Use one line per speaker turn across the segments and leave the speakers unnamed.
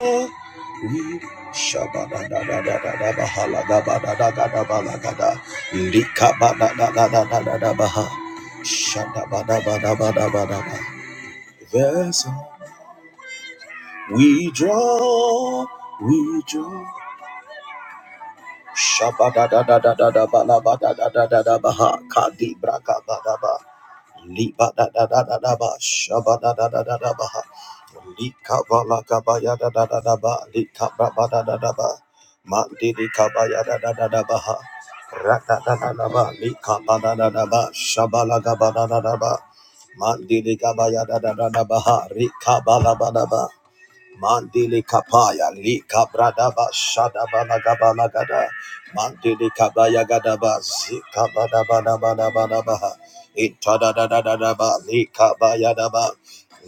Vessel, we draw, we draw. Shabada da da da da da ba la ba da da da da da ba ha ka di bra ka ba Liba da da da da da ba, shaba da da da da da ba. Lika ba la ka ba ya da da da da ba, lika ba ba da da da ba. Ma di di ka ba ya da da da da ba Ra da da da da ba, lika ba da da da ba, shaba la ka ba da da da ba. Ma di di ka ba ya da da da da ba ha, rika ba la ba da ba. Mandili kapaya li kabradaba shadaba lagaba lagada. Mandili kabaya gadaba zika badaba daba daba daba. Itada da da da da ba li kabaya daba.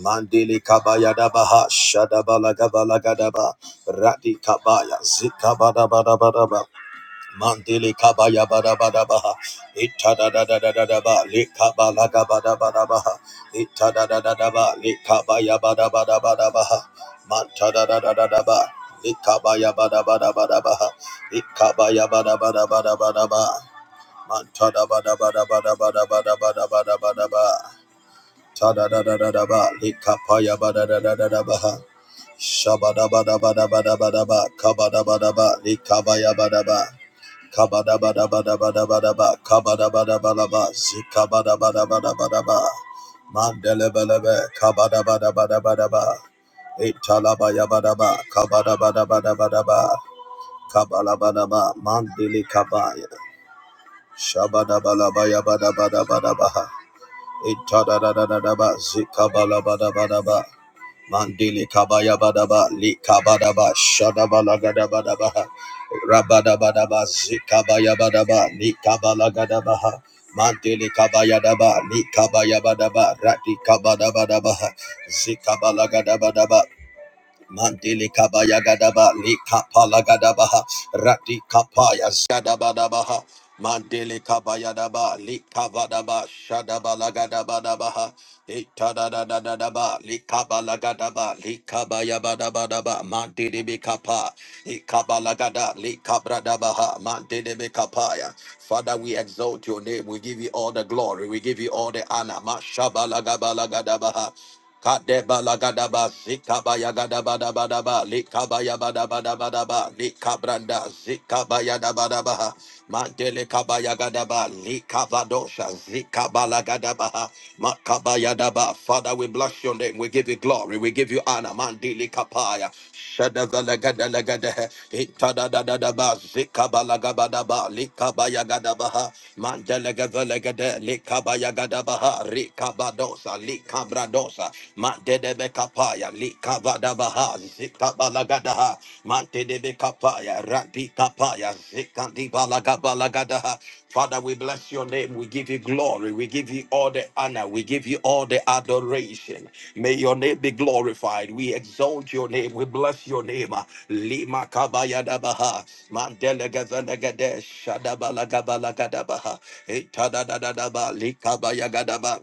Mandili kabaya daba ha shadaba lagaba lagadaba. Radi kabaya zika badaba daba daba. Mandele kabaya bada bada baha. Ita da da da da da da ba. Le kabala ga bada bada baha. Ita da da da da ba. Le kabaya bada bada bada baha. Manta da da da da da ba. Le kabaya bada bada bada baha. Ika baya bada bada bada bada ba. Manta da ba da ba da ba da ba da ba. da ba da ba da ba. Tada da da da da ba, likapaya ba da da da da da ba ha. Shabada ba da ba da ba da ba da ba, kabada ba da ba, likabaya ba da ba. kabada ba da ba da ba da ba da ba, kabada ba da ba da ba, zikabada ba da ba da ba da ba. Mandele ba le be, kabada Tadadadadadaba, likapayabadadadadabaha. Shabadabadabadabadabadaba, kabadabadaba, likabayabadaba. Kabadabadabadabadabadaba, kabadabadabadaba, zikabadabadabadabadaba. Mandelebelebe, kabadabadabadabadaba. Italabayabadaba, kabadabadabadabadaba. Kabalabadaba, mandili kabaya. Shabadabalabayabadabadabadabaha. Itadadadadaba, zikabalabadabadaba, mandili kabayabadaba, likabadaba, shadabalagadabalaba, rabadabadaba, zikabayabadaba, likabalagadabaha, mandili kabayadaba, likabayabadaba, ratikabadabadaba, zikabalagadabalaba, Mandele kabaya gadaba le kapala gadabaha rati kapaya zgadaba dabaha mandele kabaya daba le kavadaba shadaba lagadaba dabaha itada da da da daba le kabala gadaba le kabaya badaba daba mandele be kapa le kabala gada le kabra dabaha mandele be kapaya Father, we exalt your name. We give you all the glory. We give you all the honor. Mashabala gabala gadabaha Kadeba lagadaba zikaba yagadaba daba daba likaba yabadaba daba daba likabranda zikaba yadaba daba mandele kaba yagadaba likaba dosha zikaba lagadaba makaba yadaba Father we bless your name we give you glory we give you honor mandele kapaya Shadavalagadaлагadaha, Itadadadadaba, Zikabalagabadaba, Likabayagadabaha, Mandelagavalagada, Likabayagadabaha, Rikabadosa, Likabradosa, Mandedebekapaya, Likavadabaha, Zikabalagadaha, Mantedebekapaya, Radikapaya, Zikandibalagabalagadaha, Father, we bless your name. We give you glory. We give you all the honor. We give you all the adoration. May your name be glorified. We exalt your name. We bless your name. Lima kabaya dabaha. Mandela gazanda gadesh. Shadabala gabala gadabaha. Itada da da Likabaya gadaba.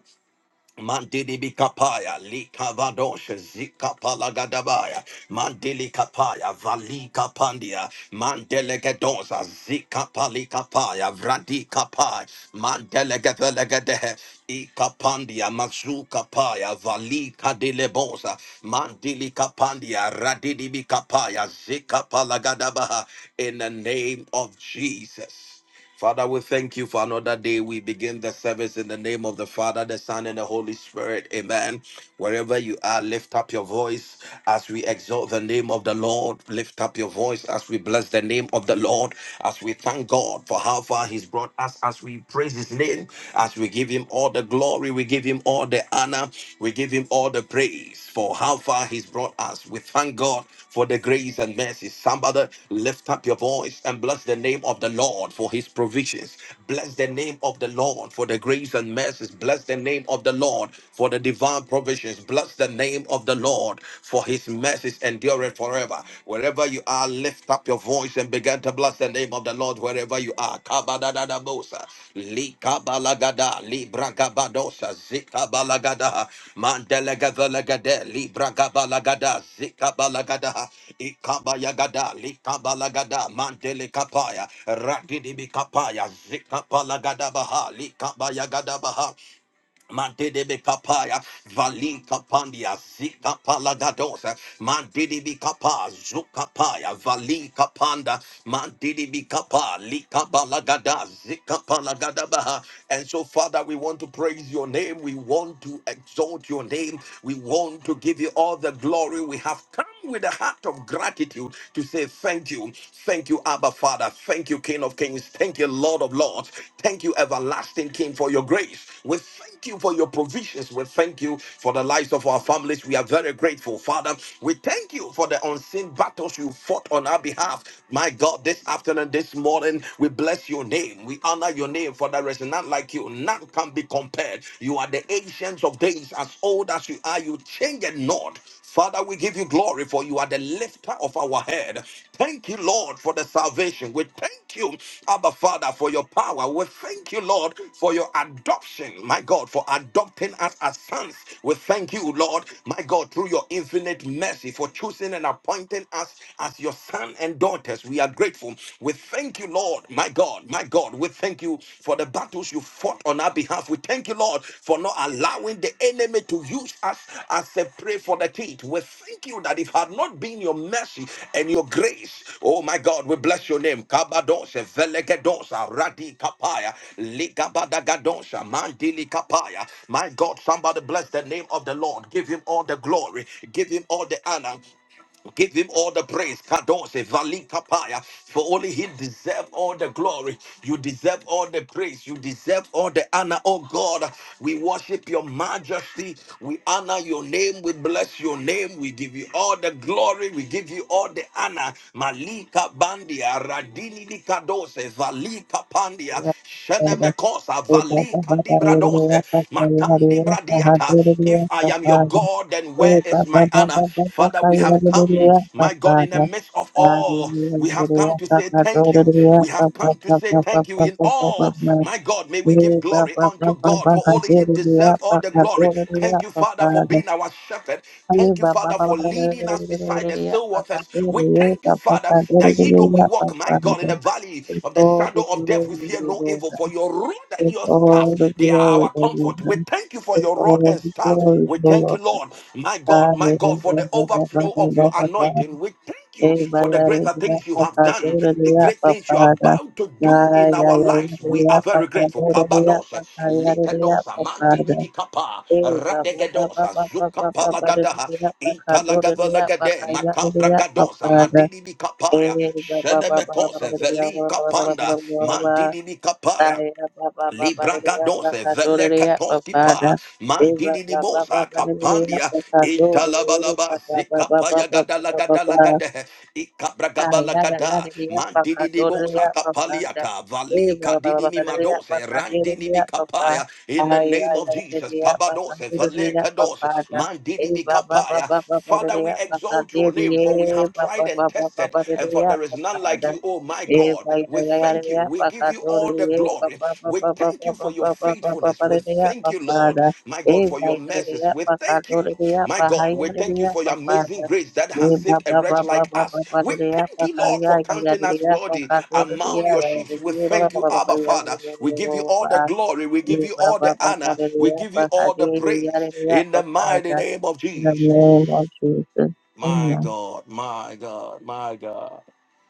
Mandili bikapaya, likavadosh, zikapalagadabaya, mandili kapaya, valika pandia, mandelegedosa, zikapalikapaya, vrandikapai, mandelegevelegedehe, ikapandia, mazukapaya, valika dilebosa, mandili kapandia, radidi bikapaya, zikapalagadabaha, in the name of Jesus. Father, we thank you for another day. We begin the service in the name of the Father, the Son, and the Holy Spirit. Amen. Wherever you are, lift up your voice as we exalt the name of the Lord. Lift up your voice as we bless the name of the Lord, as we thank God for how far He's brought us, as we praise His name, as we give Him all the glory, we give Him all the honor, we give Him all the praise for how far He's brought us. We thank God for the grace and mercy. Somebody lift up your voice and bless the name of the Lord for his provisions. Bless the name of the Lord for the grace and mercies. Bless the name of the Lord for the divine provisions. Bless the name of the Lord for his mercies endureth forever. Wherever you are, lift up your voice and begin to bless the name of the Lord wherever you are. Kabadadadabosa, likabalagada, libragabadosa, zikabalagada, mandelegazalagade, libragabalagada, zikabalagada, ikabayagada, likabalagada, mandelikapaya, radidibikapaya, zikapalagadabaha, likabayagadabaha, Mandedebe kapaya, valin kapandia, zika palagadosa, mandedibi kapa, zuka paya, valin kapanda, mandedibi kapa, lika balagada, zika palagada palagadabaha. And so, Father, we want to praise your name. We want to exalt your name. We want to give you all the glory. We have come with a heart of gratitude to say thank you. Thank you, Abba Father. Thank you, King of Kings. Thank you, Lord of Lords. Thank you, everlasting King, for your grace. We thank you for your provisions. We thank you for the lives of our families. We are very grateful, Father. We thank you for the unseen battles you fought on our behalf. My God, this afternoon, this morning, we bless your name. We honor your name, for there is none like you. None can be compared. You are the ancients of days, as old as you are. You change it not. Father, we give you glory for you are the lifter of our head. Thank you, Lord, for the salvation. We thank you, Abba Father, for your power. We thank you, Lord, for your adoption. My God, for adopting us as sons. We thank you, Lord, my God, through your infinite mercy for choosing and appointing us as your son and daughters. We are grateful. We thank you, Lord, my God, my God. We thank you for the battles you fought on our behalf. We thank you, Lord, for not allowing the enemy to use us as a prey for the teeth. We thank you that if had not been your mercy and your grace, oh my God, we bless your name. Kabadosha, Velegedosa, Radi Kapaya, Ligabadagadosha, Mandili Kapaya. My God, somebody bless the name of the Lord. Give him all the glory. Give him all the honor. Give him all the praise. Kadose valikapaya. For only he deserves all the glory. You deserve all the praise. You deserve all the honor. Oh God, we worship your majesty. We honor your name. We bless your name. We give you all the glory. We give you all the honor. Malika bandia radini di kadose valika pandia
Baba, all
shenemekosa valika di bradose matandi bradiata. If I am your God. God, then where is my honor? Father, we have come, my God, in the midst of all, we have come to say thank you. We have come to say thank you in all. My God, may we give glory unto God, for only He deserves all the glory. Thank you, Father, for being our shepherd. Thank you, Father, for leading us beside the still waters. We thank you, Father, that ye though we walk, my God, in the valley of the
the
shadow of death, we
glory,
fear no
Lord
evil, for your rod and
with
your staff,
all the
they are
glory,
our comfort. We
amen.
thank you for
With
your rod
all
and
the
staff.
glory,
We thank
oh,
you,
Lord.
Lord, my God, my God, for the overflow of your anointing. We thank you for the greater things you have done, the great things you are about to do in our lives. We are very grateful. Kabadose, Likadosa, Mandini Kapa, Radegadosa, Zukapalagada, Italagavalagade, Makabragadosa, Mandini Kapaya, Shenemekose, Veli Kapanda,
Father.
Mandini Kapaya.
Saya baba baba rere
Libragados
baba
vele
dorere
katoski
baba da
pa
eva
mandini ni
baba
mosa
baba rere
kapandia
baba dorere
intalabalaba
baba baba
zikapaya
baba
gadala
baba
gadala
baba
gade ikabragabala
saya
gada
rere rere baba
mandini ni
dorere
mosa
baba da
kapaliata vali
eva
kadini
baba
mi
baba rere
madose
baba
randini mi
dorere baba
kapaya in the name
saya
of
rere
Jesus
rere baba
kabadose vele
dorere
kados
baba da
mandini mi
eva baba
kapaya
baba baba
Father,
rere
we
baba
exalt your name, for we
dorere
have
baba
tried and
baba
tested,
baba
and for
rere
there is none
baba
like you, oh my
Eh,
God.
bhai, bhai,
We
bhai, arey,
thank you.
ya,
We
pa, ka,
give you
do, re,
all the
ye, pa,
glory.
pa, pa,
We
pa, pa,
thank
pa,
you for
pa,
your
pa, pa, pa, pa,
faithfulness.
pa,
We
re, re, ya,
thank
pa,
you,
pa,
Lord,
da.
my
Eh,
God, for your
bhai, arey, ya,
mercies. We
pa, ka,
thank
do,
you,
re, pakadori, re, ya,
my
pa, hai,
God. We thank
arey,
you
ya,
for
pa,
your
pa,
amazing
da.
grace that
Eh,
has
ba,
saved a
ba, ba,
wretch
ba,
like
ba, ba,
us.
ba, re,
We
re, ya,
thank
pa,
you,
ka,
Lord,
ya,
for
ya, ya,
counting
re, re,
us
ya, pa,
worthy
ka, do, re, re,
among
ya,
your
ya, ya, re,
sheep. We
re, ba,
thank
ba,
you,
ba, ba, ba, ba,
Abba
ya, ya,
Father.
ya,
We
ya, ya,
give you all
ba.
the glory. We give
Eh,
you
ba,
all
ba,
the
ba, ba,
honor.
re, re,
We
ya,
give
pa,
you
ka,
all
de,
the
re, ya, re,
praise
re, ya,
in
pa,
the
pa,
mighty
da.
name of
In the
Jesus.
name of Jesus.
My
Amen.
God, my God, my God.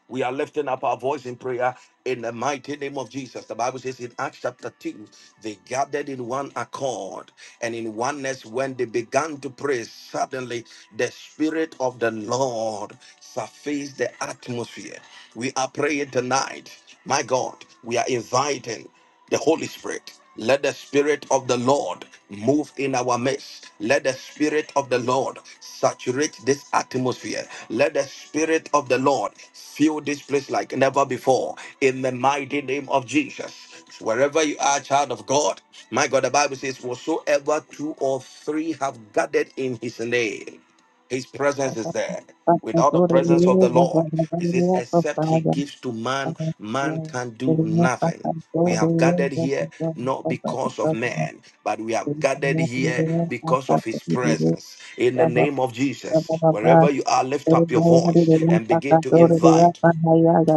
We are lifting up our voice in prayer in the mighty name of Jesus. The Bible says in Acts chapter 2, they gathered in one accord and in oneness when they began to pray. Suddenly, the Spirit of the Lord surfaced the atmosphere. We are praying tonight. My God, we are inviting the Holy Spirit. Let the Spirit of the Lord move in our midst. Let the Spirit of the Lord saturate this atmosphere. Let the Spirit of the Lord fill this place like never before. In the mighty name of Jesus. Wherever you are, child of God, my God, the Bible says, Whatsoever two or three have gathered in his name. His presence is there.
Pa, ka,
Without
do,
the
re, re,
presence
ya,
of the
pa, pa,
Lord,
pa, pa,
he
re, re,
says,
ya, pa, pa,
except he
da.
gives to man,
Thank
man can do nothing. We have gathered here not because of man, but we have gathered here because of his presence. In the name of Jesus, wherever you are, lift up your voice and begin to invite.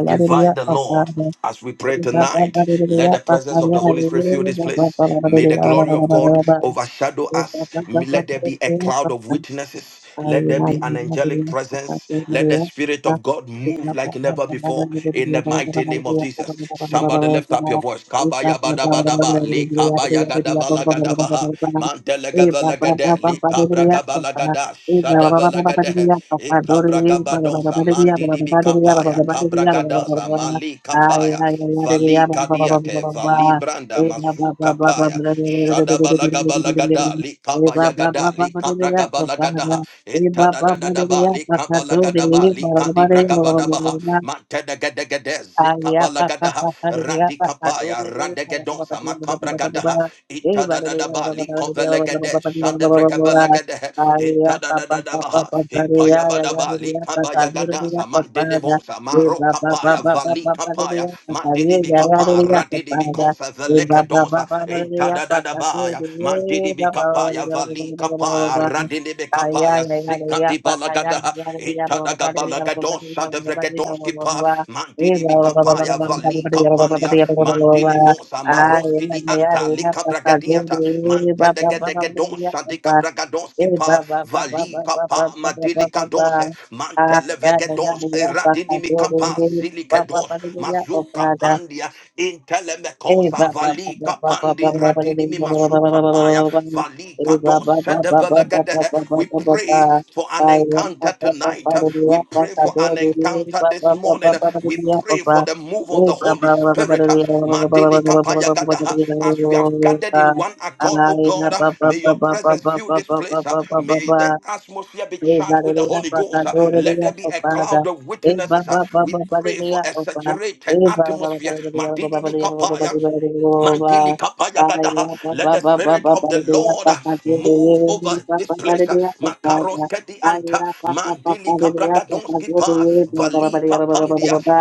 Invite the Lord as we pray tonight. Let the presence of the Holy Spirit fill this place. May the glory of God overshadow us. Let there be a cloud of witnesses. Let there be an angelic presence. Let the Spirit of God move like never before in the mighty name of Jesus. Somebody lift up your voice. Kabaya bada bada ba, li kabaya gada bala gada baha, mantele gada gada, li kabra gada, da shadabalagade e kabragabadosa mandidi bikapaya kabragadosa mali kapaya vali kadiate vali branda mazu kapaya shadabalagabalagada li kabayagada li
I
kabragabalagada
Eba ba ba de
itadadadadaba
ya
li
ba ka do de
kabalagadaba li kadibragabadabaha matedegedegede
Aya pa pa
zikabalagada
pa pa de ya
rati
pa pa do
kapaya
ni ni pa pa pa pa
radegedosa
de ba ba ba ba ba
kabragadaha
ba e ba de ya
itadadadaba
ba ba ba de ya ba ba ba
likovelegede
ba ba de ya ba ba ba ba ba
shadevregabelegede
aya pa pa pa pa
itadadadadabaha
pa pa de ya ya ya
ipayabadaba
de ya pa pa de de
likabayagada
ya pa pa da
samadedebosa
e ba ba ba ba
marokapaya
ba ba ba de
valikapaya
ya pa pa de ya ya de
madidibikapa
ya pa pa da
radidibikosa
e ba ba ba
velekedosa
ba ba de ya pa pa do
itadadadabaya
de e ba ba ba de
madidibikapaya
ya ba ba ba ba ba ba
valikapaya
ba aya
radidibikapaya
ya ya de ya pa pa ya ya
zikadibalagadaha
ya de ya ba ba ba ba de ya ba ba ba de ya ba ba ba de
itadagabalagadosa
ya ba
Maroski
ba
pa,
ba
mandili bikapaya, vali kapandia, mandili vosa, maroski di anta, lika bragadiata, mantedegedegedosha, dika
Ah,
bragadoski pa, vali kapa, madili kadose, mantelevegedos, eradini mikapa, zili kedos, mazuka pandia,
Hey,
intelemekosa, vali kapandi, radini mi masuka paya, vali kados, we pray for an encounter tonight. We pray for an encounter this morning. We pray for the move of the Holy Spirit. Madini kapaya gada. As we have gathered in one accord, oh God, may your presence fill this place. May the atmosphere be
Hey,
charged with the
Hallelujah,
Holy Ghost.
Papa,
Let
Hallelujah,
there be
oh
a
Father.
cloud of
Hey,
witnesses.
Baba, Baba,
We pray for
Hallelujah,
a
oh Father.
saturated
Hey, Baba, Baba,
atmosphere.
Hallelujah, Baba,
Madini
Hallelujah, Baba, Baba,
kapaya.
Hallelujah, Baba.
Mantili kapaya gadaha.
Hallelujah,
Let
Baba,
the
Baba,
spirit
Baba,
of the
Hallelujah,
Lord uh,
Papa,
move over
Hallelujah,
this
Papa,
place. uh,
Hallelujah, oh
Makaros
Father.
kedi anta.
Hallelujah, Papa, Papa,
Mandili
Hallelujah, Papa,
kabragadonski pa.
Hallelujah, Baba, Baba,
Vali
Hallelujah, Baba, Baba,
kapandia.
Baba.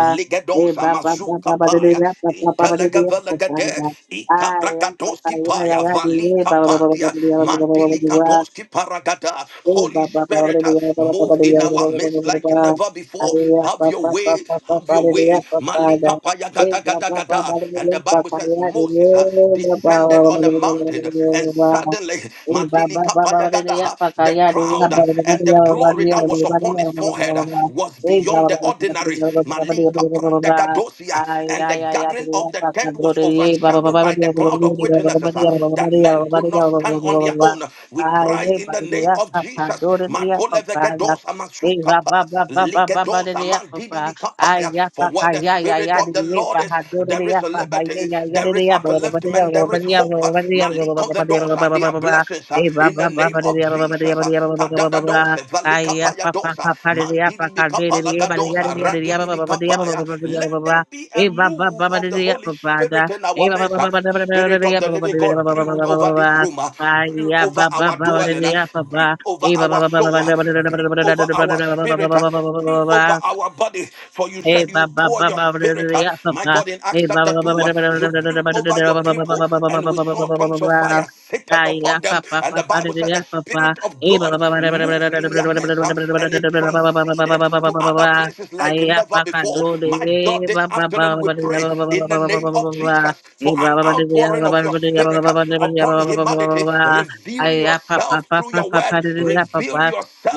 Hey, Baba,
mazu
Baba,
kapaya.
Hallelujah, Papa, Papa, Hallelujah, oh
Intelegavalegade.
Father. Hallelujah, Papa,
Ikabragadonski
Hallelujah,
paya. Vali
Hallelujah, Baba, Baba, Baba,
kapandia.
Hallelujah, Baba, Baba, Baba,
Mandili
Baba.
kadonski paragada.
Oh,
Holy
ba- ba- ba- ba- ba-
Spirit,
ba-
uh,
ba- ba- ba- ba-
move
ba-
in our
ba- ba-
midst
ba-
like
ba-
never before.
Hallelujah,
Have
ba-
your
ba- ba-
way way,
ba- ba-
have
ba-
your
hallelujah,
way.
ba- Father.
Malika paya
Eh,
gada gada gada. And the Bible says Moses uh, descended on the mountain, and
Baba
suddenly
Oh, ba ba
Madili
ba ba ba
kapaya
de de
gada,
ya
uh,
pa ka
the
ya de ya
crowd uh,
ba ba ba
and
de
the
ya ba de
glory
ya
that
ba
was
de ya ba de
upon
ya
his
ba ba ba
forehead
ba
uh,
ba.
was
Eh, ba
beyond
ba
the
ba ba ba de ya
ordinary.
ba ba ba ba de ya ba ba
Malika
ba ba
pranda
ba.
gadosia.
Ay,
And the
ay, ay, ay,
gathering
de ya
of the
pa ka
tent was
bro de ye ba ba ba
overshadowed
ba
by
de
the
ya ba ba de
cloud
ya
of
ba ba
witnesses
de
uh,
ya ba ba de
that
ya
men
ba ba
could
de
not
ya ba
stand
ba
on
ba ba
their
ba.
own. We
Ay,
cry
eh,
in
ba
the
de
name
ya
of
pa ka
Jesus.
bro de ya pa ka ya.
Makolevegedos
Eh, ba
amasukapa.
ba ba ba ba ba ba
Likedos
de ya pa pa. Ay,
amandidibikapaya.
ya pa
For where
ka
the
ya ya
Spirit
ya de
of the
ye pa
Lord is,
ha bro de
there
ya
is
pa ha ya
liberty,
ya ya de
there is
ya ba ba ba de ya
upliftment,
ba ba
there
ba
is
de ya ba
hope.
ba ba de ya ba ba ba de ya ba
Malikovedos, uh,
ba
they
ba
are
ba ba.
blessings uh,
Baba
in the name of Jesus. uh, Kadadados, uh, Valikapayados, uh, Mandidibikapalagados, uh, Radidibikapaya. Let there be a move of the Holy Spirit in our midst. uh, Spirit of the living God. Lord, brood over this room, uh, brood over our dwelling, uh, brood over our soul, uh, brood over our spirit, uh, brood over our body. For you
Hey,
said you
ba ba
pour
ba
your
ba ba da da
spirit,
da
uh,
ya, ba
my
ba.
God, in Acts
Hey, ba ba
chapter
ba ba
2,
ba
uh,
da ba da
you
da da da da
brood
ba da da
over
da
your
ba ba ba ba
people,
ba ba ba ba
and we
ba ba ba ba
saw
ba
tongues of
ba ba.
fire seated
Ah,
upon
ya, ba
them.
ba
And
ba
the
ba da
Bible
da
said the
ya, ba ba.
Spirit of
Hey, ba ba
God
ba ba da ba da ba da da
moved
da da
in their
da da da da
midst, uh,
da
and it
da da da ba ba ba ba ba ba
transcended
ba ba
to
ba ba
other
ba.
places
Ah,
like
ya,
never
ba ka
before.
do de
My
de,
God,
ba
this
ba ba
afternoon,
ba
we
ba da ya,
pray
ba ba ba ba
in
ba
the
ba ba
name
ba ba
of
ba.
Jesus for
Hey, ba
an
ba ba da da ya,
outpouring
ba ba
of your
ba da ya, ba ba
spirit
ba
uh,
ba da ba da ya, ba
upon
ba ba ba ba ba
humanity.
ba. Ah,
Reveal
ya, ba ba
yourself
ba ba
through your
ba ba
word,
da da ya, ba
reveal
ba.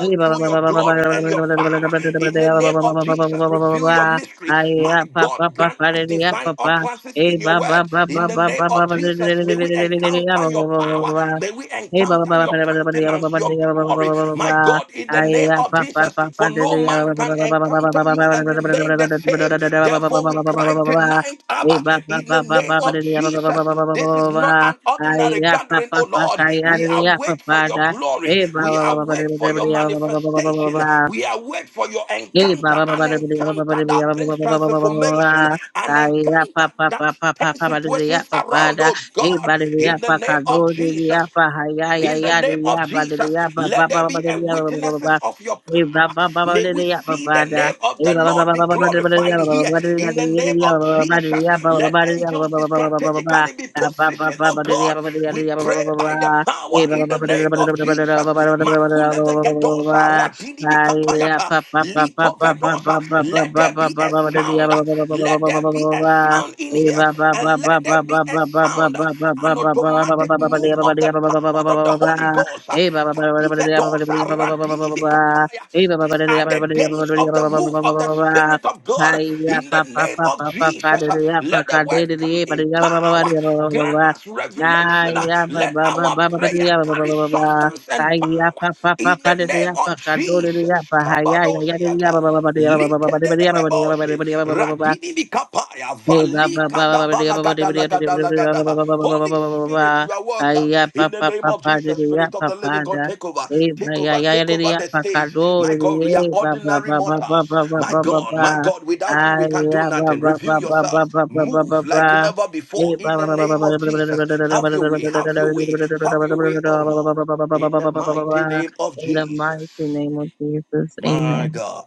Hey,
through your glory and your power. In the name of Jesus, reveal your mystery. My God, grant us divine utterances in your word. In the name of Jesus, may we encounter your power. May we
Hey, ba- ba-
encounter
ba-
your
ba- ba- ba- ba- ba- ba- ba-
countenance,
ba- ba-
your
ba-
glory.
ba- ba- ba-
My
ba.
God, in the
Ay,
name
ya,
of
pa-
Jesus.
pa-
Jesus,
pa- pa-
for
de-
no
de- ya,
man
ba- ba- ba-
can
ba- ba- ba- ba-
encounter
ba- ba- ba- ba-
you
ba- ba-
and
ba- ba-
remain the same.
ba-
Therefore, we cry
ba- ba- ba.
tonight,
Hey,
Abba,
ba- ba-
in the
ba- ba-
name
ba- ba-
of
de- de- ya, ba- ba- ba-
Jesus.
ba- ba- ba- ba-
This is
ba- ba.
not an
Ay,
ordinary
ya, pa-
gathering,
pa-
oh
pa-
Lord.
ka- ya,
We
de- de- ya, pa-
await for
pa-
your
da.
glory.
Hey, ba-
We
ba- ba- ba- ba-
await
de-
for your
de- ya, ba- ba- ba- ba- ba- ba- ba-
manifestation.
ba.
We await for your
Hey, ba
encounter,
ba ba
an
ba da ba da ba ba ba
encounter
da ba da
that
ba ba ba
brings
ba ba ba ba ba.
transformation, an
Ah, yeah, pa
encounter
pa pa
that
pa pa
turns
pa ba da da yeah,
situations
pa pa
around,
da.
oh
Hey,
God,
ba da da yeah,
in the
pa ka
name of
do da da yeah,
Jesus.
pa ha ya ya
In the
ya da
name of
yeah, ba da da
Jesus,
yeah, ba ba
let there
ba ba ba
be
da da
a
yeah, ba ba ba ba ba.
witnesses of your
Hey,
power.
ba ba ba ba
May
da da
we
yeah, pa
see
pa
the
da.
name of
Hey,
the
ba ba ba
Lord
ba
be
ba ba ba da ba da yeah,
glorified
ba ba ba
here.
ba da da yeah,
In
da
the
yeah, da
name
yeah,
of
ba ba ba ba da
Jesus,
da yeah, ba ba ba
let
ba da da yeah, ba ba ba
angels be
ba ba ba ba ba ba.
strategically be
Ah, ba ba
positioned.
ba
Oh
ba da da yeah,
God,
ba ba da da yeah, da
we
yeah, ba ba
pray
ba ba ba.
by the power
Hey, ba ba
in
ba
the
ba de ba
name
da ba da
of
da ba da da ba da
Jesus.
ba ba ba ba ba ba
Makule de
ba ba ba ba
gedosa,
ba.
radini bi
Hey,
kapayata, liko vedosa. Let there be a sound. Let there be a sound in here, and let there be a sound, uh, an automatic move of the power of the Holy Ghost. uh, Kadivedosa, Radinimikapaya. These are the days of the move of the Spirit of God. In the name of Jesus, uh, let the word come in power. Grant us revelation. uh, Let our prayer carry substance and
Aya,
power.
papa,
In
papa,
the
diliya,
name of
pakan,
Jesus.
diliya, bahaya, yaya, diliya,
Kabadosiata.
baba, baba, diliya, baba, baba, diliya, baba, baba,
Likedededeboshe,
diliya, baba, baba, baba.
radini mikapaya,
Hey, ba ba ba
valika
ba
da
ba ba ba ba
balagada lagada lagada.
ba ba
Holy
ba ba
Spirit, you are welcome.
ya pa
In the
pa
name
pa
of
pa de
Jesus,
ya
Spirit of
pa
the living
pa
God,
da
take over,
hey ba
take
ya
over,
ya ya
take
de
over
ya
the
pa ka
stage.
do de
My God,
ye
we are
ba ba
ordinary
ba ba ba
mortals.
ba ba
My
ba ba
God,
ba
my God, without you, we
ay
can
ya
do
ba
nothing.
ba ba
Reveal
ba ba
yourself.
ba ba ba ba
Move
ba
like never
hey
before.
ba
In
ba
the
ba ba ba
name
ba
of
ba ba
Jesus,
ba ba
have your way, have your way, have your way, oh Lord. In
ba
the
ba ba.
mighty name of
in the
Jesus.
mighty name of Jesus, amen.
My God.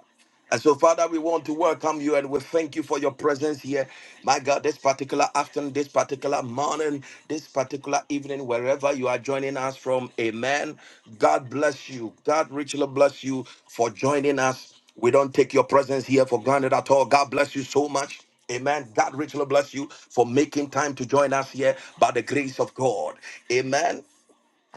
And so, Father, we want to welcome you and we thank you for your presence here. My God, this particular afternoon, this particular morning, this particular evening, wherever you are joining us from, amen. God bless you. God richly bless you for joining us. We don't take your presence here for granted at all. God bless you so much. Amen. God richly bless you for making time to join us here by the grace of God. Amen.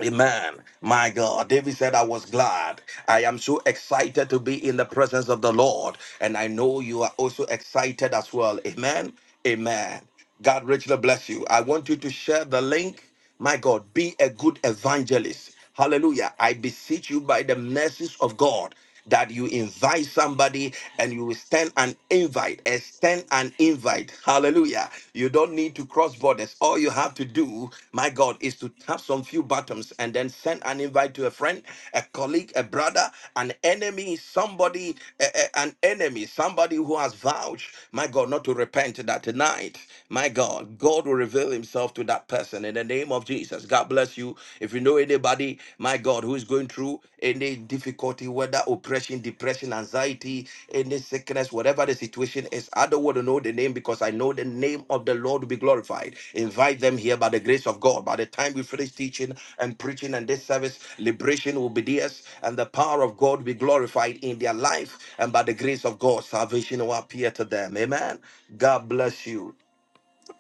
Amen. My God. David said, I was glad. I am so excited to be in the presence of the Lord. And I know you are also excited as well. Amen. Amen. God richly bless you. I want you to share the link. My God, be a good evangelist. Hallelujah. I beseech you by the mercies of God that you invite somebody and you will send an invite, extend an invite. Hallelujah. You don't need to cross borders. All you have to do, my God, is to tap some few buttons and then send an invite to a friend, a colleague, a brother, an enemy, somebody, a- a- an enemy, somebody who has vouched, my God, not to repent that tonight, my God, God will reveal himself to that person person in the name of Jesus. God bless you. If you know anybody, my God, who is going through any difficulty, whether oppression, depression, anxiety, any sickness, whatever the situation is, I don't want to know the name because I know the name of the Lord will be glorified. Invite them here by the grace of God. By the time we finish teaching and preaching and this service, liberation will be theirs and the power of God will be glorified in their life. And by the grace of God, salvation will appear to them. Amen. God bless you.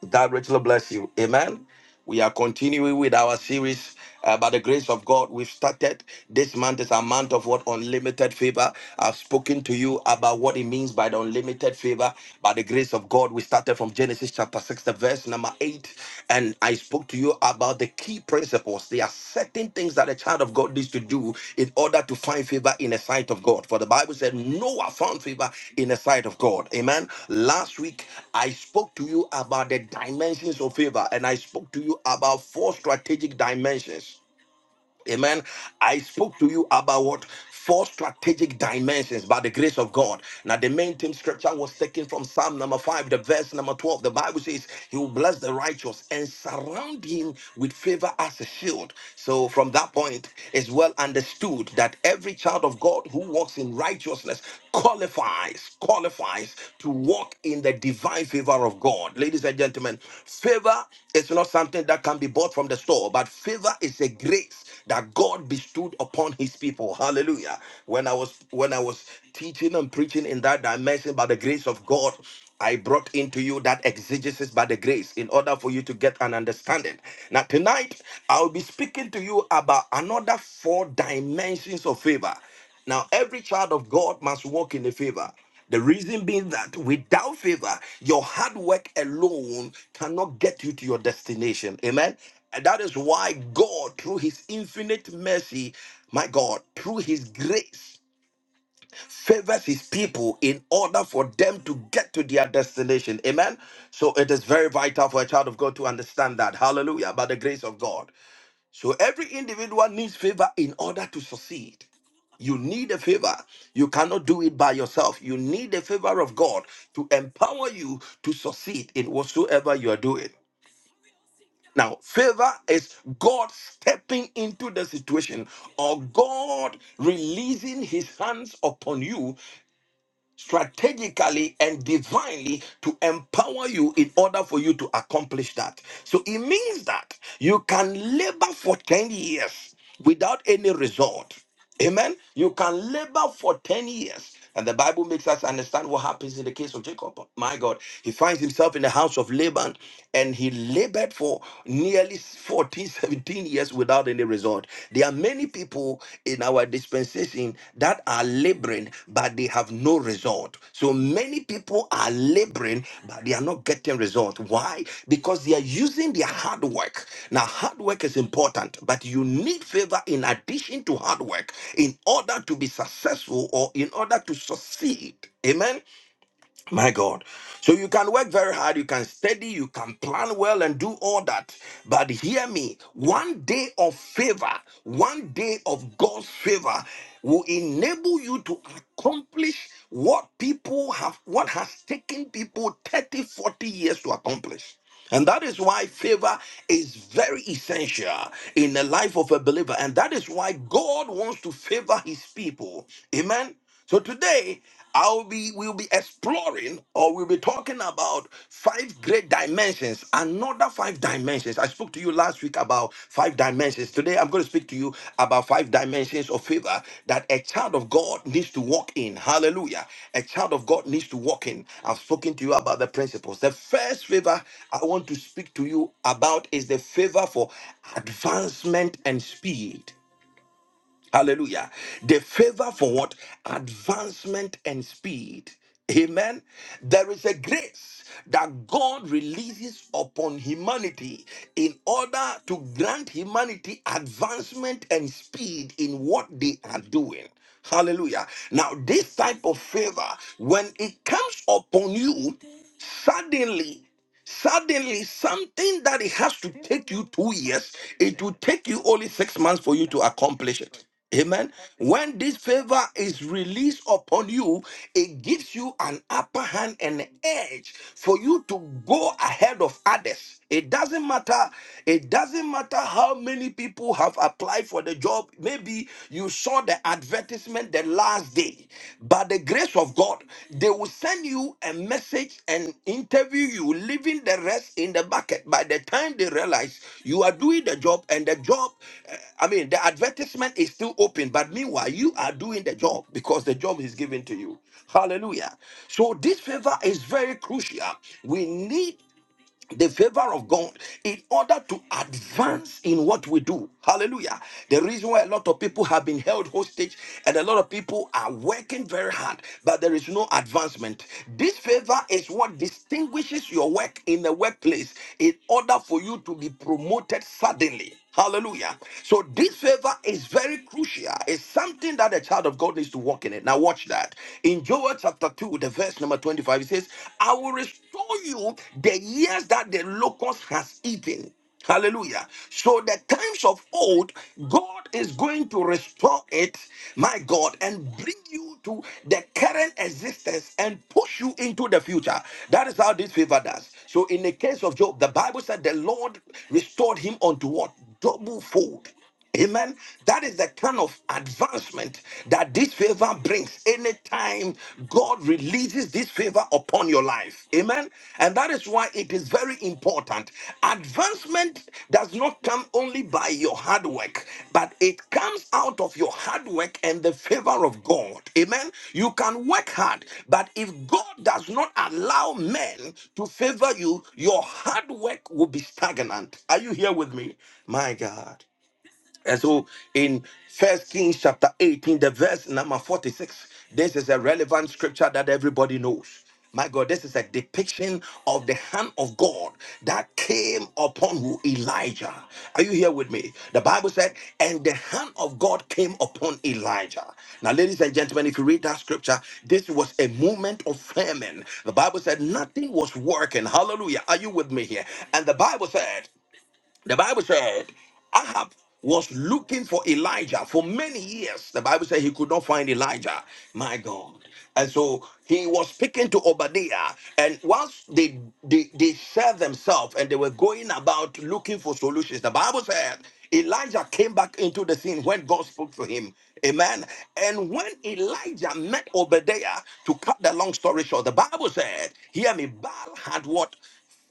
God richly bless you. Amen. We are continuing with our series uh, by the grace of God. We've started this month is a month of what unlimited favor. I've spoken to you about what it means by the unlimited favor. By the grace of God, we started from Genesis chapter 6, the verse number 8. And I spoke to to you about the key principles. There are certain things that a child of God needs to do in order to find favor in the sight of God. For the Bible said, Noah found favor in the sight of God. Amen. Last week, I spoke to you about the dimensions of favor, and I spoke to you about four strategic dimensions Amen. I spoke to you about what four strategic dimensions by the grace of God. Now, the main theme scripture was taken from Psalm number five, the verse number 12. The Bible says, He will bless the righteous and surround him with favor as a shield. So, from that point, it's well understood that every child of God who walks in righteousness qualifies, qualifies to walk in the divine favor of God. Ladies and gentlemen, favor is not something that can be bought from the store, but favor is a grace that God bestowed upon his people. Hallelujah. When I was when I was teaching and preaching in that dimension by the grace of God, I brought into you that exegesis by the grace in order for you to get an understanding. Now tonight I'll be speaking to you about another four dimensions of favor. Now, every child of God must walk in the favor. The reason being that without favor, your hard work alone cannot get you to your destination. Amen. And that is why God, through his infinite mercy, my God, through his grace, favors his people in order for them to get to their destination. Amen. So it is very vital for a child of God to understand that. Hallelujah. By the grace of God. So every individual needs favor in order to succeed. You need a favor. You cannot do it by yourself. You need the favor of God to empower you to succeed in whatsoever you are doing. Now, favor is God stepping into the situation or God releasing his hands upon you strategically and divinely to empower you in order for you to accomplish that. So it means that you can labor for 10 years without any result. Amen. You can labor for 10 years. And the Bible makes us understand what happens in the case of Jacob. My God, he finds himself in the house of Laban and he labored for nearly 14, 17 years without any result. There are many people in our dispensation that are laboring, but they have no result. So many people are laboring, but they are not getting result. Why? Because they are using their hard work. Now, hard work is important, but you need favor in addition to hard work in order to be successful or in order to succeed. Amen. My God. So you can work very hard, you can study, you can plan well and do all that. But hear me one day of favor, one day of God's favor will enable you to accomplish what people have, what has taken people 30, 40 years to accomplish. And that is why favor is very essential in the life of a believer. And that is why God wants to favor his people. Amen. So today I'll be we'll be exploring or we'll be talking about five great dimensions, another five dimensions. I spoke to you last week about five dimensions. Today I'm going to speak to you about five dimensions of favor that a child of God needs to walk in. Hallelujah. A child of God needs to walk in. I've spoken to you about the principles. The first favor I want to speak to you about is the favor for advancement and speed. Hallelujah. The favor for what? Advancement and speed. Amen. There is a grace that God releases upon humanity in order to grant humanity advancement and speed in what they are doing. Hallelujah. Now, this type of favor, when it comes upon you, suddenly Suddenly, something that it has to take you two years, it will take you only six months for you to accomplish it. Amen. When this favor is released upon you, it gives you an upper hand and edge for you to go ahead of others. It doesn't matter. It doesn't matter how many people have applied for the job. Maybe you saw the advertisement the last day. By the grace of God, they will send you a message and interview you, leaving the rest in the bucket. By the time they realize you are doing the job and the job, uh, I mean, the advertisement is still open, but meanwhile, you are doing the job because the job is given to you. Hallelujah. So, this favor is very crucial. We need the favor of God in order to advance in what we do. Hallelujah. The reason why a lot of people have been held hostage and a lot of people are working very hard, but there is no advancement. This favor is what distinguishes your work in the workplace in order for you to be promoted suddenly. Hallelujah. So this favor is very crucial. It's something that the child of God needs to walk in it. Now watch that. In Joel chapter 2, the verse number 25, it says, I will restore you the years that the locust has eaten. Hallelujah. So the times of old, God is going to restore it, my God, and bring bring you to the current existence and push you into the future. That is how this favor does. So, in the case of Job, the Bible said the Lord restored him unto what? Double fold. Amen. That is the kind of advancement that this favor brings anytime God releases this favor upon your life. Amen. And that is why it is very important. Advancement does not come only by your hard work, but it comes out of your hard work and the favor of God. Amen. You can work hard, but if God does not allow men to favor you, your hard work will be stagnant. Are you here with me? My God. And so in First Kings chapter 18, the verse number 46, this is a relevant scripture that everybody knows. My God, this is a depiction of the hand of God that came upon who? Elijah. Are you here with me? The Bible said, and the hand of God came upon Elijah. Now, ladies and gentlemen, if you read that scripture, this was a moment of famine. The Bible said nothing was working. Hallelujah. Are you with me here? And the Bible said, the Bible said Ahab was looking for Elijah for many years. The Bible said he could not find Elijah. My God. And so he was speaking to Obadiah. And once they, they, they served themselves and they were going about looking for solutions, the Bible said Elijah came back into the scene when God spoke to him. Amen. And when Elijah met Obadiah, to cut the long story short, the Bible said, Hear me, Baal had what?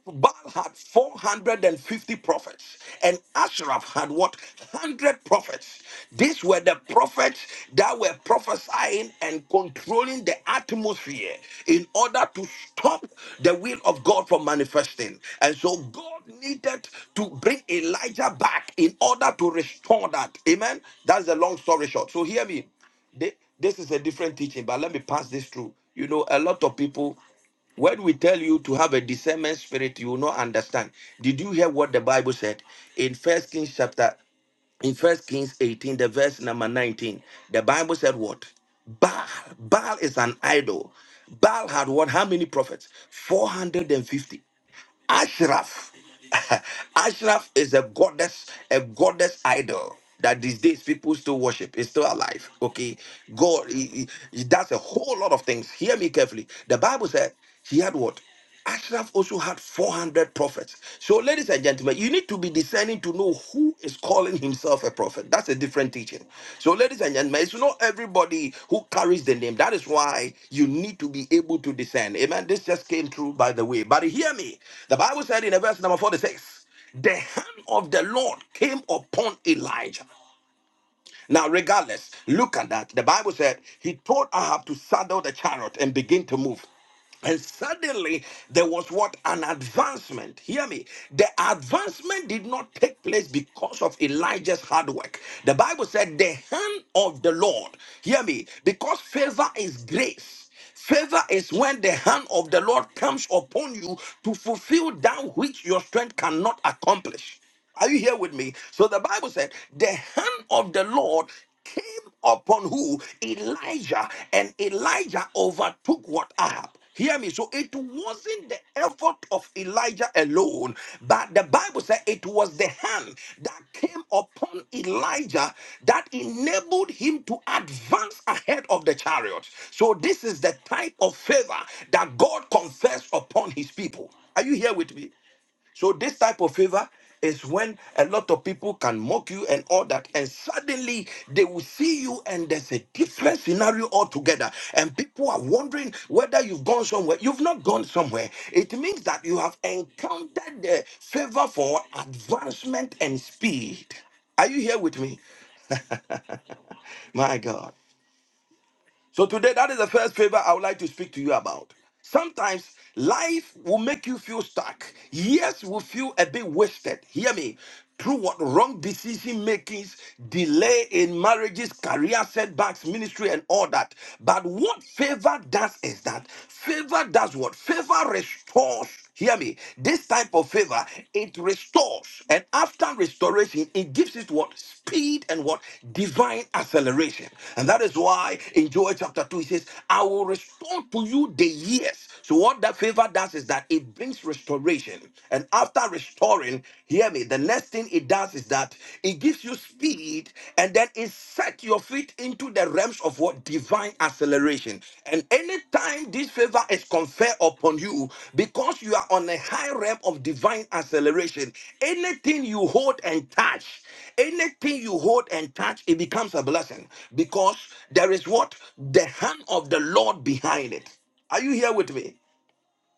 Baal had 450 prophets, and Ashraf had what? 100 prophets. These were the prophets that were prophesying and controlling the atmosphere in order to stop the will of God from manifesting. And so God needed to bring Elijah back in order to restore that. Amen. That's the long story short. So hear me. Thi- This is a different teaching, but let me pass this through. You know, a lot of people when we tell you to have a discernment spirit, you will not understand. Did you hear what the Bible said in First Kings chapter in First Kings 18, the verse number 19? The Bible said what? Baal. Baal is an idol. Baal had what? How many prophets? 450. Ashraf. Ashraf is a goddess, a goddess idol that these days people still worship. It's still alive. Okay. God, he, he- he does a whole lot of things. Hear me carefully. The Bible said he had what? Ashraf also had 400 prophets. So, ladies and gentlemen, you need to be be discerning to know who is calling himself a prophet. That's a different teaching. So, ladies and gentlemen, it's not everybody who carries the name. That is why you need to be able to discern. Amen. This just came through by the way. But hear me. The Bible said in verse number 46, the hand of the Lord came upon Elijah. Now, regardless, look at that. The Bible said he told Ahab to saddle the chariot and begin to move. And suddenly there was what an advancement. Hear me. The advancement did not take place because of Elijah's hard work. The Bible said, the hand of the Lord. Hear me. Because favor is grace. Favor is when the hand of the Lord comes upon you to fulfill that which your strength cannot accomplish. Are you here with me? So the Bible said, the hand of the Lord came upon who? Elijah. And Elijah overtook what Ahab. Hear me. So it wasn't the effort of Elijah alone, but the Bible said it was the hand that came upon Elijah that enabled him to advance ahead of the chariot. So this is the type of favor that God confers upon his people. Are you here with me? So this type of favor is when a lot of people can mock you and all that, and suddenly they will see you, and there's a different scenario altogether. And people are wondering whether you've gone somewhere. You've not gone somewhere. It means that you have encountered the favor for advancement and speed. Are you here with me? My God. So today, that is the first favor I would like to speak to you about. Sometimes life will make you feel stuck. Yes, will feel a bit wasted. Hear me. Through what wrong decision makings, delay in marriages, career setbacks, ministry, and all that. But what favor does is that favor does what? Favor restores Hear me. This type of favor, it restores. And after restoration, it gives it what? Speed and what? Divine acceleration. And that is why in Joel chapter 2, he says, I will restore to you the years. So what that favor does is that it brings restoration. And after restoring, hear me, the next thing it does is that it gives you speed and and then it set your feet into the realms of what divine acceleration. And anytime this favor is conferred upon you, because you are on a high realm of divine acceleration, anything you hold and touch, anything you hold and touch, it becomes a blessing because there is what the hand of the Lord behind it. Are you here with me?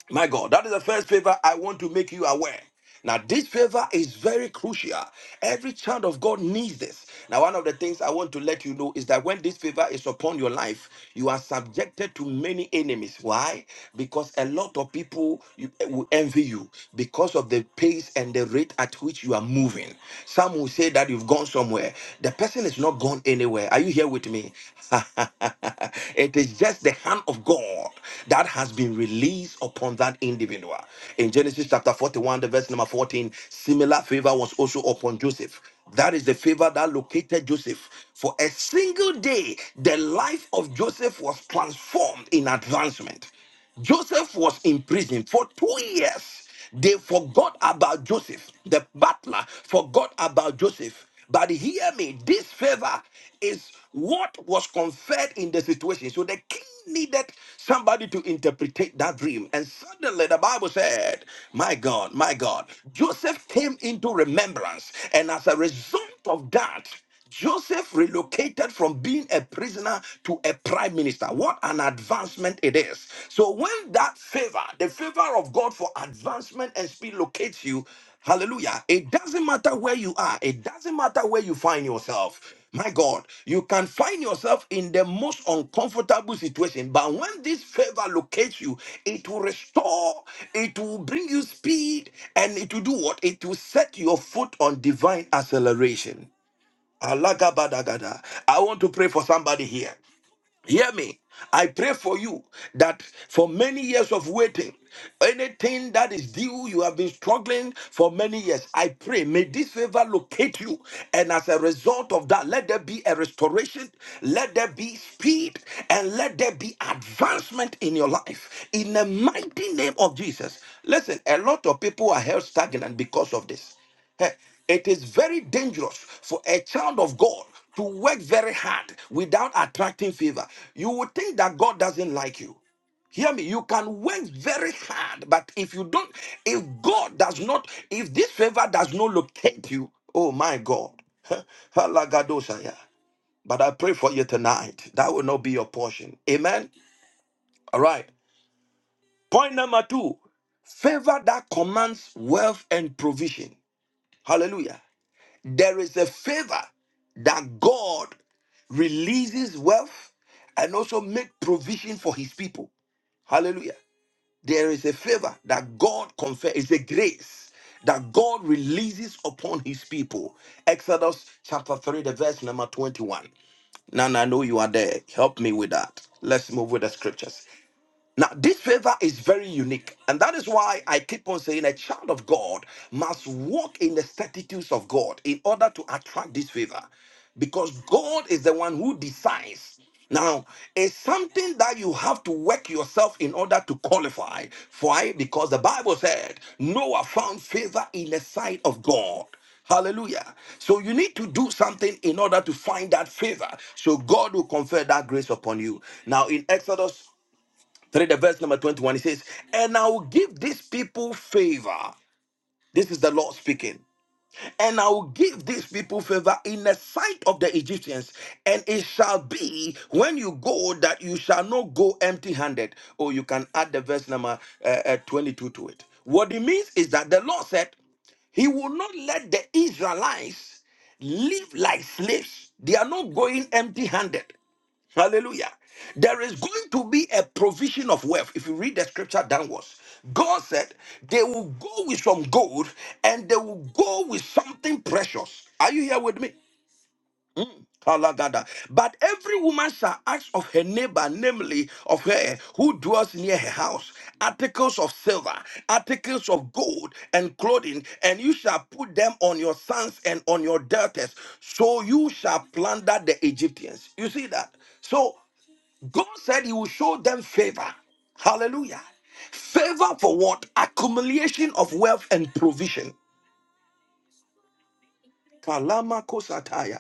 My God, that is the first favor I want to make you aware. Now, this favor is very crucial. Every child of God needs this. Now, one of the things I want to let you know is that when this favor is upon your life, you are subjected to many enemies. Why? Because a lot of people you- eh, will envy you because of the pace and the rate at which you are moving. Some will say that you've gone somewhere. The person is not gone anywhere. Are you here? with me. it is just the hand of God that has been released upon that individual. In Genesis chapter 41, the verse number 14, similar favor was also upon Joseph. That is the favor that located Joseph. For a single day, the life of Joseph was transformed in advancement. Joseph was in prison for two years. They forgot about Joseph. The butler forgot about Joseph. But hear me, this favor is what was conferred in the situation. So the king needed somebody to interpret that dream. And suddenly the Bible said, My God, my God, Joseph came into remembrance. And as a result of that, Joseph relocated from being a prisoner to a prime minister. What an advancement it is. So, when that favor, the favor of God for advancement and speed locates you, hallelujah, it doesn't matter where you are, it doesn't matter where you find yourself. My God, you can find yourself in the most uncomfortable situation, but when this favor locates you, it will restore, it will bring you speed, and it will do what? It will set your foot on divine acceleration. Alagabadagada. I want to pray for somebody here. Hear me. I pray for you that for many years of waiting, anything that is due, you have been struggling for many years. I pray, may this favor locate you. And as a result of that, let there be a restoration, let there be speed, and let there be advancement in your life. In the mighty name of Jesus. Listen, a lot of people are held stagnant because of this. Eh, It is very dangerous for a child of God to work very hard without attracting favor. You would think that God doesn't like you. Hear me, you can work very hard, but if you don't, if God does not, if this favor does not locate you, oh my God. Halagadosaya. But I pray for you tonight. That will not be your portion. Amen. All right. Point number two favor that commands wealth and provision. Hallelujah. There is a favor that God releases wealth and also make provision for his people. Hallelujah. There is a favor that God confers, it's a grace that God releases upon his people. Exodus chapter 3, the verse number 21. Nana, I know you are there. Help me with that. Let's move with the scriptures. Now, this favor is very unique, and that is why I keep on saying a child of God must walk in the statutes of God in order to attract this favor because God is the one who decides. Now, it's something that you have to work yourself in order to qualify. Why? Because the Bible said Noah found favor in the sight of God. Hallelujah. So you need to do something in order to find that favor. So God will confer that grace upon you. Now in Exodus 3, the verse number 21, it says, And I will give these people favor. This is the Lord speaking. And I will give these people favor in the sight of the Egyptians. And it shall be when you go that you shall not go empty handed. Or you can add the verse number uh, uh, 22 to it. What it means is that the Lord said, He will not let the Israelites live like slaves. They are not going empty handed. Hallelujah. There is going to be a provision of wealth. If you read the scripture downwards, God said they will go with some gold and they will go with something precious. Are you here with me? Mm. Kalagada. But every woman shall ask of her neighbor, namely of her who dwells near her house, articles of silver, articles of gold, and clothing, and you shall put them on your sons and on your daughters, so you shall plunder the Egyptians. You see that? So God said He will show them favor. Hallelujah. Favor for what? Accumulation of wealth and provision. Kalama kosataya.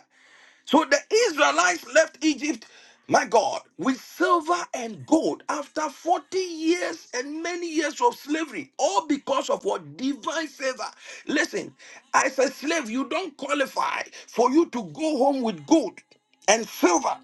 So the Israelites left Egypt, my God, with silver and gold after 40 years and many years of slavery, all because of what? Divine favor. Listen, as a slave, you don't qualify for you to go home with gold and silver.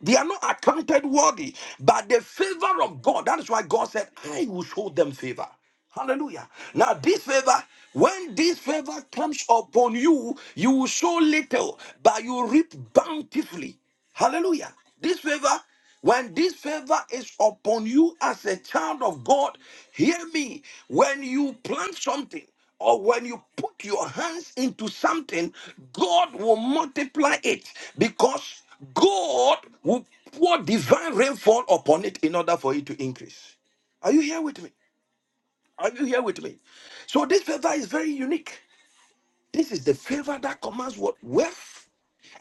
They are not accounted worthy, but the favor of God. That is why God said, I will show them favor. Hallelujah. Now, this favor, when this favor comes upon you, you will sow little, but you reap bountifully. Hallelujah. This favor when this favor is upon you as a child of God, hear me. When you plant something or when you put your hands into something, God will multiply it because God will pour divine rainfall upon it in order for it to increase. Are you here with me? Are you here with me? So this favor is very unique. This is the favor that commands what? Wealth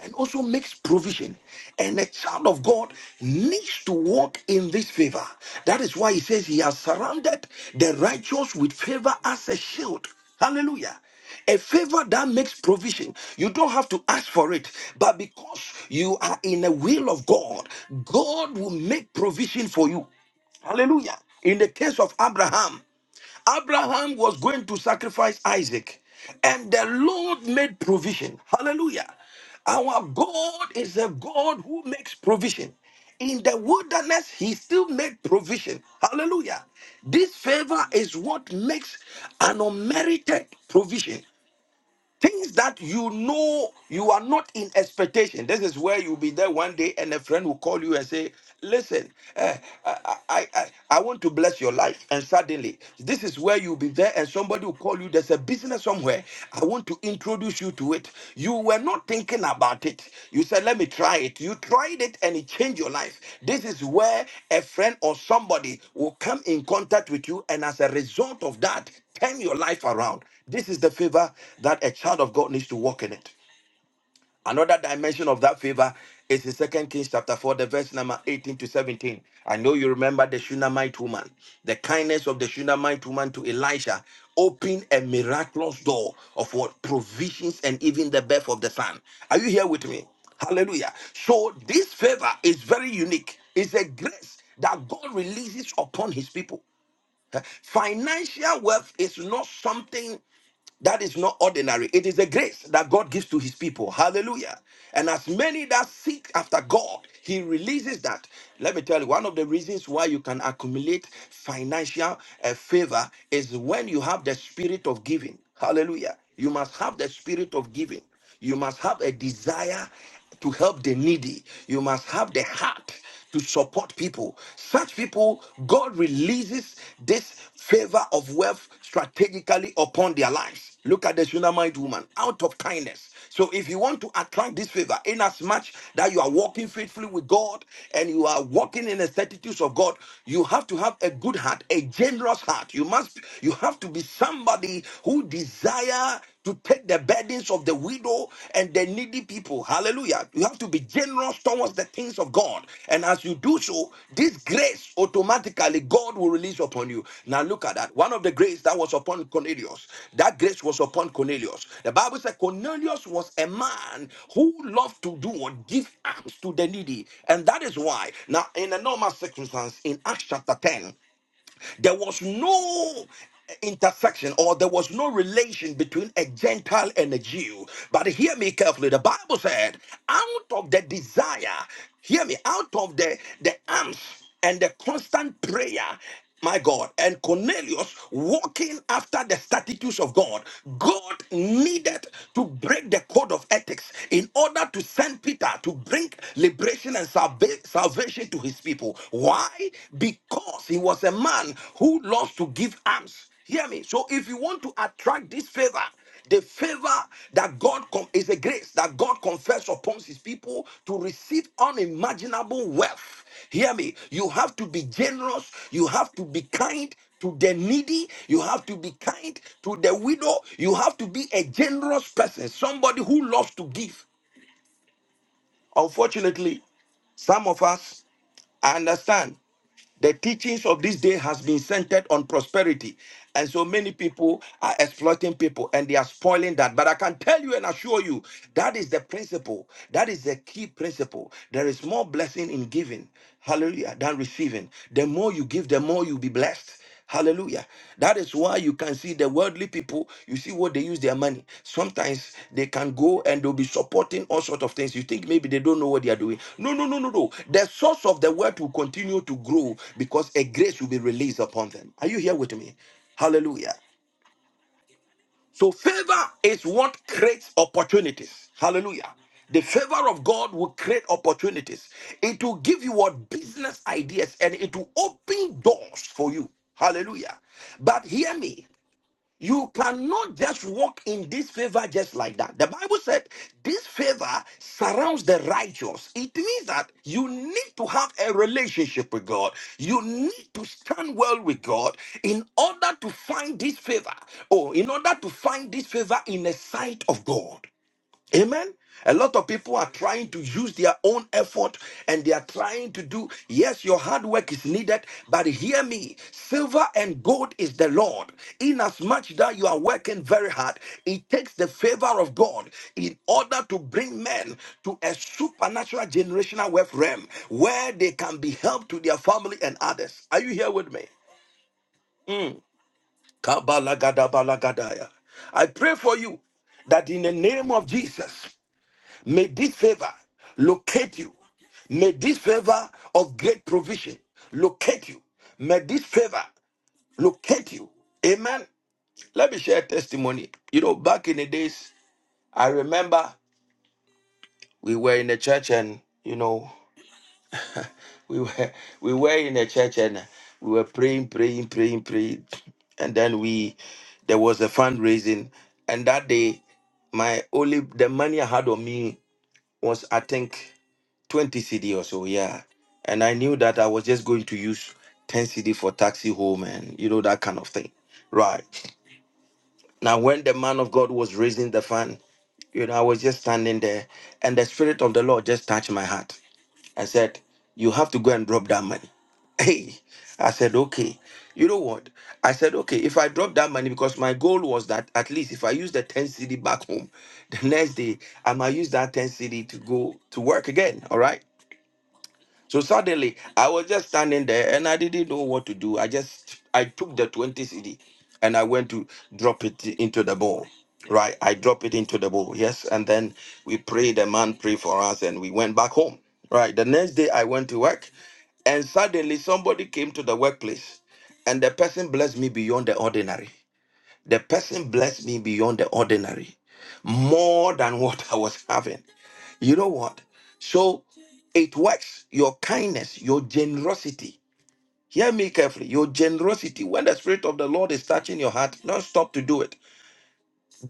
and also makes provision. And a child of God needs to walk in this favor. That is why he says he has surrounded the righteous with favor as a shield. Hallelujah. A favor that makes provision. You don't have to ask for it, but because you are in the will of God, God will make provision for you. Hallelujah. In the case of Abraham, Abraham was going to sacrifice Isaac, and the Lord made provision. Hallelujah. Our God is a God who makes provision. In the wilderness, he still made provision. Hallelujah. This favor is what makes an unmerited provision. Things that you know you are not in expectation. This is where you'll be there one day and a friend will call you and say, Listen, eh, I, I, I, I want to bless your life. And suddenly, this is where you'll be there and somebody will call you. There's a business somewhere. I want to introduce you to it. You were not thinking about it. You said, Let me try it. You tried it and it changed your life. This is where a friend or somebody will come in contact with you. And as a result of that, turn your life around. This is the favor that a child of God needs to walk in it. Another dimension of that favor is in 2 Kings chapter 4, the verse number 18 to 17. I know you remember the Shunammite woman. The kindness of the Shunammite woman to Elisha opened a miraculous door of what provisions and even the birth of the son. Are you here with me? Hallelujah. So this favor is very unique. It's a grace that God releases upon his people. Huh? Financial wealth is not something that is not ordinary. It is a grace that God gives to his people. Hallelujah. And as many that seek after God, he releases that. Let me tell you, one of the reasons why you can accumulate financial uh, favor is when you have the spirit of giving. Hallelujah. You must have the spirit of giving. You must have a desire to help the needy. You must have the heart to support people. Such people, God releases this favor of wealth strategically upon their lives. Look at the Shunammite woman out of kindness. So, if you want to attract this favor, in as much that you are walking faithfully with God and you are walking in the certitudes of God, you have to have a good heart, a generous heart. You must, you have to be somebody who desire to take the burdens of the widow and the needy people. Hallelujah. You have to be generous towards the things of God. And as you do so, this grace automatically God will release upon you. Now look at that. One of the grace that was upon Cornelius, that grace was upon Cornelius. The Bible said Cornelius was a man who loved to do what give alms to the needy. And that is why now in a normal circumstance in Acts chapter 10. There was no intersection or there was no relation between a Gentile and a Jew. But hear me carefully. The Bible said, out of the desire, hear me, out of the, the arms and the constant prayer, my God, and Cornelius walking after the statutes of God, God needed to break the code of ethics in order to send Peter to bring liberation and salva- salvation salvation to his people. Why? Because he was a man who loves to give alms. Hear me. So if you want to attract this favor, the favor that God com- is a grace that God confers upon his people to receive unimaginable wealth. Hear me. You have to be generous. You have to be kind to the needy. You have to be kind to the widow. You have to be a generous person, somebody who loves to give. Unfortunately, some of us, I understand. The teachings of this day has been centered on prosperity. And so many people are exploiting people and they are spoiling that. But I can tell you and assure you that is the principle. That is the key principle. There is more blessing in giving, hallelujah, than receiving. The more you give, the more you'll be blessed. Hallelujah. That is why you can see the worldly people, you see what they use their money. Sometimes they can go and they'll be supporting all sorts of things. You think maybe they don't know what they are doing. No, no, no, no, no. The source of the word will continue to grow because a grace will be released upon them. Are you here with me? Hallelujah. So favor is what creates opportunities. Hallelujah. The favor of God will create opportunities. It will give you what business ideas and it will open doors for you. Hallelujah. But hear me. You cannot just walk in this favor just like that. The Bible said this favor surrounds the righteous. It means that you need to have a relationship with God. You need to stand well with God in order to find this favor or in order to find this favor in the sight of God. Amen. A lot of people are trying to use their own effort and they are trying to do, yes, your hard work is needed, but hear me silver and gold is the Lord. Inasmuch that you are working very hard, it takes the favor of God in order to bring men to a supernatural generational wealth realm where they can be helped to their family and others. Are you here with me? Mm. Kabalagadabalagadiah. I pray for you that in the name of Jesus, May this favor locate you. May this favor of great provision locate you. May this favor locate you. Amen. Let me share a testimony. You know, back in the days, I remember we were in the church and, you know, we were, we were in the church and we were praying, praying, praying, praying. And then we, there was a fundraising. And that day, my only, the money I had on me was, I think, 20 CD or so, yeah. And I knew that I was just going to use 10 CD for taxi home and you know that kind of thing. Right. Now when the man of God was raising the fund, you know, I was just standing there and the spirit of the Lord just touched my heart and said, You have to go and drop that money. Hey, I said, okay. You know what? I said, okay, if I drop that money, because my goal was that at least if I use the 10 CD back home, the next day I might use that 10 CD to go to work again. All right. So suddenly, I was just standing there and I didn't know what to do. I just I took the 20 CD and I went to drop it into the bowl. Right, I dropped it into the bowl. Yes, and then we prayed. The man prayed for us, and we went back home. Right, the next day I went to work, and suddenly somebody came to the workplace, and the person blessed me beyond the ordinary. The person blessed me beyond the ordinary, more than what I was having. You know what? So it works. Your kindness, your generosity. Hear me carefully. Your generosity. When the Spirit of the Lord is touching your heart, don't stop to do it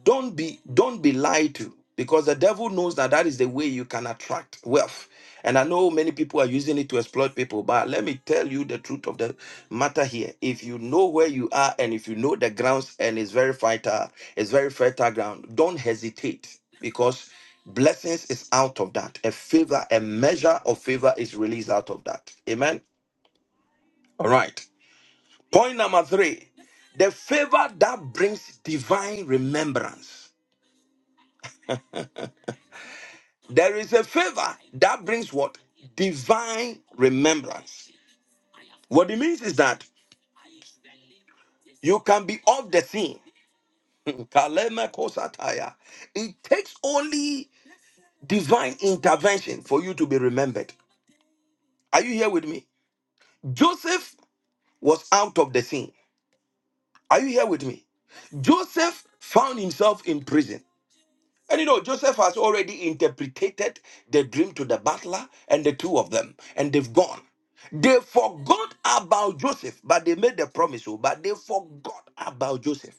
don't be don't be lied to because the devil knows that that is the way you can attract wealth and i know many people are using it to exploit people but let me tell you the truth of the matter here if you know where you are and if you know the grounds and it's very fertile it's very fertile ground don't hesitate because blessings is out of that a favor a measure of favor is released out of that amen all right point number three the favor that brings divine remembrance There is a favor that brings what? Divine remembrance. What it means is that you can be off the scene. Kalema kosataya. It takes only divine intervention for you to be remembered. Are you here with me? Joseph was out of the scene. Are you here with me? Joseph found himself in prison. And you know, Joseph has already interpreted the dream to the butler and the two of them, and they've gone. They forgot about Joseph, but they made the promise, oh, but they forgot about Joseph.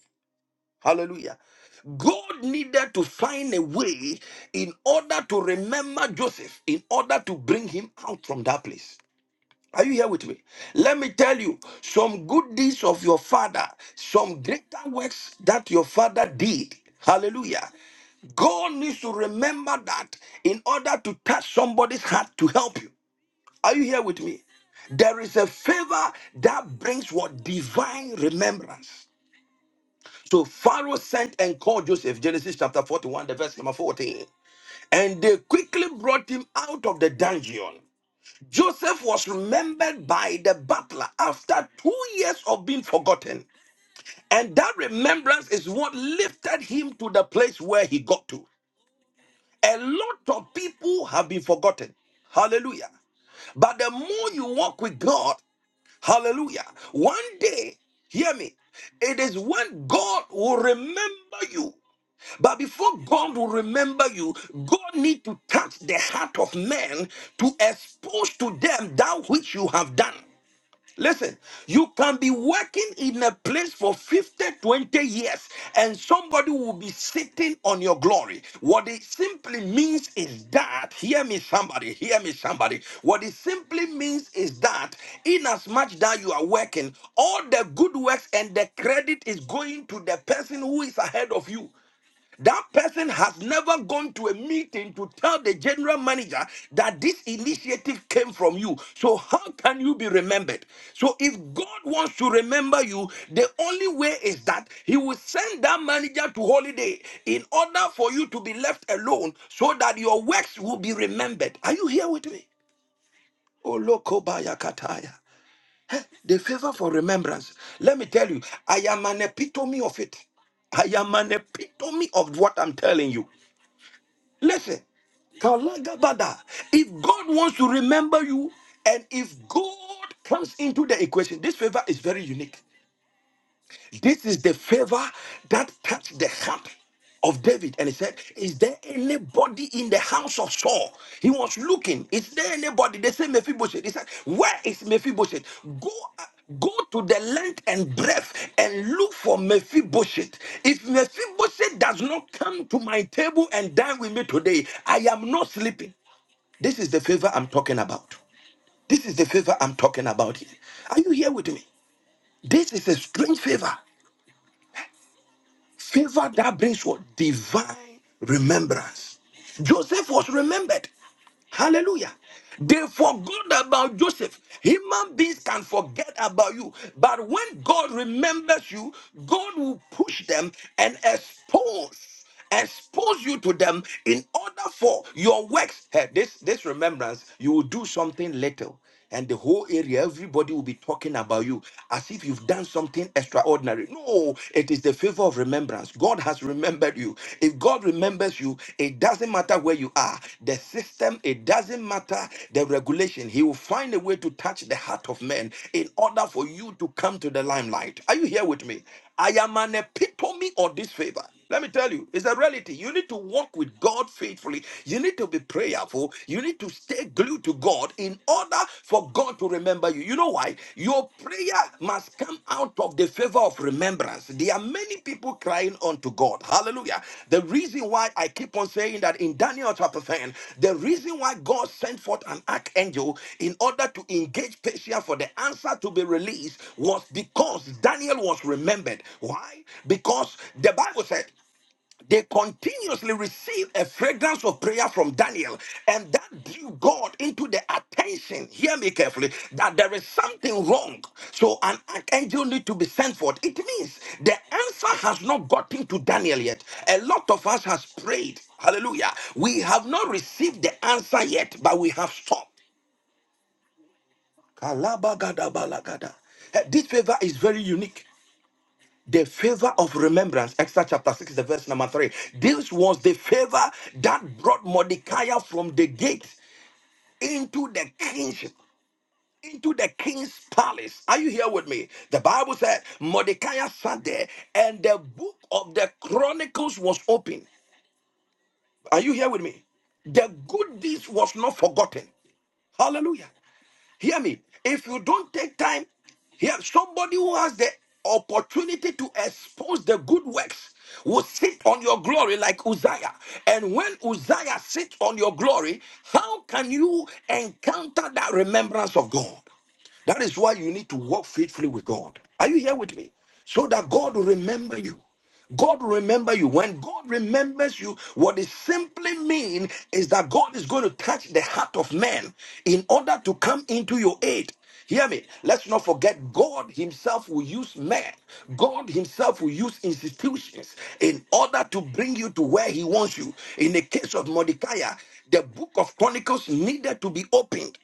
Hallelujah. God needed to find a way in order to remember Joseph, in order to bring him out from that place. Are you here with me? Let me tell you some good deeds of your father, some greater works that your father did. Hallelujah. God needs to remember that in order to touch somebody's heart to help you. Are you here with me? There is a favor that brings what divine remembrance. So Pharaoh sent and called Joseph, Genesis chapter 41, the verse number 14. And they quickly brought him out of the dungeon. Joseph was remembered by the butler after two years of being forgotten. And that remembrance is what lifted him to the place where he got to. A lot of people have been forgotten. Hallelujah. But the more you walk with God, hallelujah, one day, hear me, it is when God will remember you. But before God will remember you, God need to touch the heart of man to expose to them that which you have done. Listen, you can be working in a place for 50, 20 years, and somebody will be sitting on your glory. What it simply means is that, hear me, somebody, hear me, somebody. What it simply means is that, in as much that you are working, all the good works and the credit is going to the person who is ahead of you. That person has never gone to a meeting to tell the general manager that this initiative came from you. So, how can you be remembered? So, if God wants to remember you, the only way is that He will send that manager to holiday in order for you to be left alone so that your works will be remembered. Are you here with me? Oh, Olokobaya kataya. The favor for remembrance. Let me tell you, I am an epitome of it. I am an epitome of what I'm telling you. Listen, Kalagabada. If God wants to remember you, and if God comes into the equation, this favor is very unique. This is the favor that touched the heart of David. And he said, Is there anybody in the house of Saul? He was looking. Is there anybody? They say Mephibosheth. He said, Where is Mephibosheth? Go. Go to the length and breadth and look for Mephibosheth. If Mephibosheth does not come to my table and dine with me today, I am not sleeping. This is the favor I'm talking about. This is the favor I'm talking about here. Are you here with me? This is a strange favor. Favor that brings what? Divine remembrance. Joseph was remembered. Hallelujah. They forgot about Joseph. Human beings can forget about you. But when God remembers you, God will push them and expose, expose you to them in order for your works. Hey, this, this remembrance, you will do something little and the whole area, everybody will be talking about you as if you've done something extraordinary. No, it is the favor of remembrance. God has remembered you. If God remembers you, it doesn't matter where you are, the system, it doesn't matter the regulation. He will find a way to touch the heart of men in order for you to come to the limelight. Are you here with me? I am an epitome of this favor. Let me tell you, it's a reality. You need to walk with God faithfully. You need to be prayerful. You need to stay glued to God in order for God to remember you. You know why? Your prayer must come out of the favor of remembrance. There are many people crying unto God. God. Hallelujah. The reason why I keep on saying that in Daniel chapter 10, the reason why God sent forth an archangel in order to engage Persia for the answer to be released was because Daniel was remembered. Why? Because the Bible said they continuously received a fragrance of prayer from Daniel, and that drew God into the attention. Hear me carefully that there is something wrong. So an archangel need to be sent forth. It means the answer has not gotten to Daniel yet. A lot of us has prayed. Hallelujah. We have not received the answer yet, but we have stopped. Kalabagadabalagada. Eh, This favor is very unique. The favor of remembrance, Exodus chapter 6, the verse number 3. This was the favor that brought Mordecai from the gate into the kingship, into the king's palace. Are you here with me? The Bible said Mordecai sat there and the book of the Chronicles was open. Are you here with me? The good deeds was not forgotten. Hallelujah. Hear me. If you don't take time, hear somebody who has the opportunity to expose the good works will sit on your glory like Uzziah. And when Uzziah sits on your glory, how can you encounter that remembrance of God? That is why you need to walk faithfully with God. Are you here with me? So that God will remember you. God will remember you. When God remembers you, what it simply means is that God is going to touch the heart of man in order to come into your aid. Hear me. Let's not forget, God Himself will use man. God Himself will use institutions in order to bring you to where He wants you. In the case of Mordecai, the book of Chronicles needed to be opened.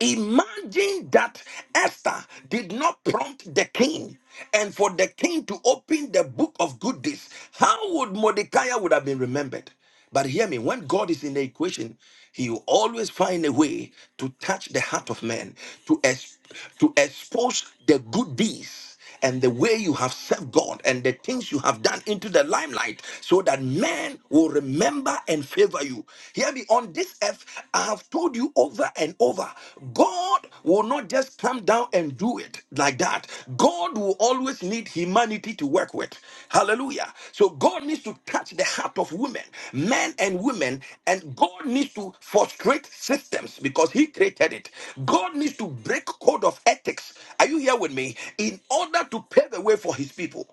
Imagine that Esther did not prompt the king and for the king to open the book of good deeds, How would Mordecai would have been remembered? But hear me, when God is in the equation, he will always find a way to touch the heart of man, to, ex- to expose the good deeds and the way you have served God and the things you have done into the limelight so that men will remember and favor you. Hear me on this earth, I have told you over and over God will not just come down and do it like that. God will always need need humanity to work with. Hallelujah. So God needs to touch the heart of women, men and women, and God needs to frustrate systems because He created it. God needs to break code of ethics. Are you here with me? In order to pave the way for His people.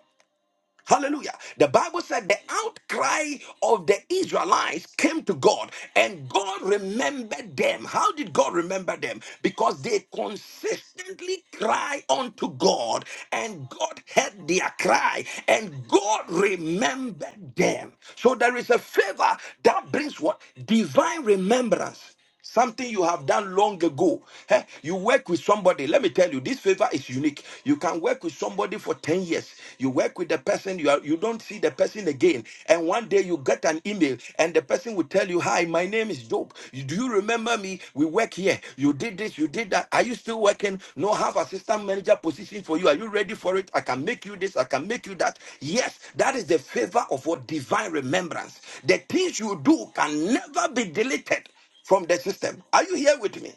Hallelujah. The Bible said the outcry of the Israelites came to God and God remembered them. How did God remember them? Because they consistently cry unto God and God heard their cry and God remembered them. So there is a favor that brings what? Divine remembrance. Something you have done long ago. Eh, You work with somebody. Let me tell you, this favor is unique. You can work with somebody for 10 years. You work with the person, you, are, you don't see the person again. And one day you get an email, and the person will tell you, Hi, my name is Job. You- Do you remember me? We work here. You did this, you did that. Are you still working? No, I have assistant manager position for you. Are you ready for it? I can make you this, I can make you that. Yes, that is the favor of what divine remembrance. The things you do can never be deleted from the system. Are you here with me?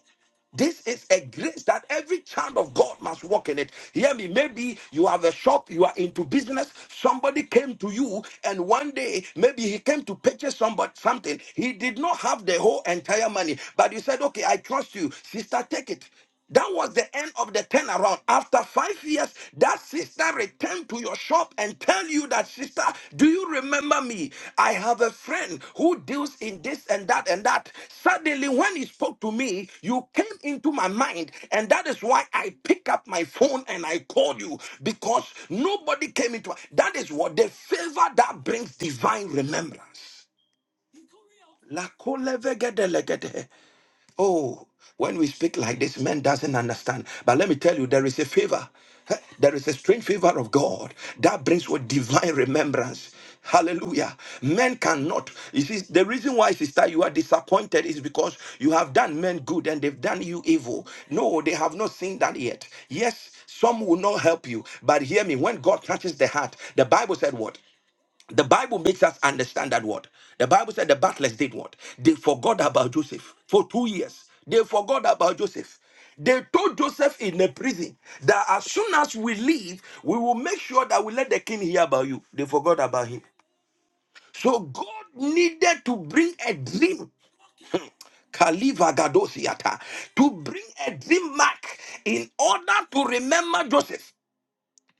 This is a grace that every child of God must walk in it. Hear me. Maybe you have a shop, you are into business. Somebody came to you, and one day maybe he came to purchase somebody something. He did not have the whole entire money, but you said, "Okay, I trust you, sister. Take it." That was the end of the turnaround. After five years, that sister returned to your shop and tell you that, sister, do you remember me? I have a friend who deals in this and that and that. Suddenly, when he spoke to me, you came into my mind. And that is why I pick up my phone and I called you because nobody came into that is what the favor that brings divine remembrance. La Oh, when we speak like this, man doesn't understand. But let me tell you, there is a favor. Eh, There is a strange favor of God that brings with divine remembrance. Hallelujah. Men cannot. You see, the reason why, sister, you are disappointed is because you have done men good and they've done you evil. No, they have not seen that yet. Yes, some will not help you. But hear me, when God touches the heart, the Bible said what? The Bible makes us understand that what the Bible said the butlers did what they forgot about Joseph for two years. They forgot about Joseph. They told Joseph in the prison that as soon as we leave, we will make sure that we let the king hear about you. They forgot about him. So God needed to bring a dream Kaliva Gadosiata to bring a dream mark in order to remember Joseph.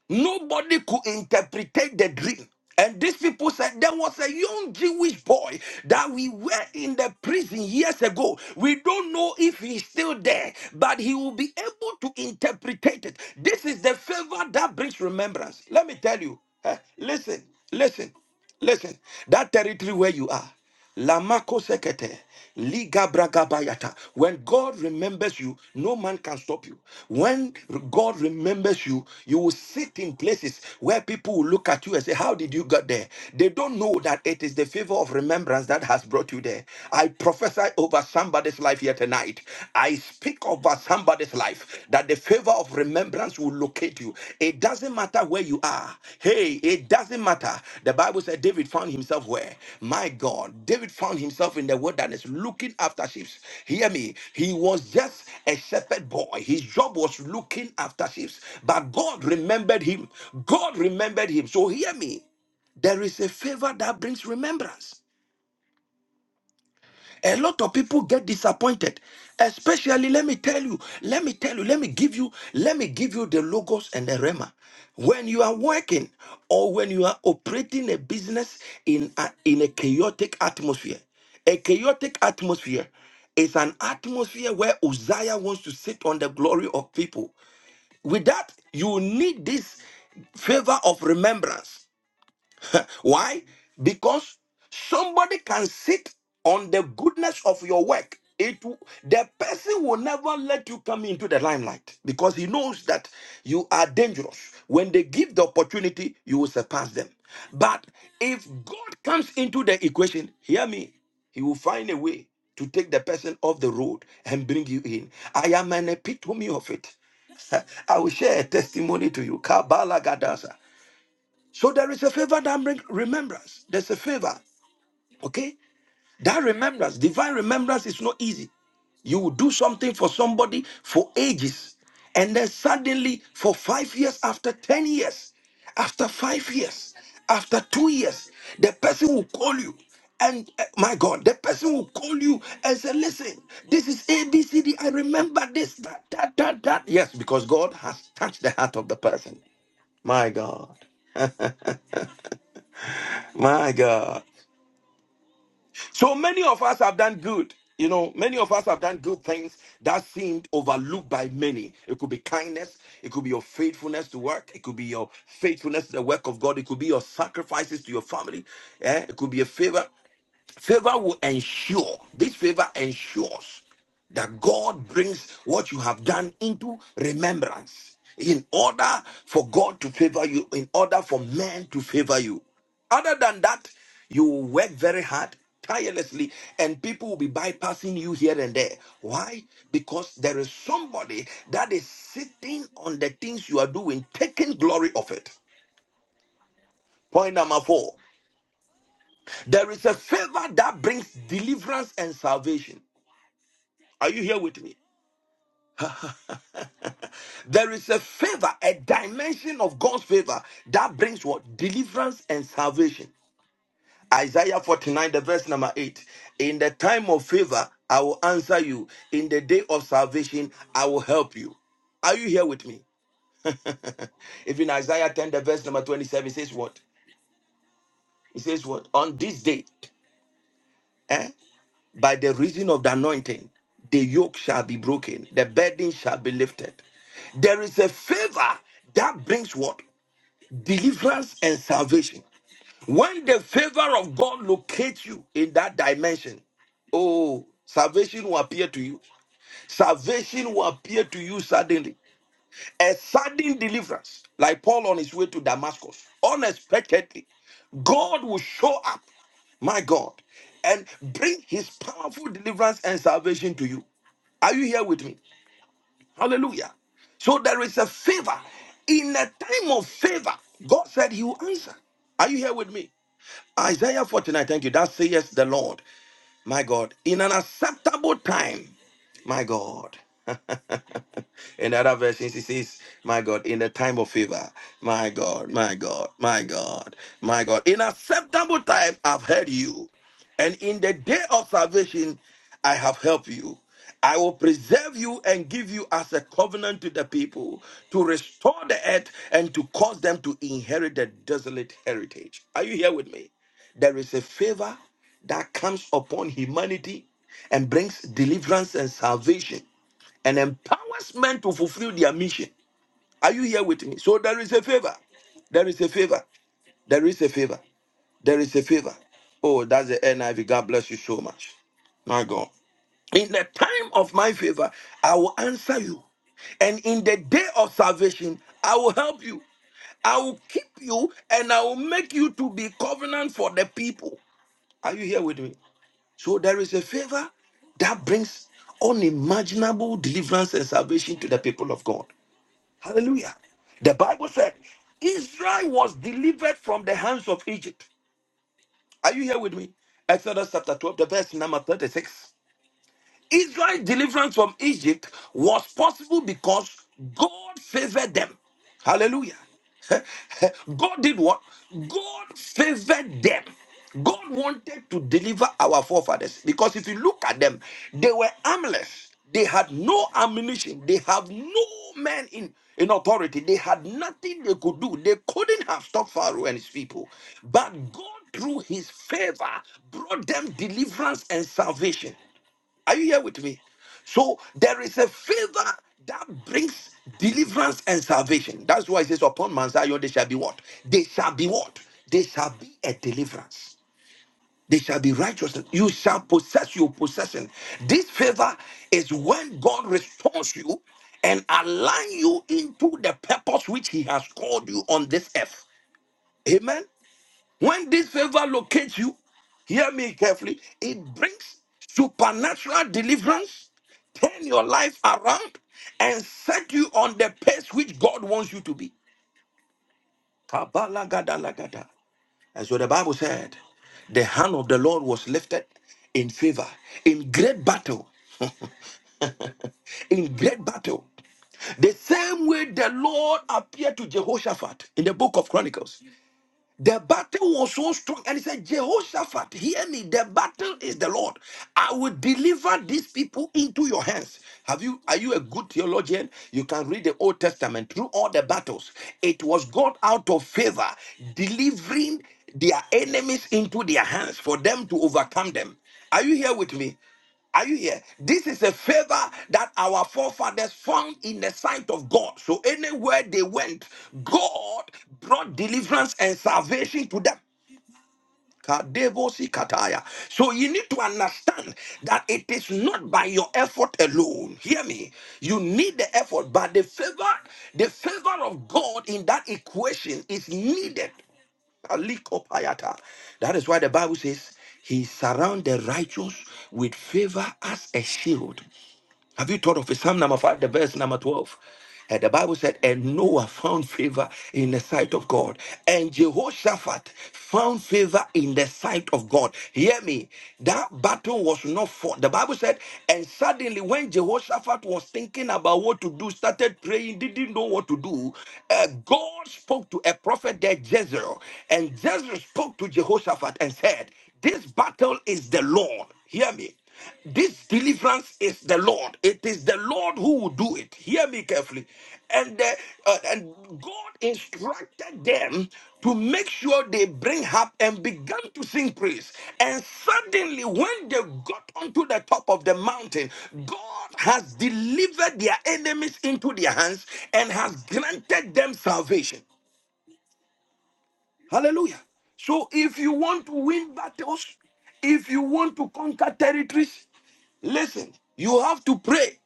Nobody could interpret the dream. And these people said there was a young Jewish boy that we were in the prison years ago. We don't know if he's still there, but he will be able to interpret it. This is the favor that brings remembrance. Let me tell you. eh, listen, listen, listen. That territory where you are. Lamako sekete, liga bragabayata. When God remembers you, no man can stop you. When God remembers you, you will sit in places where people will look at you and say, How did you get there? They don't know that it is the favor of remembrance that has brought you there. I prophesy over somebody's life here tonight. I speak over somebody's life life, that the favor of remembrance will locate you. It doesn't matter where you are. Hey, it doesn't matter. The Bible said David found himself where? My God, David found himself in the wilderness looking after sheep. Hear me. He was just a shepherd boy. His job was looking after sheep. But God remembered him. God remembered him. So hear me. There is a favor that brings remembrance. A lot of people get disappointed. Especially, let me tell you, let me tell you, let me give you, let me give you the logos and the rema. When you are working or when you are operating a business in a, in a chaotic atmosphere, a chaotic atmosphere is an atmosphere where Uzziah wants to sit on the glory of people. With that, you need this favor of remembrance. Why? Because somebody can sit on the goodness of your work. It w- the person will never let you come into the limelight because he knows that you are dangerous. When they give the opportunity, you will surpass them. But if God comes into the equation, hear me, he will find a way to take the person off the road and bring you in. I am an epitome of it. I will share a testimony to you. Kabbalah Gadasa. So there is a favor that brings remembrance. There's a favor, okay? That remembrance, divine remembrance is not easy. You will do something for somebody for ages, and then suddenly, for five years, after 10 years, after five years, after two years, the person will call you. And uh, my God, the person will call you and say, Listen, this is A, B, C, D. I remember this, that, that, that, that. Yes, because God has touched the heart of the person. My God. My God. So many of us have done good. You know, many of us have done good things that seemed overlooked by many. It could be kindness. It could be your faithfulness to work. It could be your faithfulness to the work of God. It could be your sacrifices to your family. eh, It could be a favor. Favor will ensure, this favor ensures that God brings what you have done into remembrance in order for God to favor you, in order for men to favor you. Other than that, you will work very hard, tirelessly, and people will be bypassing you here and there. Why? Because there is somebody that is sitting on the things you are doing, taking glory of it. Point number four there is a favor that brings deliverance and salvation. Are you here with me? There is a favor, a dimension of God's favor that brings what? Deliverance and salvation. Isaiah 49, the verse number 8. In the time of favor, I will answer you. In the day of salvation, I will help you. Are you here with me? Even Isaiah 10, the verse number 27 says what? It says what? On this day, eh, by the reason of the anointing, the yoke shall be broken, the burden shall be lifted. There is a favor that brings what? deliverance and salvation. When the favor of God locates you in that dimension, oh, salvation will appear to you. Salvation will appear to you suddenly. A sudden deliverance, like Paul on his way to Damascus, unexpectedly, God will show up, my God, and bring his powerful deliverance and salvation to you. Are you here with me? Hallelujah. So there is a favor. In a time of favor, God said he will answer. Are you here with me? Isaiah 49, thank you. That says the Lord, my God, in an acceptable time, my God. In other versions, it says, My God, in the time of favor, my God, my God, my God, my God, in acceptable time, I've heard you. And in the day of salvation, I have helped you. I will preserve you and give you as a covenant to the people to restore the earth and to cause them to inherit the desolate heritage. Are you here with me? There is a favor that comes upon humanity and brings deliverance and salvation and empowers men to fulfill their mission. Are you here with me? So there is a favor. There is a favor. There is a favor. There is a favor. Oh, that's the NIV. God bless you so much. My God. In the time of my favor, I will answer you. And in the day of salvation, I will help you. I will keep you and I will make you to be covenant for the people. Are you here with me? So there is a favor that brings unimaginable deliverance and salvation to the people of God. Hallelujah. The Bible said Israel was delivered from the hands of Egypt. Are you here with me? Exodus chapter 12, the verse number 36. Israel's deliverance from Egypt was possible because God favored them. Hallelujah. God did what? God favored them. God wanted to deliver our forefathers because if you look at them, they were armless. They had no ammunition. They have no man in, in authority. They had nothing they could do. They couldn't have stopped Pharaoh and his people. But God, through his favor, brought them deliverance and salvation. Are you here with me? So there is a favor that brings deliverance and salvation. That's why it says, Upon Mount Zion, they shall be what? They shall be what? They shall be a deliverance. They shall be righteous. You shall possess your possession. This favor is when God restores you and align you into the purpose which He has called you on this earth. Amen. When this favor locates you, hear me carefully, it brings supernatural deliverance, turn your life around, and set you on the pace which God wants you to be. Kabalagadalagada. And so the Bible said, the hand of the Lord was lifted in favor, in great battle, in great battle. The same way the Lord appeared to Jehoshaphat in the book of Chronicles. The battle was so strong, and he said, Jehoshaphat, hear me. The battle is the Lord. I will deliver these people into your hands. Have you are you a good theologian? You can read the Old Testament through all the battles. It was God out of favor delivering their enemies into their hands for them to overcome them. Are you here with me? Are you here? This is a favor that our forefathers found in the sight of God. So anywhere they went, God brought deliverance and salvation to them. Kadebosi kataya. So you need to understand that it is not by your effort alone. Hear me. You need the effort, but the favor, the favor of God in that equation is needed. Alikopayata. That is why the Bible says he surrounds the righteous with favor as a shield. Have you thought of it? Psalm number 5, the verse number 12? And the Bible said, and Noah found favor in the sight of God. And Jehoshaphat found favor in the sight of God. Hear me. That battle was not fought. The Bible said, and suddenly when Jehoshaphat was thinking about what to do, started praying, didn't know what to do, uh, God spoke to a prophet there, Jezreel. And Jezreel spoke to Jehoshaphat and said, this battle is the Lord. Hear me. This deliverance is the Lord. It is the Lord who will do it. Hear me carefully. And, the, uh, and God instructed them to make sure they bring harp and began to sing praise. And suddenly, when they got onto the top of the mountain, God has delivered their enemies into their hands and has granted them salvation. Hallelujah. So if you want to win battles, if you want to conquer territories, listen, you have to pray,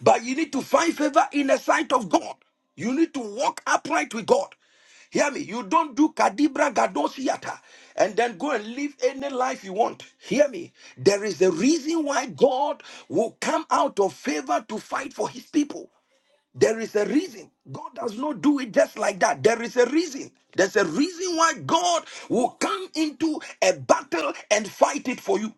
but you need to find favor in the sight of God. You need to walk upright with God. Hear me. You don't do kadibra gadosiata and then go and live any life you want. Hear me. There is a reason why God will come out of favor to fight for his people. There is a reason. God does not do it just like that. There is a reason. There's a reason why God will come into a battle and fight it for you.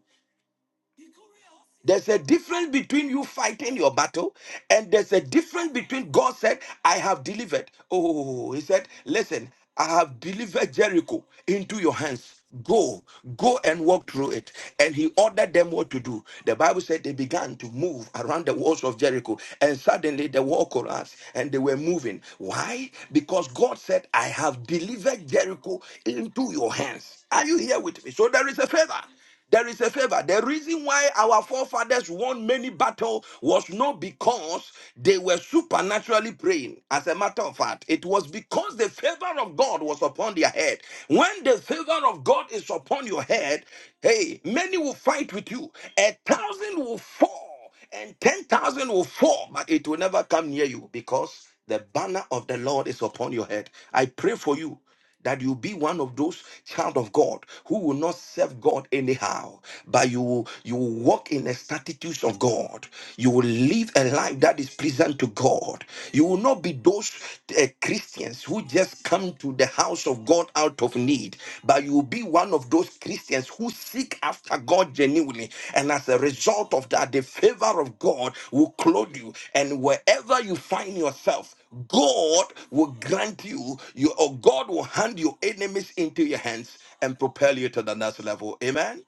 There's a difference between you fighting your battle, and there's a difference between God said, I have delivered. Oh, he said, Listen, I have delivered Jericho into your hands. Go, go and walk through it. And he ordered them what to do. The Bible said they began to move around the walls of Jericho, and suddenly the wall collapsed and they were moving. Why? Because God said, I have delivered Jericho into your hands. Are you here with me? So there is a favor. There is a favor. The reason why our forefathers won many battles was not because they were supernaturally praying. As a matter of fact, it was because the favor of God was upon their head. When the favor of God is upon your head, hey, many will fight with you, a thousand will fall and 10,000 will fall, but it will never come near you because the banner of the Lord is upon your head. I pray for you that you be one of those child of God who will not serve God anyhow, but you will, you will walk in the statutes of God. You will live a life that is pleasant to God. You will not be those uh, Christians who just come to the house of God out of need, but you will be one of those Christians who seek after God genuinely. And as a result of that, the favor of God will clothe you. And wherever you find yourself, God will grant you, you or God will hand your enemies into your hands and propel you to the next level. Amen.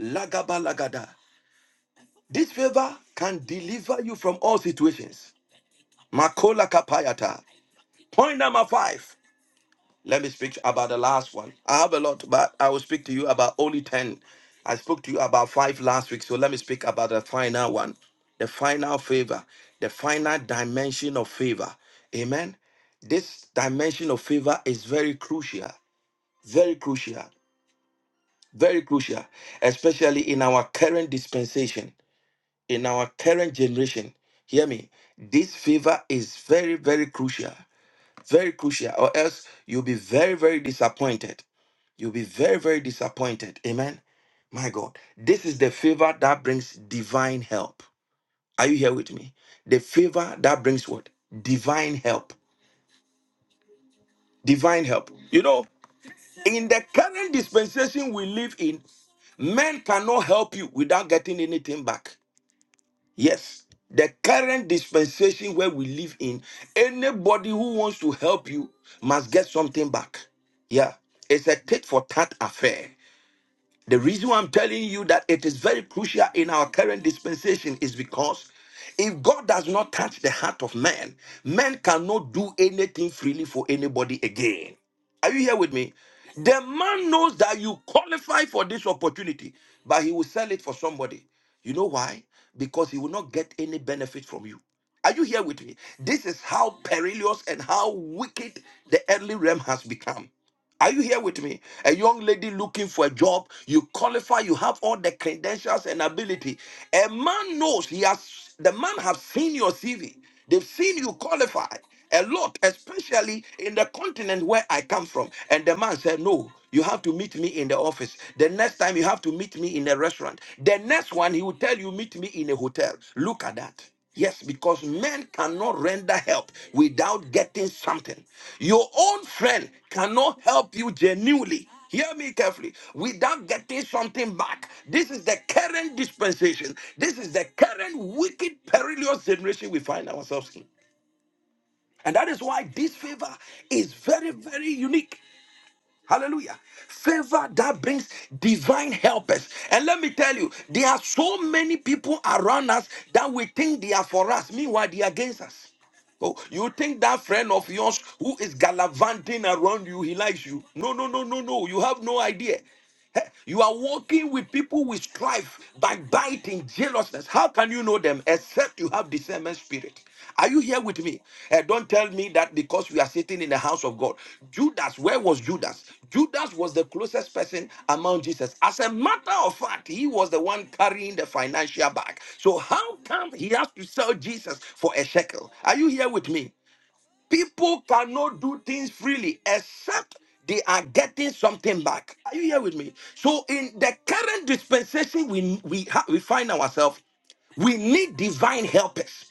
Lagaba lagada. This favor can deliver you from all situations. Makola kapayata. Point number five. Let me speak about the last one. I have a lot, but I will speak to you about only 10. I spoke to you about five last week, so let me speak about the final one, the final favor, the final dimension of favor. Amen. This dimension of favor is very crucial, very crucial, very crucial, especially in our current dispensation, in our current generation. Hear me. This favor is very, very crucial, very crucial, or else you'll be very, very disappointed You'll be very, very disappointed. Amen. My God. This is the favor that brings divine help. Are you here with me? The favor that brings what? Divine help. Divine help. You know, in the current dispensation we live in, men cannot help you without getting anything back. Yes. The current dispensation where we live in, anybody who wants to help you must get something back. Yeah. It's a tit for tat affair. The reason why I'm telling you that it is very crucial in our current dispensation is because if God does not touch the heart of man, man cannot do anything freely for anybody again. Are you here with me? The man knows that you qualify for this opportunity, but he will sell it for somebody. You know why? Because he will not get any benefit from you. Are you here with me? This is how perilous and how wicked the early realm has become. Are you here with me? A young lady looking for a job, you qualify, you have all the credentials and ability. A man knows he has the man has seen your CV. They've seen you qualify a lot, especially in the continent where I come from. And the man said, No, you have to meet me in the office. The next time you have to meet me in a restaurant. The next one, he will tell you, meet me in a hotel. Look at that. Yes, because men cannot render help without getting something. Your own friend cannot help you genuinely. Hear me carefully. Without getting something back. This is the current dispensation. This is the current wicked, perilous generation we find ourselves in. And that is why this favor is very, very unique. Hallelujah. Favor that brings divine helpers. And let me tell you, there are so many people around us that we think they are for us. Meanwhile, they are against us. Oh, you think that friend of yours who is gallivanting around you, he likes you. No, no, no, no, no. You have no idea. Eh, You are walking with people with strife, backbiting, jealousness. How can you know them except you have discernment spirit? Are you here with me? Eh, don't tell me that because we are sitting in the house of God. Judas, where was Judas? Judas was the closest person among Jesus. As a matter of fact, he was the one carrying the financial bag. So how come he has to sell Jesus for a shekel? Are you here with me? People cannot do things freely except they are getting something back. Are you here with me? So, in the current dispensation we we ha- we find ourselves, we need divine helpers.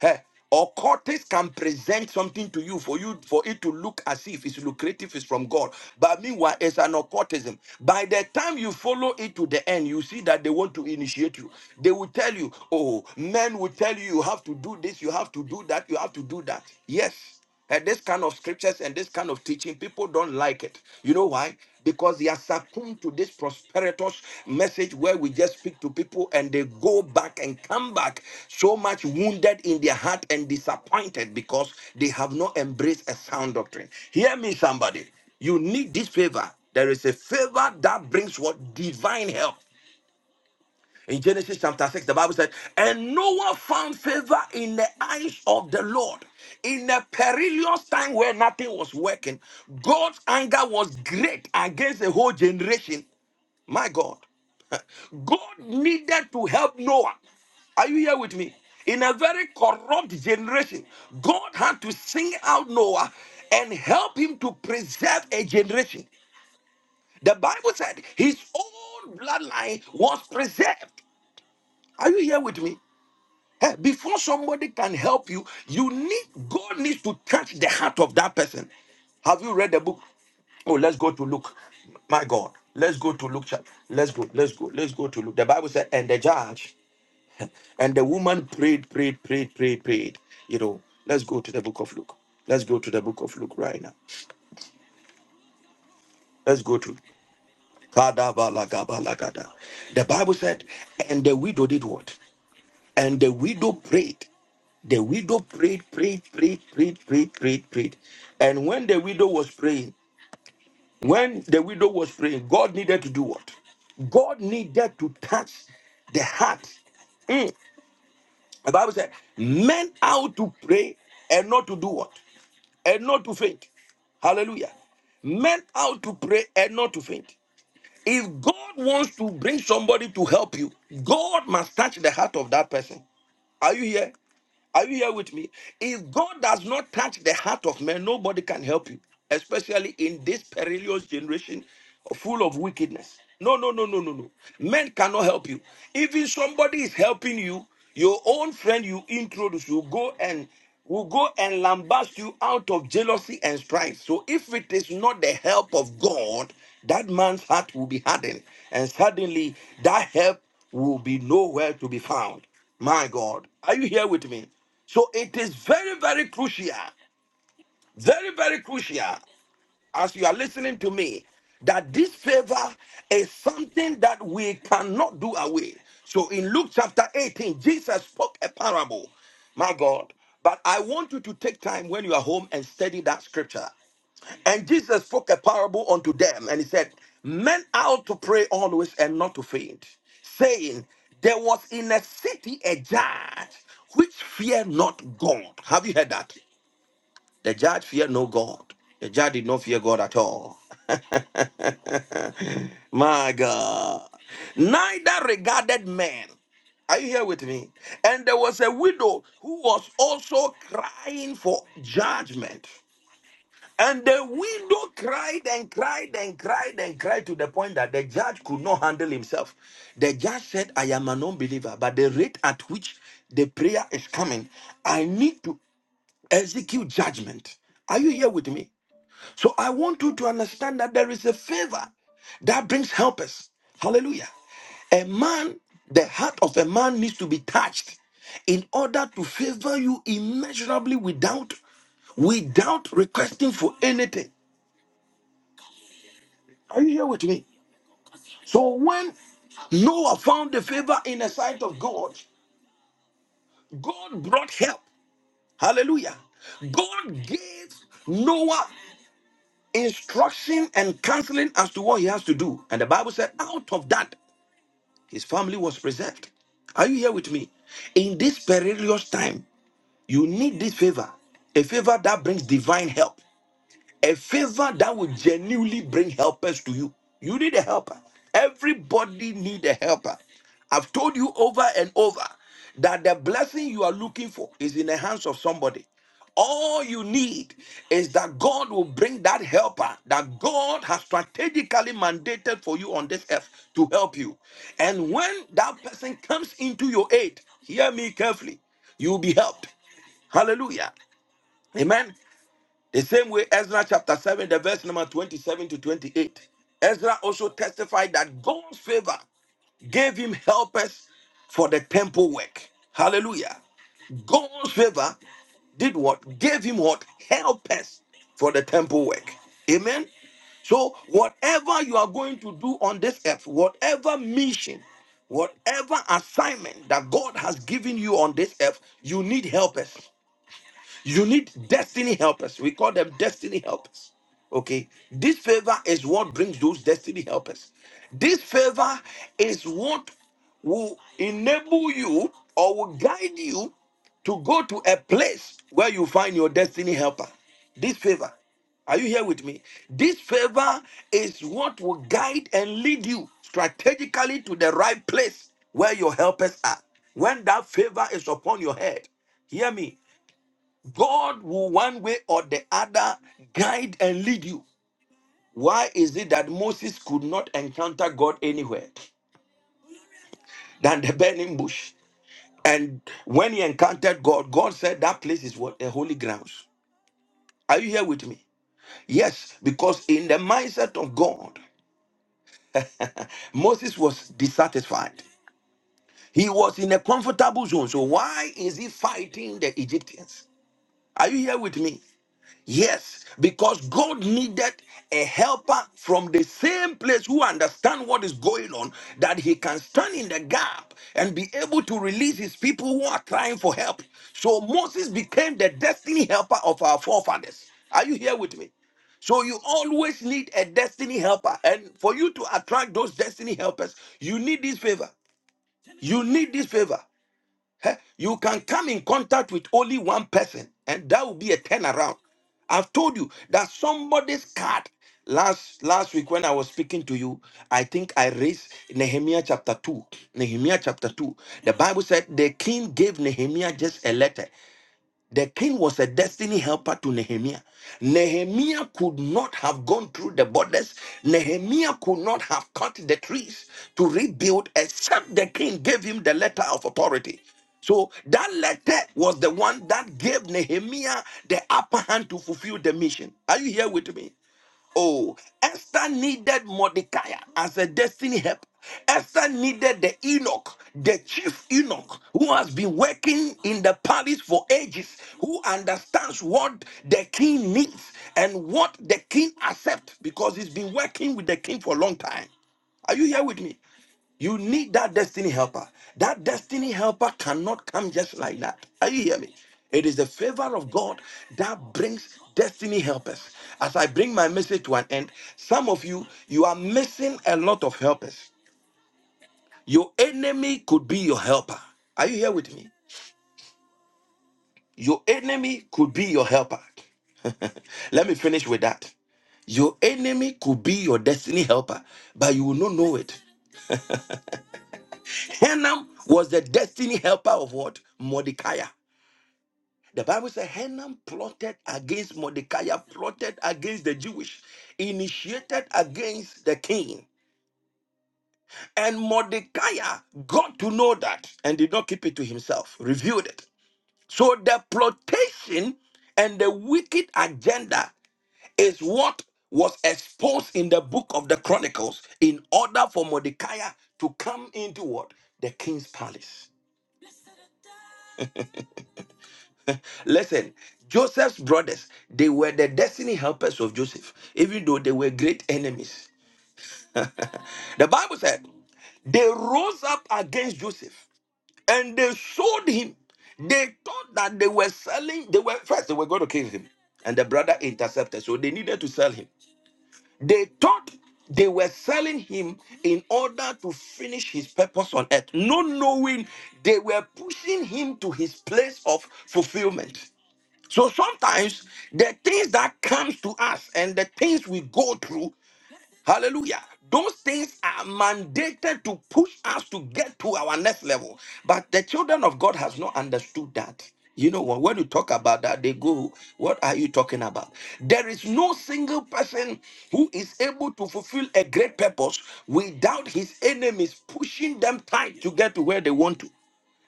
Eh, Or cortes can present something to you for you for it to look as if it's lucrative, it's from God. But meanwhile, it's an occultism. By the time you follow it to the end, you see that they want to initiate you. They will tell you, oh, men will tell you you have to do this, you have to do that, you have to do that. Yes. And this kind of scriptures and this kind of teaching, people don't like it. You know why? Because they are succumbed to this prosperous message where we just speak to people and they go back and come back so much wounded in their heart and disappointed because they have not embraced a sound doctrine. Hear me, somebody. You need this favor. There is a favor that brings what divine help. In Genesis chapter 6, the Bible said, And Noah found favor in the eyes of the Lord. In a perilous time where nothing was working, God's anger was great against the whole generation. My God. God needed to help Noah. Are you here with me? In a very corrupt generation, God had to sing out Noah and help him to preserve a generation. The Bible said his own bloodline was preserved. Are you here with me? Eh, Before somebody can help you, you need God needs to touch the heart of that person. Have you read the book? Oh, let's go to Luke. My God, let's go to Luke. chapter. Let's go, let's go, let's go to Luke. The Bible said, and the judge and the woman prayed, prayed, prayed, prayed, prayed. You know, let's go to the book of Luke. Let's go to the book of Luke right now. Let's go to Kadabalagabalagada. The Bible said, and the widow did what? And the widow prayed. The widow prayed, prayed, prayed, prayed, prayed, prayed, prayed. And when the widow was praying, when the widow was praying, God needed to do what? God needed to touch the heart. Mm. The Bible said, men out to pray and not to do what? And not to faint. Hallelujah. Men out to pray and not to faint. If God wants to bring somebody to help you, God must touch the heart of that person. Are you here? Are you here with me? If God does not touch the heart of man, nobody can help you, especially in this perilous generation full of wickedness. No, no, no, no, no, no. Men cannot help you. Even somebody is helping you, your own friend you introduce will go and will go and lambast you out of jealousy and strife. So if it is not the help of God, that man's heart will be hardened, and suddenly that help will be nowhere to be found. My God, are you here with me? So it is very, very crucial, very, very crucial as you are listening to me that this favor is something that we cannot do away. So in Luke chapter 18, Jesus spoke a parable. My God. But I want you to take time when you are home and study that scripture. And Jesus spoke a parable unto them, and he said, Men ought to pray always and not to faint, saying, There was in a city a judge which feared not God. Have you heard that? The judge feared no God. The judge did not fear God at all. My God. Neither regarded men. Are you here with me? And there was a widow who was also crying for judgment. And the widow cried and cried and cried and cried to the point that the judge could not handle himself. The judge said, I am an unbeliever, but the rate at which the prayer is coming, I need to execute judgment. Are you here with me? So I want you to understand that there is a favor that brings helpers. Hallelujah. A man, the heart of a man needs to be touched in order to favor you immeasurably without without requesting for anything. Are you here with me? So when Noah found the favor in the sight of God, God brought help. Hallelujah. God gave Noah instruction and counseling as to what he has to do. And the Bible said, out of that, his family was preserved. Are you here with me? In this perilous time, you need this favor, a favor that brings divine help. a favor that will genuinely bring helpers to you. You need a helper. Everybody need a helper. I've told you over and over that the blessing you are looking for is in the hands of somebody. All you need is that God will bring that helper that God has strategically mandated for you on this earth to help you. And when that person comes into your aid, hear me carefully, you'll be helped. Hallelujah. Amen. The same way, Ezra chapter 7, the verse number 27 to 28. Ezra also testified that God's favor gave him helpers for the temple work. Hallelujah. God's favor did what? Gave him what? Helpers for the temple work. Amen. So, whatever you are going to do on this earth, whatever mission, whatever assignment that God has given you on this earth, you need helpers. You need destiny helpers. We call them destiny helpers. Okay. This favor is what brings those destiny helpers. This favor is what will enable you or will guide you to go to a place where you find your destiny helper. This favor. Are you here with me? This favor is what will guide and lead you strategically to the right place where your helpers are. When that favor is upon your head, hear me. God will one way or the other guide and lead you. Why is it that Moses could not encounter God anywhere than the burning bush? And when he encountered God, God said that place is what? A holy grounds. Are you here with me? Yes, because in the mindset of God, Moses was dissatisfied. He was in a comfortable zone. So why is he fighting the Egyptians? Are you here with me? Yes, because God needed a helper from the same place who understand what is going on that he can stand in the gap and be able to release his people who are crying for help. So Moses became the destiny helper of our forefathers. Are you here with me? So you always need a destiny helper and for you to attract those destiny helpers, you need this favor. You need this favor. Heh, You can come in contact with only one person, and that will be a turnaround. I've told you that somebody's card last last week when I was speaking to you, I think I raised Nehemiah chapter two. Nehemiah chapter two. The Bible said the king gave Nehemiah just a letter the king was a destiny helper to Nehemiah. Nehemiah could not have gone through the borders. Nehemiah could not have cut the trees to rebuild except the king gave him the letter of authority. So that letter was the one that gave Nehemiah the upper hand to fulfill the mission. Are you here with me? Oh, Esther needed Mordecai as a destiny help. Esther needed the Enoch, the chief Enoch, who has been working in the palace for ages, who understands what the king needs and what the king accepts because he's been working with the king for a long time. Are you here with me? You need that destiny helper. That destiny helper cannot come just like that. Are you hear me? It is the favor of God that brings destiny helpers. As I bring my message to an end, some of you, you are missing a lot of helpers. Your enemy could be your helper. Are you here with me? Your enemy could be your helper. Let me finish with that. Your enemy could be your destiny helper, but you will not know it. Hanam was the destiny helper of what? Mordecai. The Bible says Haman plotted against Mordecai, plotted against the Jewish, initiated against the king. And Mordecai got to know that and did not keep it to himself, revealed it. So the plotation and the wicked agenda is what was exposed in the book of the Chronicles in order for Mordecai to come into what? The king's palace. Listen, Joseph's brothers, they were the destiny helpers of Joseph, even though they were great enemies. The Bible said they rose up against Joseph and they sold him. They thought that they were selling, they were first, they were going to kill him. And the brother intercepted, so they needed to sell him. They thought they were selling him in order to finish his purpose on earth, not knowing they were pushing him to his place of fulfillment. So sometimes the things that comes to us and the things we go through, hallelujah, those things are mandated to push us to get to our next level. But the children of God has not understood that. You know what? When you talk about that, they go, What are you talking about? There is no single person who is able to fulfill a great purpose without his enemies pushing them tight to get to where they want to.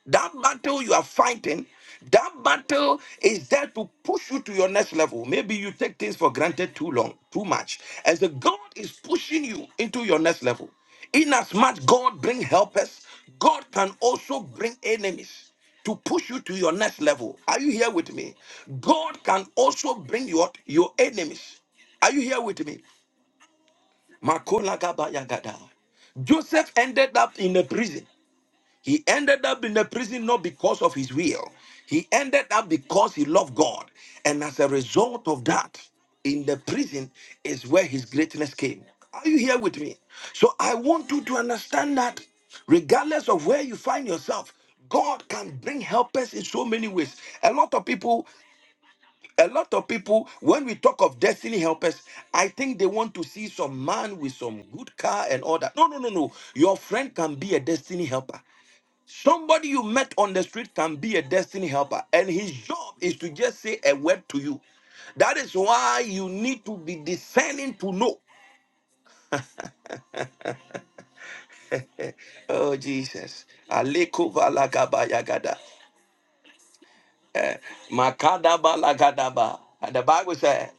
That battle you are fighting, that battle is there to push you to your next level. Maybe you take things for granted too long, too much. As the God is pushing you into your next level. In as much God bring helpers, God can also bring enemies to push you to your next level. Are you here with me? God can also bring your, your enemies. Are you here with me? Makola gaba yagada. Joseph ended up in a prison. He ended up in the prison not because of his will. He ended up because he loved God. And as a result of that, in the prison is where his greatness came. Are you here with me? So I want you to understand that regardless of where you find yourself, God can bring helpers in so many ways. A lot of people, a lot of people, when we talk of destiny helpers, I think they want to see some man with some good car and all that. No, no, no, no. Your friend can be a destiny helper. Somebody you met on the street can be a destiny helper, and his job is to just say a word to you. That is why you need to be discerning to know. Oh, Jesus. Aleko valagaba yagada. Makadaba lagadaba. And the Bible says,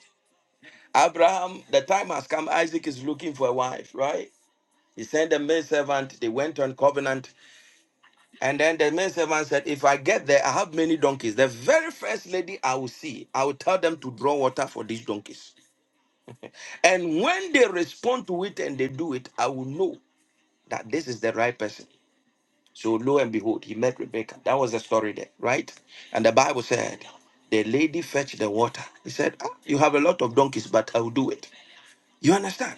Abraham, the time has come, Isaac is looking for a wife, right? He sent the maid servant, they went on covenant. And then the maid servant said, If I get there, I have many donkeys. The very first lady I will see, I will tell them to draw water for these donkeys. And when they respond to it and they do it, I will know that this is the right person. So lo and behold, he met Rebecca. That was the story there, right? And the Bible said, the lady fetched the water. He said, ah, you have a lot of donkeys, but I will do it. You understand?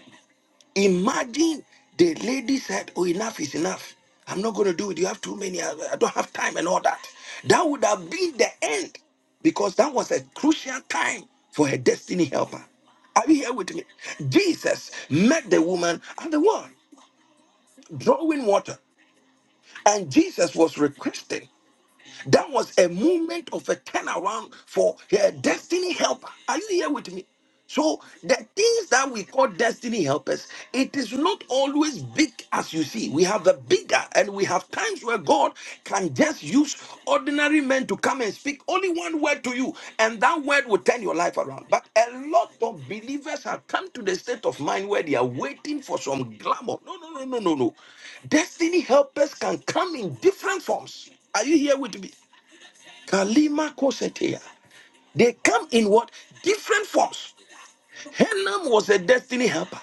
Imagine the lady said, Oh, enough is enough. I'm not going to do it. You have too many. I, I don't have time and all that. That would have been the end because that was a crucial time for her destiny helper. Are you here with me? Jesus met the woman at the well, drawing water. And Jesus was requesting that was a moment of a turnaround for a destiny helper. Are you here with me? So the things that we call destiny helpers, it is not always big as you see. We have the bigger, and we have times where God can just use ordinary men to come and speak only one word to you, and that word will turn your life around. But a lot of believers have come to the state of mind where they are waiting for some glamour. No, no, no, no, no, no. Destiny helpers can come in different forms. Are you here with me? Kalima Kosetea. They come in what? Different forms. Hanam was a destiny helper.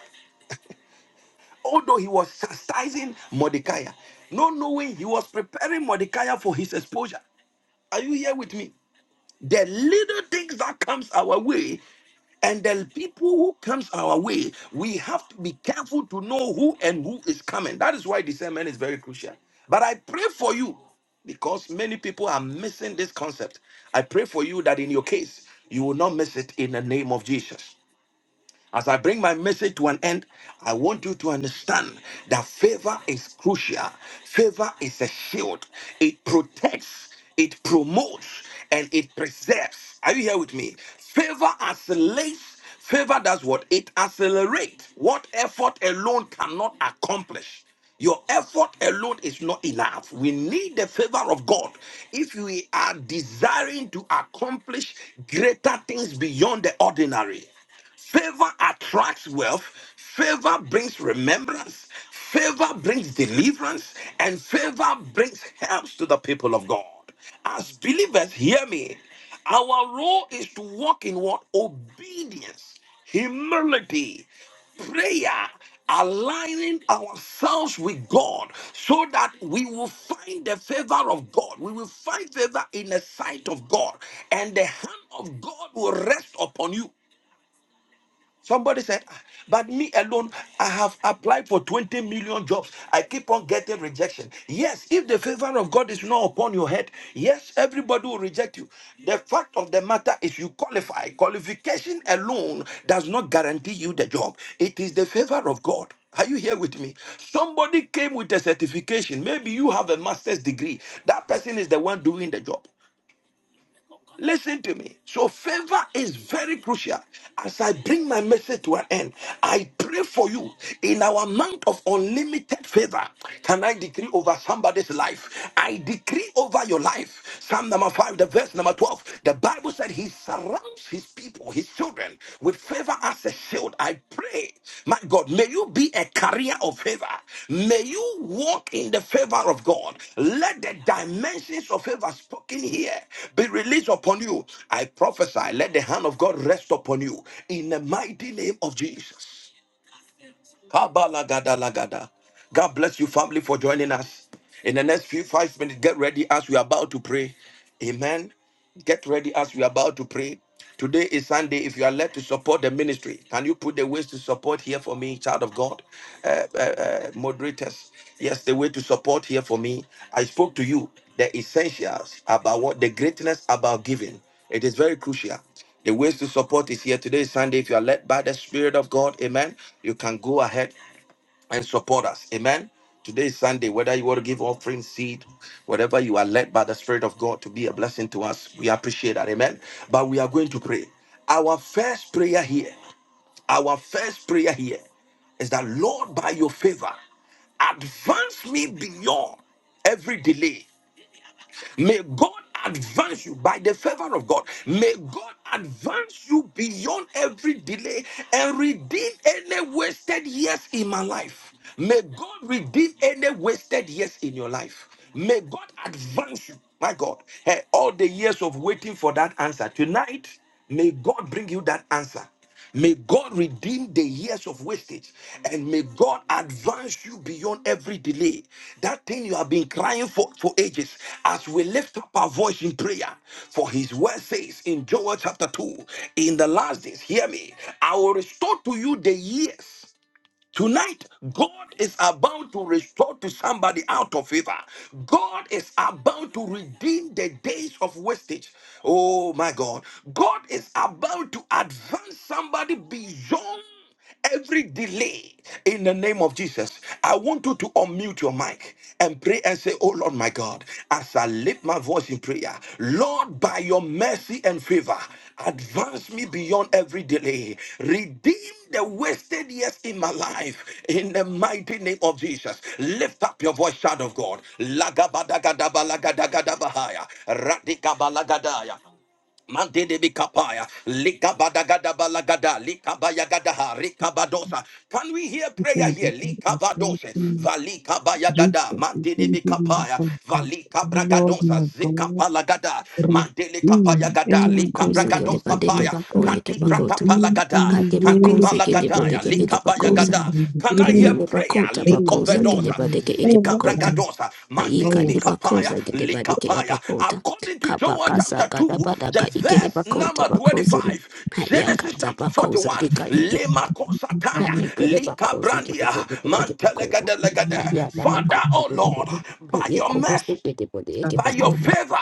Although he was chastising Mordecai, not knowing he was preparing Mordecai for his exposure. Are you here with me? The little things that comes our way and the people who comes our way, we have to be careful to know who and who is coming. That is why discernment is very crucial. But I pray for you because many people are missing this concept. I pray for you that in your case, you will not miss it in the name of Jesus. As I bring my message to an end, I want you to understand that favor is crucial. Favor is a shield, it protects, it promotes, and it preserves. Are you here with me? Favor accelerates. Favor does what? It accelerates what effort alone cannot accomplish. Your effort alone is not enough. We need the favor of God if we are desiring to accomplish greater things beyond the ordinary. Favor attracts wealth. Favor brings remembrance. Favor brings deliverance. And favor brings help to the people of God. As believers, hear me. Our role is to walk in what? Obedience, humility, prayer, aligning ourselves with God so that we will find the favor of God. We will find favor in the sight of God, and the hand of God will rest upon you. Somebody said, "Ah, but me alone, I have applied for 20 million jobs. I keep on getting rejection. Yes, if the favor of God is not upon your head, yes, everybody will reject you. The fact of the matter is you qualify. Qualification alone does not guarantee you the job. It is the favor of God. Are you here with me? Somebody came with a certification. Maybe you have a master's degree. That person is the one doing the job. Listen to me. So, favor is very crucial. As I bring my message to an end, I pray for you in our month of unlimited favor. Can I decree over somebody's life? I decree over your life. Psalm number 5, the verse number 12. The Bible said, He surrounds His people. He his children with favor as a shield. I pray, my God, may you be a carrier of favor. May you walk in the favor of God. Let the dimensions of favor spoken here be released upon you. I prophesy, let the hand of God rest upon you in the mighty name of Jesus. Kabalagadalagada. God bless you, family, for joining us. In the next few five minutes, get ready as we are about to pray. Amen. Get ready as we are about to pray. Today is Sunday. If you are led to support the ministry, can you put the ways to support here for me, child of God? Uh, uh, uh, moderators, yes, the way to support here for me. I spoke to you the essentials about what the greatness about giving. It is very crucial. The ways to support is here. Today is Sunday. If you are led by the Spirit of God, amen, you can go ahead and support us. Amen. Today is Sunday. Whether you want to give offering, seed, whatever you are led by the Spirit of God to be a blessing to us, we appreciate that. Amen. But we are going to pray. Our first prayer here, our first prayer here is that, Lord, by your favor, advance me beyond every delay May God advance you by the favor of God. May God advance you beyond every delay and redeem any wasted years in my life. May God redeem any wasted years in your life. May God advance you, my God. Hey, all the years of waiting for that answer. Tonight, may God bring you that answer. May God redeem the years of wastage and may God advance you beyond every delay. That thing you have been crying for for ages, as we lift up our voice in prayer, for his word says in Joel chapter 2, in the last days, hear me, I will restore to you the years. Tonight, God is about to restore to somebody out of favor. God is about to redeem the days of wastage. Oh my God. God is about to advance somebody beyond every delay in the name of Jesus. I want you to unmute your mic and pray and say, say, Oh Lord, my God, as I lift my voice in prayer, Lord, by your mercy and favor, advance me beyond every delay. Redeem the wasted years in my life in the mighty name of Jesus. Lift up your voice, child of God. Lagabadagadabalagadagadabaha. Radikabalagada. Mandede bikapaya, likabadagada balagada, likabayagadaha, rikabadosa. Can we hear
We
prayer
thank you,
here?
God. We thank
Likabadose,
you, Jesus.
valikabayagada,
We
mandede
thank you,
bikapaya,
wonderful God. Oh, Lord,
valikabragadosa,
my God,
zikapalagada, mandele
redeem
kapayagada,
any
Bakoze
way
gede
that I
likabragadosa
badeke
have
paya,
bako
failed,
yeke bakoto.
redeem
kadibrakapalagada,
any
Kade
way
bakoze
that
gede
I
bodeke
did.
ege
kadibalagada,
Lord, I will
bakoza.
bragada. Can I hear
Kayile
prayer?
bakota
Liko
bakoza gede
Redeem
vedosa.
badeke ege
Zika
whatever that
bakota.
is
bragadosa.
Kayika
Mandidi
li
lost.
mikapaya.
bakoza gede badeke
Likapaya.
abakota.
According to Joel
Come
Kabakasa
chapter
gada
2, the
badaka ikele
verse
bakota
number
bakoze.
25,
on,
Hayaka
Genesis
za
chapter
bakoza
41,
dika ike.
Lima kosataya.
come
Hayikele
Lika
bakoze gede
brandia.
bodeke ege bakota.
Mantelegade
on,
legade.
Hayada
Father,
bakoza
oh
gede
Lord,
bodeke.
by your
Hayeko
come
boste
mercy
gede bodeke
by your favor,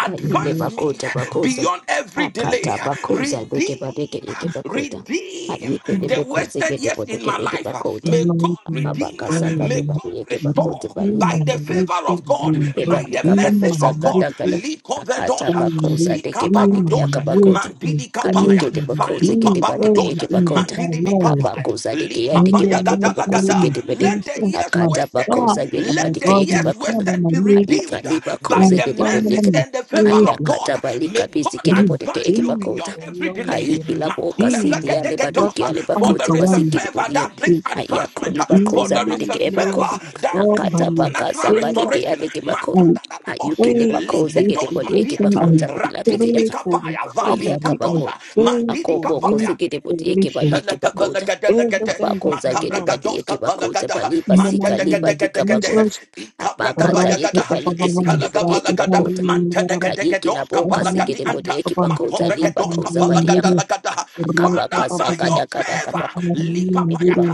Kaile
on.
advance me
bakota bakoza.
beyond every delay.
Akata bakoza deke badeke
Redeem,
eke bakota.
redeem
Ayike le
the
bekoze
wasted
gede
years in
bodoke
my
eke
life.
bakota.
May God
Redeem
redeem,
everything that I lost
Abakasa
may
kade
God
bade eke bakote
restore
in the
bali
by the
mighty
bakoze
favor of God,
name
Ipera
of
by the
Jesus,
message
likabakoza
of God.
gadagada.
Liko
Akata
vedosa,
bakoza deke
zika
badeke
baradosa,
yakabakota.
mandidi kapaya,
Kayeke de bakoze
valika
gede badeke yeke
baradosa,
bakota.
mandidi kapaya,
Abakoza deke ya
lika
deke badoko
baya
bakose gede bede.
let the years
my
Akata
wasted,
God,
bakoza gede
my
let the
badeke
God,
yeke
my
years
bakota.
Father,
wasted
my
be
Maker,
Aika
redeemed
liba
my
by
koze
the
gede
Father,
mercies
bodeke.
my
and the favor of
Savior.
Kayakata
God. May
balika bizi
God
gede bodeke
advance
yeke
you
Redeem, O
beyond
bakota.
every
Lord,
delay.
Kaiki laboka sidi ya
redeem what
lebaduki ya
the
For
lebakote
there is a
basiki
conquerors.
de
favor
bodeke.
that brings
Ayako
advancement.
liba
In the
For
koza
there is
mighty
a
bedeke
name
favor
of
that
God,
brings
by
Hakata
his
baka
supernatural
saba
favor
niki
restoration.
ade kibako.
and
Ayuki
Matadadadabosi.
ne
pray for
bako zegede
Likedos
bodi eke
restoration
madiata.
bako ta
and
bila
pray
kete
Radini
yaka.
for
bikapaya.
Ayaka
Valika
recovery and
dosa.
bako.
pray
Ako
Mandidi
for
boko
kapaya.
zegede bodi eke ba
restoration.
eke bako ta.
Shalakabalagadalegade,
Everything that
Abako
he
zagede
lost
bodi eke bako ta.
makabragadoskapalagada,
Baliba
in the
sika
mighty name
liba
of
dika bako
mantedegedegedegedehe,
ta.
Jesus.
Abaka ta eki
ikabragabayagada,
bali
Rakapapapapam,
sigede bodi eke
italagabalagada,
bako ta.
sakitari,
Kayiki la boka
mantedegedegedoskapalagadi
sigede bodi
anta,
eke
rakapapapam,
bako ta. Liba
sakatari,
koza badi yaka.
rakapapapam,
makovregedoskapalagadalagada.
sakitari,
Akabaka
Father, by
rakapapapam,
your
sagada kada
in
favor,
the
kada kada.
lift up our hand,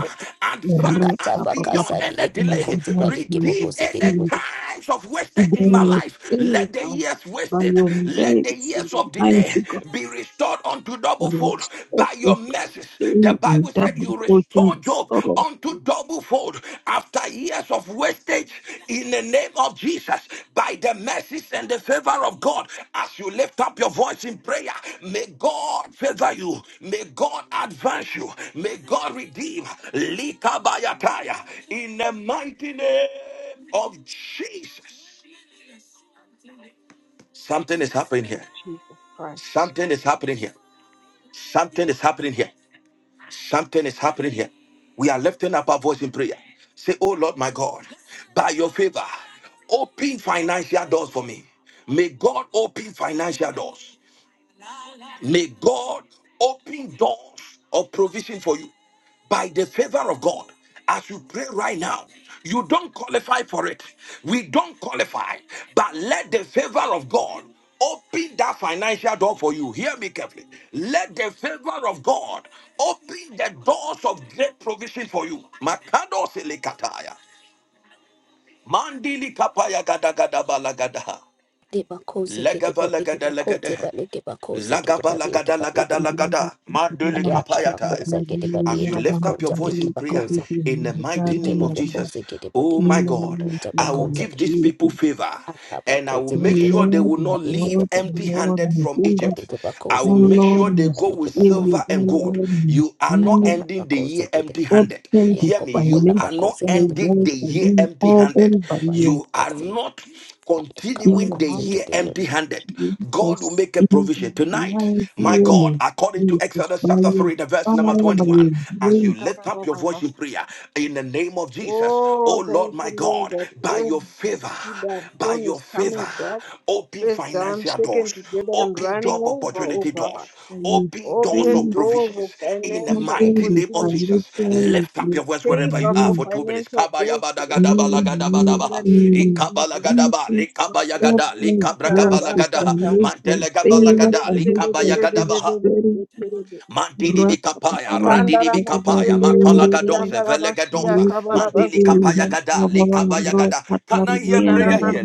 advance
Akata
us
baka
beyond
sabi
any
eke bako
delay,
ta.
mighty
Baliki
name of
redeem
boko zegede
Jesus.
any
bodi.
time times of
They
wasted in my
will
life,
fill
let
by,
the years
by
wasted,
your
let the
grace and
years
the
of
mighty
delay
God
be restored unto double
will
fold
restore
by your mercies. The
everything and
Bible said
double
you restore
portion
Job
restore.
unto
In
double fold after years of wastage in the name of Jesus by the mercies and the favor of God. As you lift up your voice in prayer, may God favor you, may God advance you, may God redeem. Likabayataya. In the mighty name of Jesus. Something is happening
of
here.
Jesus Christ.
Something is happening here. Something is happening here. Something is happening here. We are lifting up our voice in prayer. Say, Oh Lord, my God, by your favor, open financial doors for me. May God open financial doors. May God open doors of provision for you by the favor of God. As you pray right now, you don't qualify for it. We don't qualify, but let the favor of God open that financial door for you. Hear me carefully. Let the favor of God open the doors of great provision for you. Makado silikataya. Mandili kapaya gada gada balagada.
Libakoze
Legava
gedebo
legada
egebakoze
legada.
bale gebakoze
Lagaba
gedebali
lagada
egebali
lagada
the
egebakoze
lagada. Mandele
name of Jesus,
kapayataya.
yakabakoze gedebali
As you lift up your
egebakoze
voice in prayer
egebakoze
in the mighty name of Jesus,
ikelebekoze gedebo
oh my God,
egebakoze
I will
bakoze
give these people favor and I will
akabakoze
O
make
gedebo
sure they
Lord,
will
my
not leave
God, O
egebakoze
empty
Lord,
handed
my
from
yako
Savior,
Egypt. I
egebakoze
O
will make
gedebo
Lord,
sure they
my
go with
Savior,
egebakoze
O
silver and
bako
gold.
Lord, my
You are not
Healer,
ending the
ayakabakoze
year empty
gedebo
handed.
obtain this
Hear
yako
me,
bako
you
financial
are not
labakoze gedebo
ending
wealth
the
for
year
me,
empty
all
handed.
them by
egebakoze
your
You are not
in
continuing
the
the
kabakoze
mighty
year
gedebo
name
empty
of
handed. God will
Jesus,
make a
in the
provision tonight.
mighty
My
name
God,
of
according to
Jesus,
Exodus
by
chapter
your
3, the verse number
fire, by your
21, as you
grace,
lift up your voice in prayer in the name of Jesus, oh
Oh,
Lord
thank you,
my
Lord,
God,
that
by your
every
favor,
seed I've
by
sown
your
is coming
favor,
back,
open
pressed down,
financial
shaken
doors,
together, and
Open
running
job
over, oh
opportunity doors.
God.
by your
Open doors
Open
of
grace,
doors of
provisions in the
financial
nothing
mighty
is
name of
opportunities.
Jesus.
financial
Lift up
is
your voice wherever you
Favor
are
for
me,
for two minutes.
financial doors to open
me,
in
me,
the
Kabayabadagadabalagadabadabaha.
name of
me.
Jesus.
Ikabalagadabaha.
Jesus,
Likabayagada.
open doors to
Likabragabalagadaha.
Mandeleboshikarabasata.
financial favor,
Mantelegabalagada.
financial
Likabayagadabaha.
prosperity,
Rebebebebebebebebebebebe.
Mandili Mikapaya,
Rakapapava,
Radili
Rakapapava,
Mikapaya, Makola
Mandaramashenderebosia,
Rakapapava,
Gadosa, Velegadosa, Mandili
kabarabasia.
Kapaya Gada, Likabaya Gada. Can I hear prayer
Rakapapava,
here?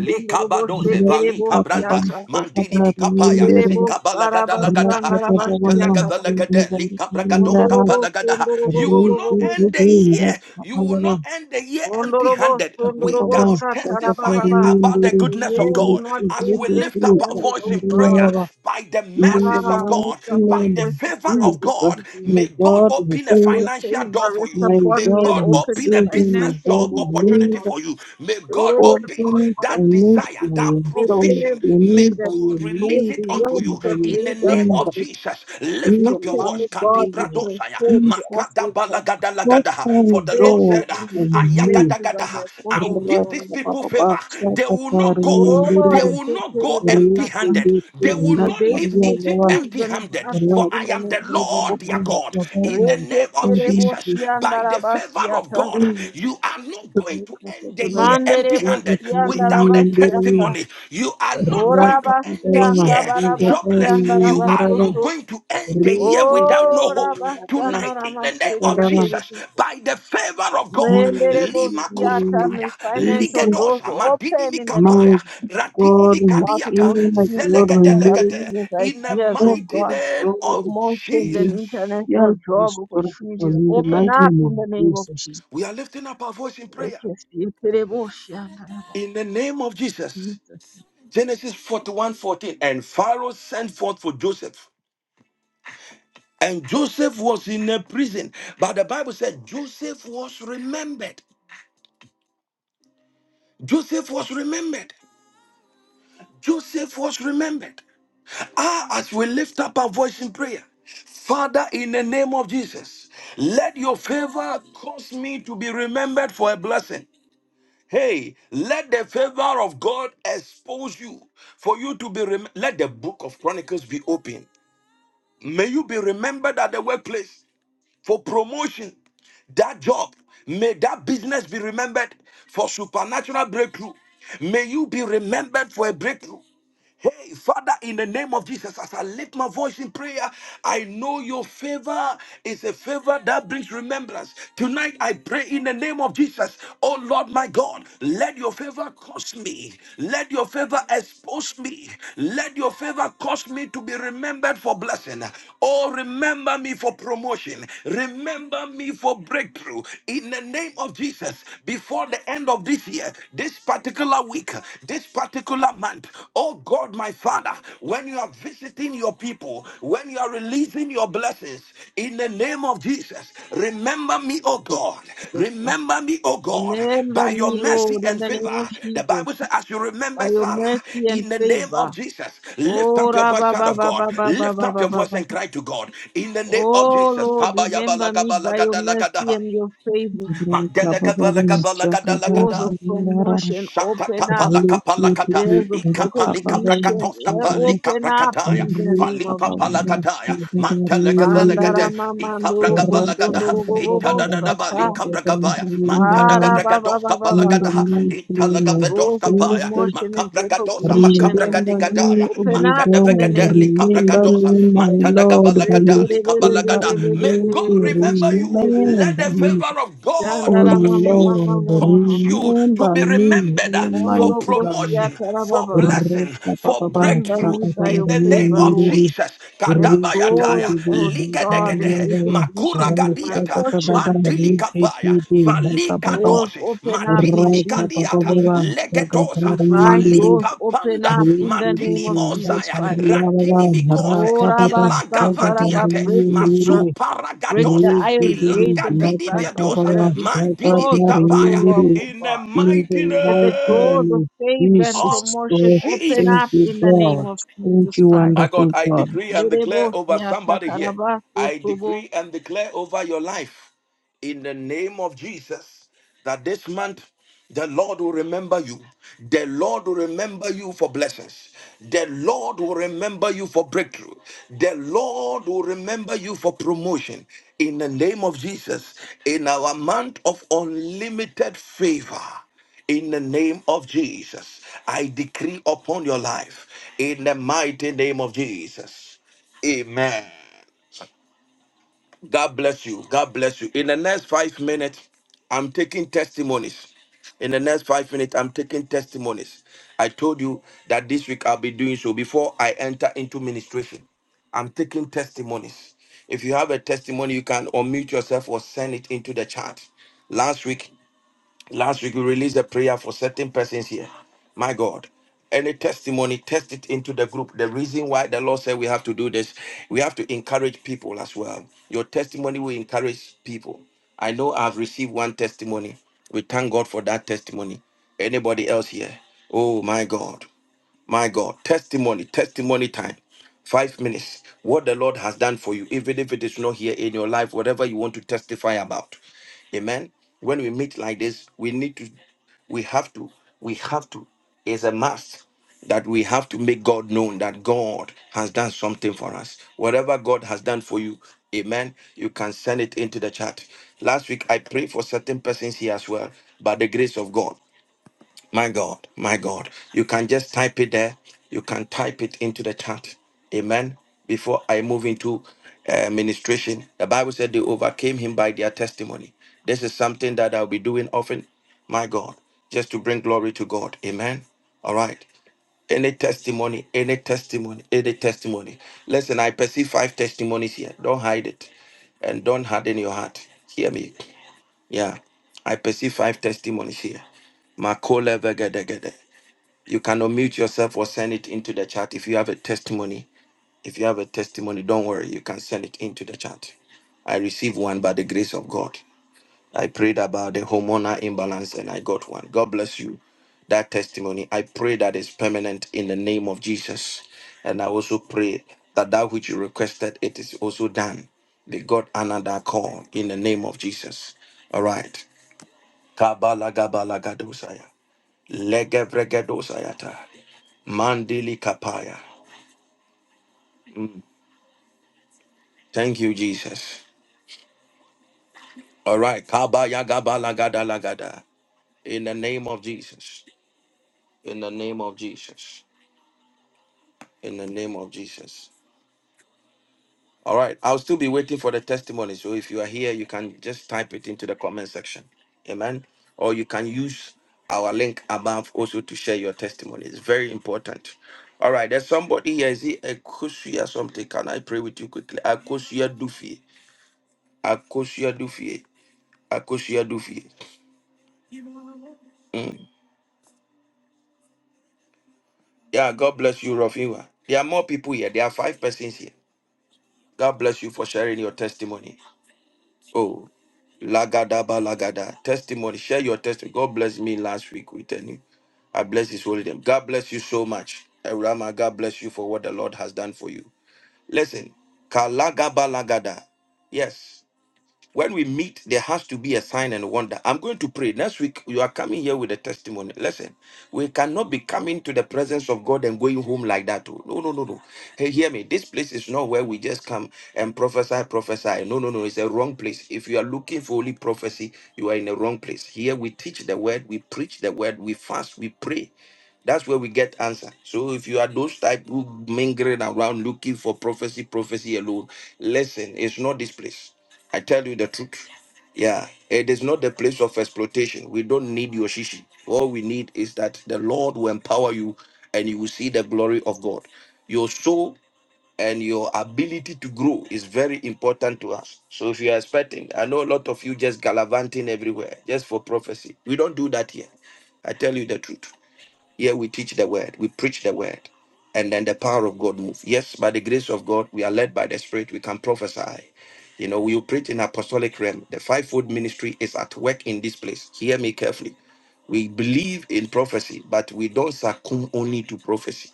In
Likabadose,
the
Vali Cabranda,
mighty name of Jesus, my
Mandili Mikapaya,
God,
Zikabala Gada Lagada,
my Savior, my God, my
Mantelaga
Enderebosharabasandarabashiyakaba.
Savior,
Velegade, Likabragados Kapalagada. You will not
Ondorobosundurubobobobobobobos.
end the year. You will not end the year empty handed without testimony testifying
Ondorobosundurubosatarabababasa.
about the
The
goodness
year
of
will
God
not
as
end
we lift up our
empty-handed,
voice
oh
in prayer
God.
by the mercies of
Ah,
God,
lift up my
by the
voice in
favor
prayer
of
this
God.
evening.
May God open a
Also,
financial
favor
door for
rest
you. May
upon me and
God open
open
a business
my
financial
God,
job
doors, oh
opportunity
my
God.
for you. May God
Wherever
open
open by
that
mercy,
desire, that
with
so
provision. May
everything
renewed by
that
your
God
If
release
mercy
the
it unto
world
you
and by
could
your
in the
laid up
name
to
favor
of
the
Jesus. Lift
in the
up your
wicked,
voice.
O
mighty
God, be
name of
Kadibradosaya,
transferred to us,
Jesus.
O God.
Makadabalagadagaladaha. For
Open
the
Fair
Lord
door
said,
judgment
for
hidden
me.
places are my
Ayagadagadaha, I will
portion in
give
the
these
name.
people favor.
Ra-pa-pa-pa-pa,
They will not go,
Oh,
they
sa-pa-pa-ri-ri-ri,
will not go
Reketerebo
empty
Saka.
handed.
ri-ri-ri-ri,
They will
May
not
they be
leave Egypt
nda-ka-ri-ya-la-wa,
accused
empty
and
handed.
others
For I
in the
am the
name of
Lord
ra-pa-pa-pa-pa,
Jesus.
their God. In
sa-pa-pa-pa,
the name
sa-pa-pa-pa,
of
Reketerebo
Jesus, by the favor of
Shiandarabasiata.
God,
ri-ri-ri-ri,
you are not going to end the
ra-ka-ta-ta-ta,
year empty
Manderebo
handed without a
ra-ka-ta-ri-ri-ri.
Shiandarabasiata.
testimony. You are not going to end
Rakandava
the
Orabasia
year jobless.
Mugari
You are
Ndarava
not
Kabarabasiandarabasoto.
going to end the year
Riki
without no
Ndari
Oh,
hope.
Ndarava
Rabasana
Tonight, in the name of
Ramasheke
Rakandava
Jesus, by the favor of God,
Mendelebo
Lima
Theater
Kusataya,
and financial
Jesus
doors
Ligedosa, Madini
open in the name of
my
Mikapaya,
Jesus.
Radini
God my
Mikadiata,
Multiple
King my
streams of
God my
income,
miracle
Zelegedelegede,
business
in the
ideas, oh
mighty
God,
open
name
door of
of
promotions and
heaven.
Jesus.
international
help
job
restore people
opportunities
in the
open
Mm.
mighty
up
name
in
of
the name of
Jesus
Jesus.
We are lifting up our voice in
Let
prayer.
us see it, Lebo Shianda,
In the name of Jesus.
Jesus.
Genesis 41 14 And Pharaoh sent forth for Joseph. And Joseph was in a prison. But the Bible said Joseph was remembered. Joseph was remembered. Joseph was remembered. Ah, as we lift up our voice in prayer, Father, in the name of Jesus, let your favor cause me to be remembered for a blessing. Hey, let the favor of God expose you for you to be. Rem- let the book of Chronicles be open May you be remembered at the workplace for promotion. That job, may that business be remembered for supernatural breakthrough. May you be remembered for a breakthrough. Hey, Father, in the name of Jesus, as I lift my voice in prayer, I know your favor is a favor that brings remembrance. Tonight, I pray in the name of Jesus, oh Lord my God, let your favor cause me, let your favor expose me, let your favor cause me to be remembered for blessing. Oh, remember me for promotion, remember me for breakthrough. In the name of Jesus, before the end of this year, this particular week, this particular month, oh God, my Father, when you are visiting your people, when you are releasing your blessings in the name of Jesus, remember me, oh God, remember me, oh God,
Remember
by your
me,
mercy
Lord, in
and
the
favor.
name of
The
Jesus,
Bible says, as you
by
remember
your
Sarah,
mercy and
in the name
favor.
of Jesus, lift
Oh,
up your voice,
Rabba,
child
ba,
of
ba,
God,
ba, ba, ba,
lift
ba,
up
ba,
your
ba,
voice
ba.
and
ba.
cry to God in the name of
Oh
Jesus.
Lord, remember me by your mercy
Kabayabalagabalagada-
and your favor.
Rakababa Chakata
Doors
Magalagabalagabalagada-
of
Ndarava
promotion open up.
Riki
Shatakapalakapalakata,
Doors of
Ndari
recognition
ikapalikabrakatos,
eh,
Rakababa
open up
kapalikabrakatai,
in the
Ri
name of
apa
Jesus.
valipapalakatai,
macam negara ini
mantelegavelegade,
Bandara mamandoro
orang terasa
ikabragabalagada,
kosondoro gobobo
terbawa
itadadadaba,
sata.
kekuatan
likabragabaya,
ini darah
Ara ba ba
mantadagabragados,
ba ba ba
ini
ba
kabalagada,
ba. ba.
dengan semua
italagavedos,
Doors of
ini
kapaya,
terus
promotion and
makabragadosa,
recognition
Remember me,
makabragadigadaya,
O
open up in the
God,
mantadavegade,
name of Jesus.
remember
likabragadosa,
me, my Lord, by
mantadagabalagada,
your favor
likabalagada.
and
May
mercy,
God remember you. Let
remember
the
me,
favor of God
O
Shandara
cause
mama
you
mama
Lord,
mama
cause
mama.
you to
remember
be
me,
remembered uh, for
Mondoro
Almighty
kosia
God.
promotion, for
tarababa.
blessing,
Rapa
for
papa,
Remember
breakthrough.
me by
In
your
the name
favor,
of
saka
Lord.
Jesus,
In
Let
the life
Kadabayataya,
doors,
name
oh
of
God, and
Jesus
ligedegedehe, Makura
recognition be my
Gadiata,
Christ,
portion in the
Madili
name of Jesus.
Kapaya, Valika
Doors
Dosi,
open up in Jesus'
Diata,
name.
Legedosa,
Divine doors
Valika
open
Panda,
up in the name
Madini
of Jesus
Mosaya,
Christ.
Ratini Mikose,
Oh, Rabba, Sata,
Ilaga
Rabba,
Vadiate,
break the bra-
Mazupa
break the
Ragadose,
iron gate
Ilaga
and the
Didi
brass gates
Biadosa,
that have been
Mandidi
closed for so
Bikapaya,
long, oh
in the
God.
mighty
Let the
name
doors of favor and
of
promotion open
thank
up
you,
Jesus.
in the name
God.
of
Thank
Jesus
you,
Christ.
My God,
wonderful
I
God.
decree and
Nerebo
declare over
siya
somebody here.
takaraba
I
sotobo
decree and declare over your life in the name of Jesus that this month the Lord will remember you. The Lord will remember you for blessings. The Lord will remember you for breakthrough. The Lord will remember you for promotion. In the name of Jesus, in our month of unlimited favor. In the name of Jesus, I decree upon your life. In the mighty name of Jesus. Amen. God bless you. God bless you. In the next five minutes, I'm taking testimonies. In the next five minutes, I'm taking testimonies. I told you that this week I'll be doing so before I enter into ministration. I'm taking testimonies. If you have a testimony, you can unmute yourself or send it into the chat. Last week, Last week we released a prayer for certain persons here. My God. Any testimony, test it into the group. The reason why the Lord said we have to do this, we have to encourage people as well. Your testimony will encourage people. I know I've received one testimony. We thank God for that testimony. Anybody else here? Oh my God. My God, testimony, testimony time. Five minutes. What the Lord has done for you, even if it is not here in your life, whatever you want to testify about. Amen. When we meet like this, we need to, we have to, we have to. It's a must that we have to make God known that God has done something for us. Whatever God has done for you, amen, you can send it into the chat. Last week, I prayed for certain persons here as well by the grace of God. My God, my God. You can just type it there. You can type it into the chat. Amen. Before I move into uh, ministration, the Bible said they overcame him by their testimony. This is something that I'll be doing often. My God, just to bring glory to God. Amen. All right. Any testimony, any testimony, any testimony. Listen, I perceive five testimonies here. Don't hide it and don't harden your heart. Hear me. Yeah. I perceive five testimonies here. Makola vegedegede. You can unmute yourself or send it into the chat if you have a testimony. If you have a testimony, don't worry, you can send it into the chat. I received one by the grace of God. I prayed about the hormonal imbalance and I got one. God bless you. That testimony, I pray that is permanent in the name of Jesus. And I also pray that that which you requested, it is also done. May God honor that call in the name of Jesus. All right. Kabala, Kabalagabalagadoshaya. Legebregedoshayata. Mandili kapaya. Mm, Thank you, Jesus. All right. Kabaya, gabala gadala gada. In the name of Jesus. In the name of Jesus. In the name of Jesus. All right. I'll still be waiting for the testimony. So if you are here, you can just type it into the comment section. Amen. Or you can use our link above also to share your testimony. It's very important. All right. There's somebody here. Is it Akosia something? Can I pray with you quickly? Akosia Dufie. Akosia Dufie. Akosia Dufie. Mm. Yeah. God bless you, Rafiwa. There are more people here. There are five persons here. God bless you for sharing your testimony. Oh, lagada ba lagada. Testimony. Share your testimony. God bless me last week with any. I bless his holy name. God bless you so much. Erama, God bless you for what the Lord has done for you. Listen, kalagaba lagada. Yes. When we meet, there has to be a sign and wonder. I'm going to pray. Next week, you are coming here with a testimony. Listen, we cannot be coming to the presence of God and going home like that. oh. No, no, no, no. Hey, hear me. This place is not where we just come and prophesy, prophesy. No, no, no. It's a wrong place. If you are looking for holy prophecy, you are in the wrong place. Here we teach the word, we preach the word, we fast, we pray. That's where we get answer. So if you are those type who mingling around looking for prophecy, prophecy alone, listen, it's not this place. I tell you the truth. Yeah, it is not the place of exploitation. We don't need your shishi. All we need is that the Lord will empower you and you will see the glory of God. Your soul and your ability to grow is very important to us. So if you are expecting, I know a lot of you just gallivanting everywhere just for prophecy. We don't do that here. I tell you the truth. Here we teach the word, we preach the word, and then the power of God moves. Yes, by the grace of God, we are led by the Spirit, we can prophesy. You know, we preach in apostolic realm. The fivefold ministry is at work in this place. Hear me carefully. We believe in prophecy, but we don't succumb only to prophecy.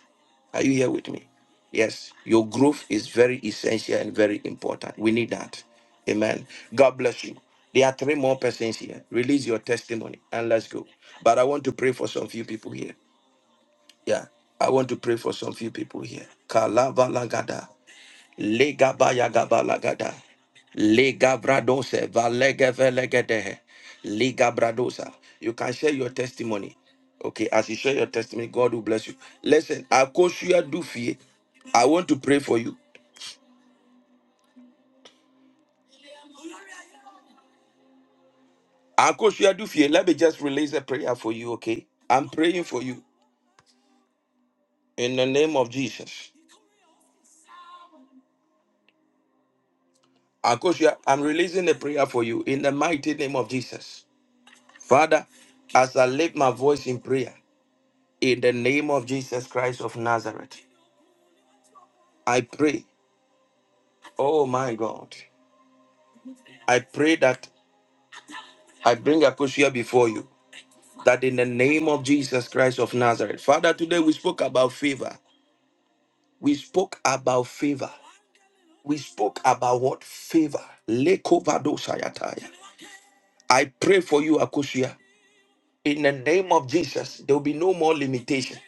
Are you here with me? Yes, your growth is very essential and very important. We need that. Amen. God bless you. There are three more persons here. Release your testimony and let's go. But I want to pray for some few people here. Yeah, I want to pray for some few people here. Kalavalagada, legabayagabalagada, legabradose, valegevelegede, ligabradosa. You can share your testimony. Okay, as you share your testimony, God will bless you. Listen, Akoshua Dufie, I want to pray for you. Akoshua Dufie, let me just release a prayer for you, okay? I'm praying for you in the name of Jesus. Akoshua, I'm releasing a prayer for you in the mighty name of Jesus. Father, as I lift my voice in prayer, in the name of Jesus Christ of Nazareth, I pray, oh my God, I pray that I bring Akosia before you, that in the name of Jesus Christ of Nazareth, Father, today we spoke about favor. We spoke about favor. We spoke about what? Favor. Lekovado sayataya. I pray for you, Akosia. In the name of Jesus, there will be no more limitation.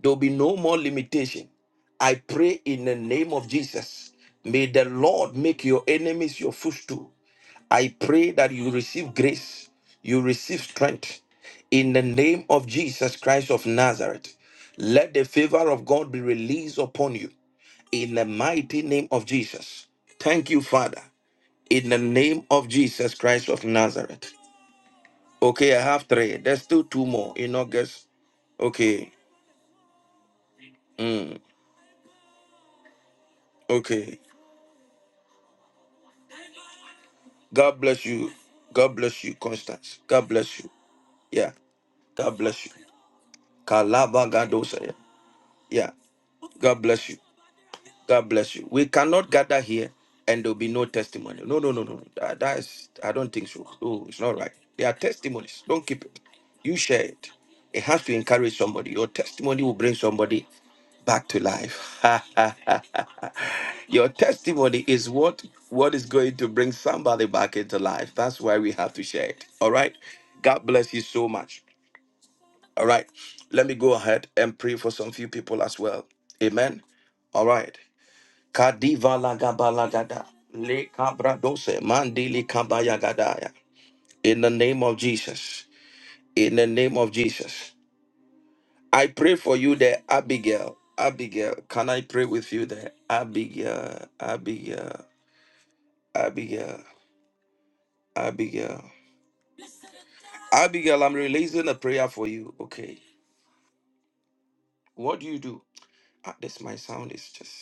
There will be no more limitation. I pray in the name of Jesus. May the Lord make your enemies your footstool. I pray that you receive grace, you receive strength in the name of Jesus Christ of Nazareth. Let the favor of God be released upon you in the mighty name of Jesus. Thank you, Father, in the name of Jesus Christ of Nazareth. Okay, I have three. There's still two more in August. Okay, okay. God bless you. God bless you, Constance. God bless you. Yeah. God bless you. Kalaba Gadosa. Yeah. Yeah. God bless you. God bless you. We cannot gather here and there'll be no testimony. No, no, no, no. That, that is, I don't think so. No, it's not right. There are testimonies. Don't keep it. You share it. It has to encourage somebody. Your testimony will bring somebody back to life. Your testimony is what what is going to bring somebody back into life. That's why we have to share it. All right. God bless you so much. All right. Let me go ahead and pray for some few people as well. Amen. All right. Kadiva lagabalagada. Le kabradose. Mandili kabayagadaya. In the name of Jesus. In the name of Jesus. I pray for you there, Abigail. Abigail, can I pray with you there? Abigail, Abigail, Abigail. Abigail. Abigail, I'm releasing a prayer for you. Okay. What do you do? Ah, this my sound is just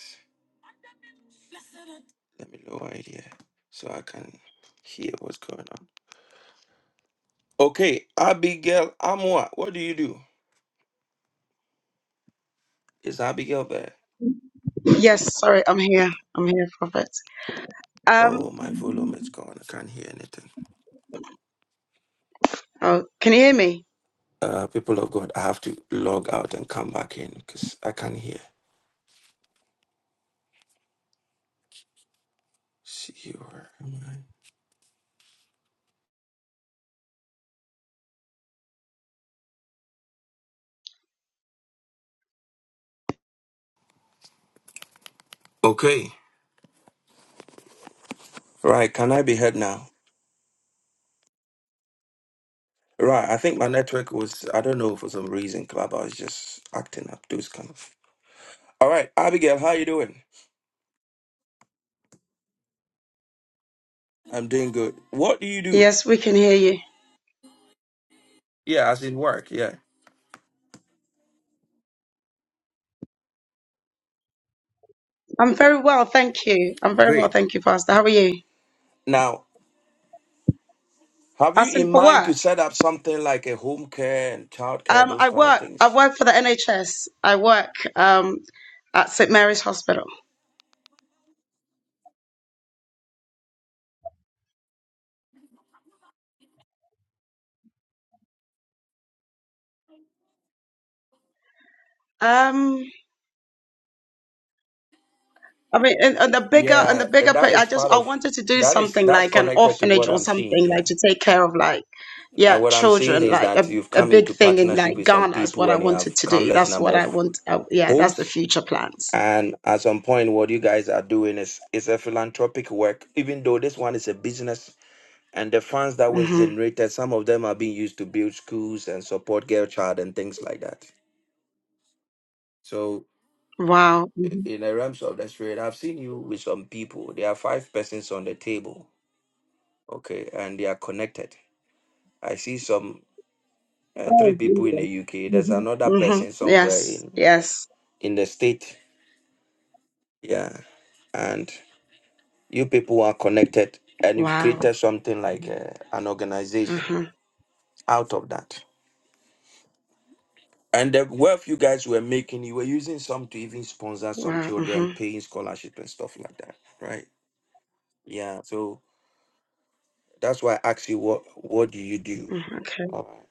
let me lower it here so I can hear what's going on. Okay, Abigail Amwa, what do you do? Is Abigail there?
Yes, sorry, I'm here. I'm here, Prophet. Um,
Oh, my volume is gone. I can't hear anything.
oh, can you hear me?
Uh, people of God, I have to log out and come back in because I can't hear. See you. where am I? Okay. Right. Can I be heard now? Right, I think my network was, I don't know, for some reason, Clubhouse just acting up, those kind of. All right, Abigail, how you doing? I'm doing good. What do you do?
Yes, we can hear you.
Yeah, as in work, yeah.
I'm very well, thank you. I'm very well,
Great.
thank you, Pastor. How are you?
Now, have you
Asking
in
for
mind to
work.
set up something like a home care and childcare?
Um,
those
I
kind of
work. I
things?
work for the NHS. I work um at St Mary's Hospital. Um, I mean, and, and the bigger and the
Yeah, uh,
bigger.
that
pi- I
is
just
part
I
of,
wanted to do
that is,
something
that's
like an
connected to
orphanage
what
or
I'm seeing
something
here.
like to take care of like,
Uh,
yeah,
what I'm seeing
children.
is
Like a
that you've
a
come
big
into
thing in
partnership
like
with some
Ghana is what
people
I
and you
wanted
have
to do.
countless
That's
number
what I
of
want. Uh, yeah, that's the
homes
future plans.
And at some point, what you guys are doing is is a philanthropic work, even though this one is a business. And the funds that was
hmm
generated, some of them are being used to build schools and support girl child and things like that. So
Wow.
i-
hmm
in the realms of the spirit, I've seen you with some people. There are five persons on the table, okay, and they are connected. I see some uh, three
Oh,
people in the
Jesus.
UK. There's
hmm
another
hmm
person somewhere
Yes.
in
Yes.
in the state, yeah. And You people are connected and you've
Wow.
created something like uh, an organization
Uh-huh.
out of that. And the wealth you guys were making, you were using some to even sponsor some
Wow. Uh
children,
huh.
paying scholarship and stuff like that, right? Yeah. So that's why I asked you what what do you do?
Okay.
All right.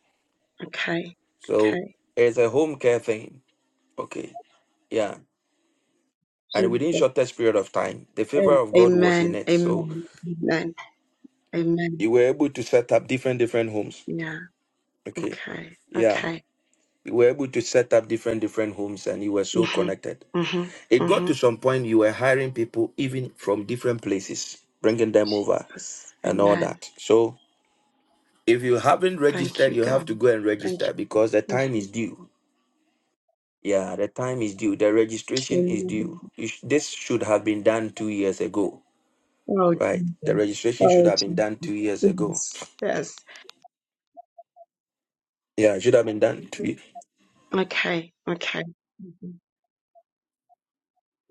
Okay.
So
Okay.
it's a home care thing. Okay. Yeah. And within
Jesus.
shortest period of time, the favor of God was in
Amen.
it. So
Amen. Amen. Amen.
you were able to set up different different homes.
Yeah.
Okay.
Okay.
Yeah.
Okay.
You were able to set up different different homes, and you were so
hmm
connected.
hmm
It got
hmm
to some point you were hiring people even from different places, bringing them over
Jesus.
and all
Amen.
that. So if you haven't
Thank
registered,
you,
you have
God.
to go and
Thank
register because the
you.
time is
Mhm.
due. Yeah, the time is due. The registration is due.
Amen.
You sh- this should have been done two years ago,
Oh,
right? The
Jesus.
registration should
Oh,
have been done two years ago.
Jesus. Yes. Yes.
Yeah, it should have been done two. ye-
Okay. Okay. Mhm.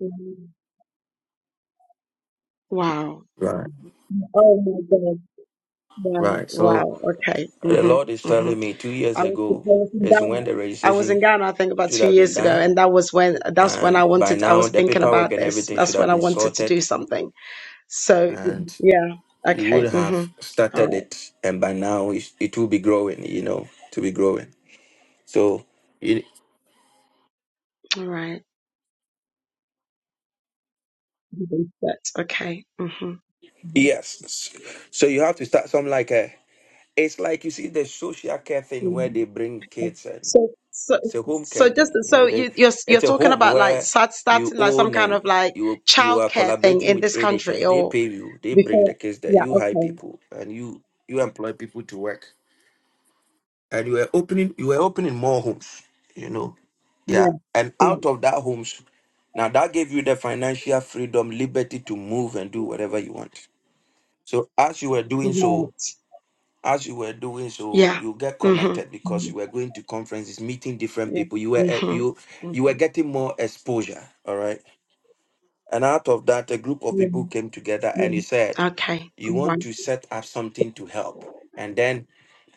Mhm. Wow.
Right,
Oh my God. Wow.
right.
Wow.
So
Okay.
the
hmm
Lord is
hmm
telling me two years
I was, I
ago
was in
is when
Ghana.
the
I was
registration
in Ghana, I think about
should
two
have been
years ago,
done.
and that was when that's when I
And by
wanted. I
now,
was
the
thinking
paperwork
about
and
this.
everything should
That's when
have
I
been
wanted to do
sorted.
something So
And
yeah,
you would
okay.
have
Mhm. All
started
right.
it. And by now, it, it will be growing, you know, to be growing. So, it,
All right. That's okay. Mhm.
yes. So you have to start some like a, it's like you see the social care thing where
Mhm.
they bring
Okay.
kids and
So so
it's a home
so
care
just
thing. You
so
know, they,
you you're you're
it's a
talking
home
about like
where
start,
you
starting like some
own
kind of
and
like
you you are
childcare thing
collaborating
in
with
this country
NHS. They
or
pay you. They bring
before
the kids there.
yeah
You hire
okay
people and you you employ people to work. and you were opening you were opening more homes you know yeah
yeah
and
yeah
out of that homes now that gave you the financial freedom liberty to move and do whatever you want so as you were doing so
right
as you were doing so
yeah
you get
mhm
connected because you were going to conferences meeting different
yeah
people you were eh,
mhm
you
mhm.
you were getting more exposure all right and out of that, a group of
yeah
people came together and he said,
yeah okay all
You want
right
to set up something to help. And then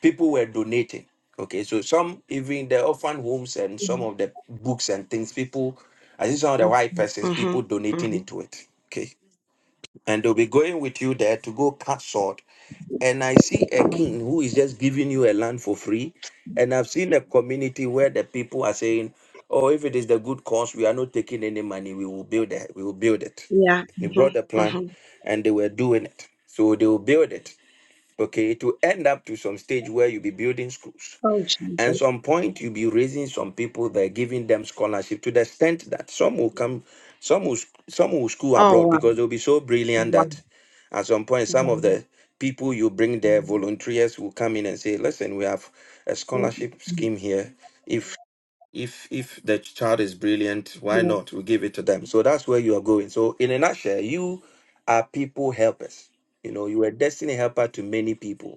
people were donating. Okay, so some even the orphan homes and some of the books and things, people, I think some of the
mhm
white persons,
mhm
people donating into it. Okay. And they'll be going with you there to go cut sort and I see a
mhm.
king who is just giving you a land for free. And I've seen a community where the people are saying, "Oh, if it is the good cause, we are not taking any money. We will build it. We will build it."
yeah
He brought the
mhm
plan, and they were doing it. So they will build it. Okay, it will end up to some stage where you'll be building schools.
Oh,
And
Jesus.
some point you'll be raising some people that are giving them scholarship to the extent that some will come, some will sc- some will school
Oh,
abroad
wow.
because they'll be so brilliant
Wow.
that at some point some of
wow.
the people you bring there, volunteers will come in and say, listen, we have a scholarship scheme here. If if if the child is brilliant, why
Yeah.
not? We give it to them. So that's where you are going. So in a nutshell, you are people helpers. You know, you are a destiny helper to many people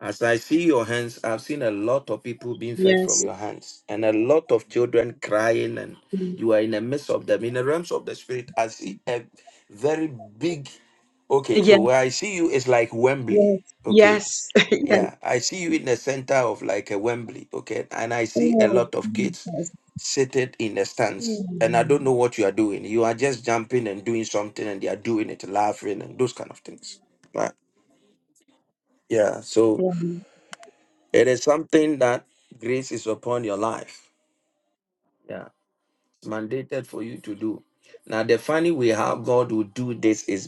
as I see your hands, I've seen a lot of people being fed from
Yes.
your hands and a lot of children crying, and you are in the midst of them. In the realms of the spirit, I see a very big. Okay, so
Yes.
where I see you is like Wembley.
Yes.
Okay,
Yes. yes.
yeah, I see you in the center of like a Wembley. Okay, and I see a
Oh,
lot of kids
Jesus.
seated in the stands,
Oh,
and I
wow.
don't know what you are doing. You are just jumping and doing something, and they are doing it, laughing, and those kind of things. Right? Yeah, so. It is something that grace is upon your life. Yeah. Mandated for you to do. Now, the funny way how God will do this is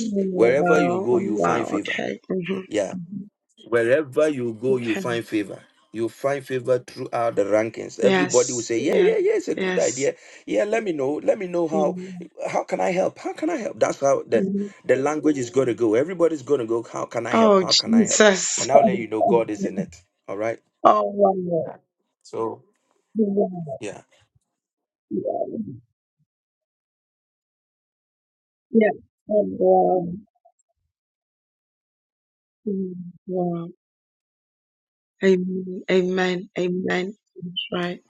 Oh,
wherever you
wow. Oh,
go, you find
wow.
favor.
Okay.
Yeah.
hmm
Wherever you go, you
Okay.
find favor. You find favor throughout the rankings. Everybody will
Yes.
say, Yeah,
Yes.
yeah, yeah, it's a good
Yes.
idea. Yeah, let me know. Let me know how
Mhm.
how can I help? How can I help? That's how the, the language is gonna go. Everybody's gonna go, how can I help?
Oh,
How can I help?
Jesus.
And I'll let you know God is in it. All right.
Oh, wow.
Yeah. So
Wow.
Yeah.
Yeah. Yeah. Oh, wow. Wow. Amen. Amen. Amen. That's right.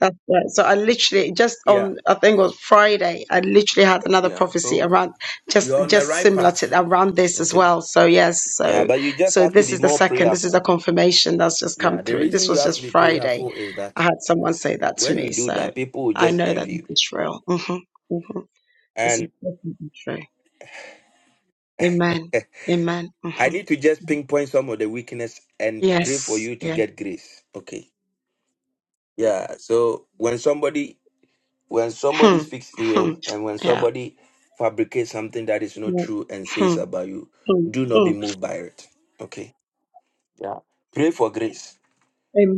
That's right. So I literally just
Yeah.
on I think it was Friday, I literally had another
Yeah.
prophecy
So
around just
you're on the
just
right
similar
path.
to around this as
Okay.
well. So yes,
Yeah,
so
but you just
so
have to
this
be
is the
more
second, this is the
prayerful.
confirmation that's just
Yeah.
come
The
through.
reason
This
you
was
have
just
to be
Friday.
prayerful is that
I had someone say that to
when you
me.
do
So
that, people will
I
just
know that
envy
this
you.
is real. hmm hmm This is
And
definitely true. Amen.
eh,
Amen.
I
hmm
need to just pinpoint some of the weakness and pray for
Yes.
you to
Yeah.
get grace. Okay. Yeah. So when somebody when somebody
Hmm.
speaks
Hmm.
ill and when
Yeah.
somebody fabricates something that is not
Yeah.
true and
Hmm.
says about you,
Mm,
do not be
mm,
moved by it. Okay. Yeah. Pray for grace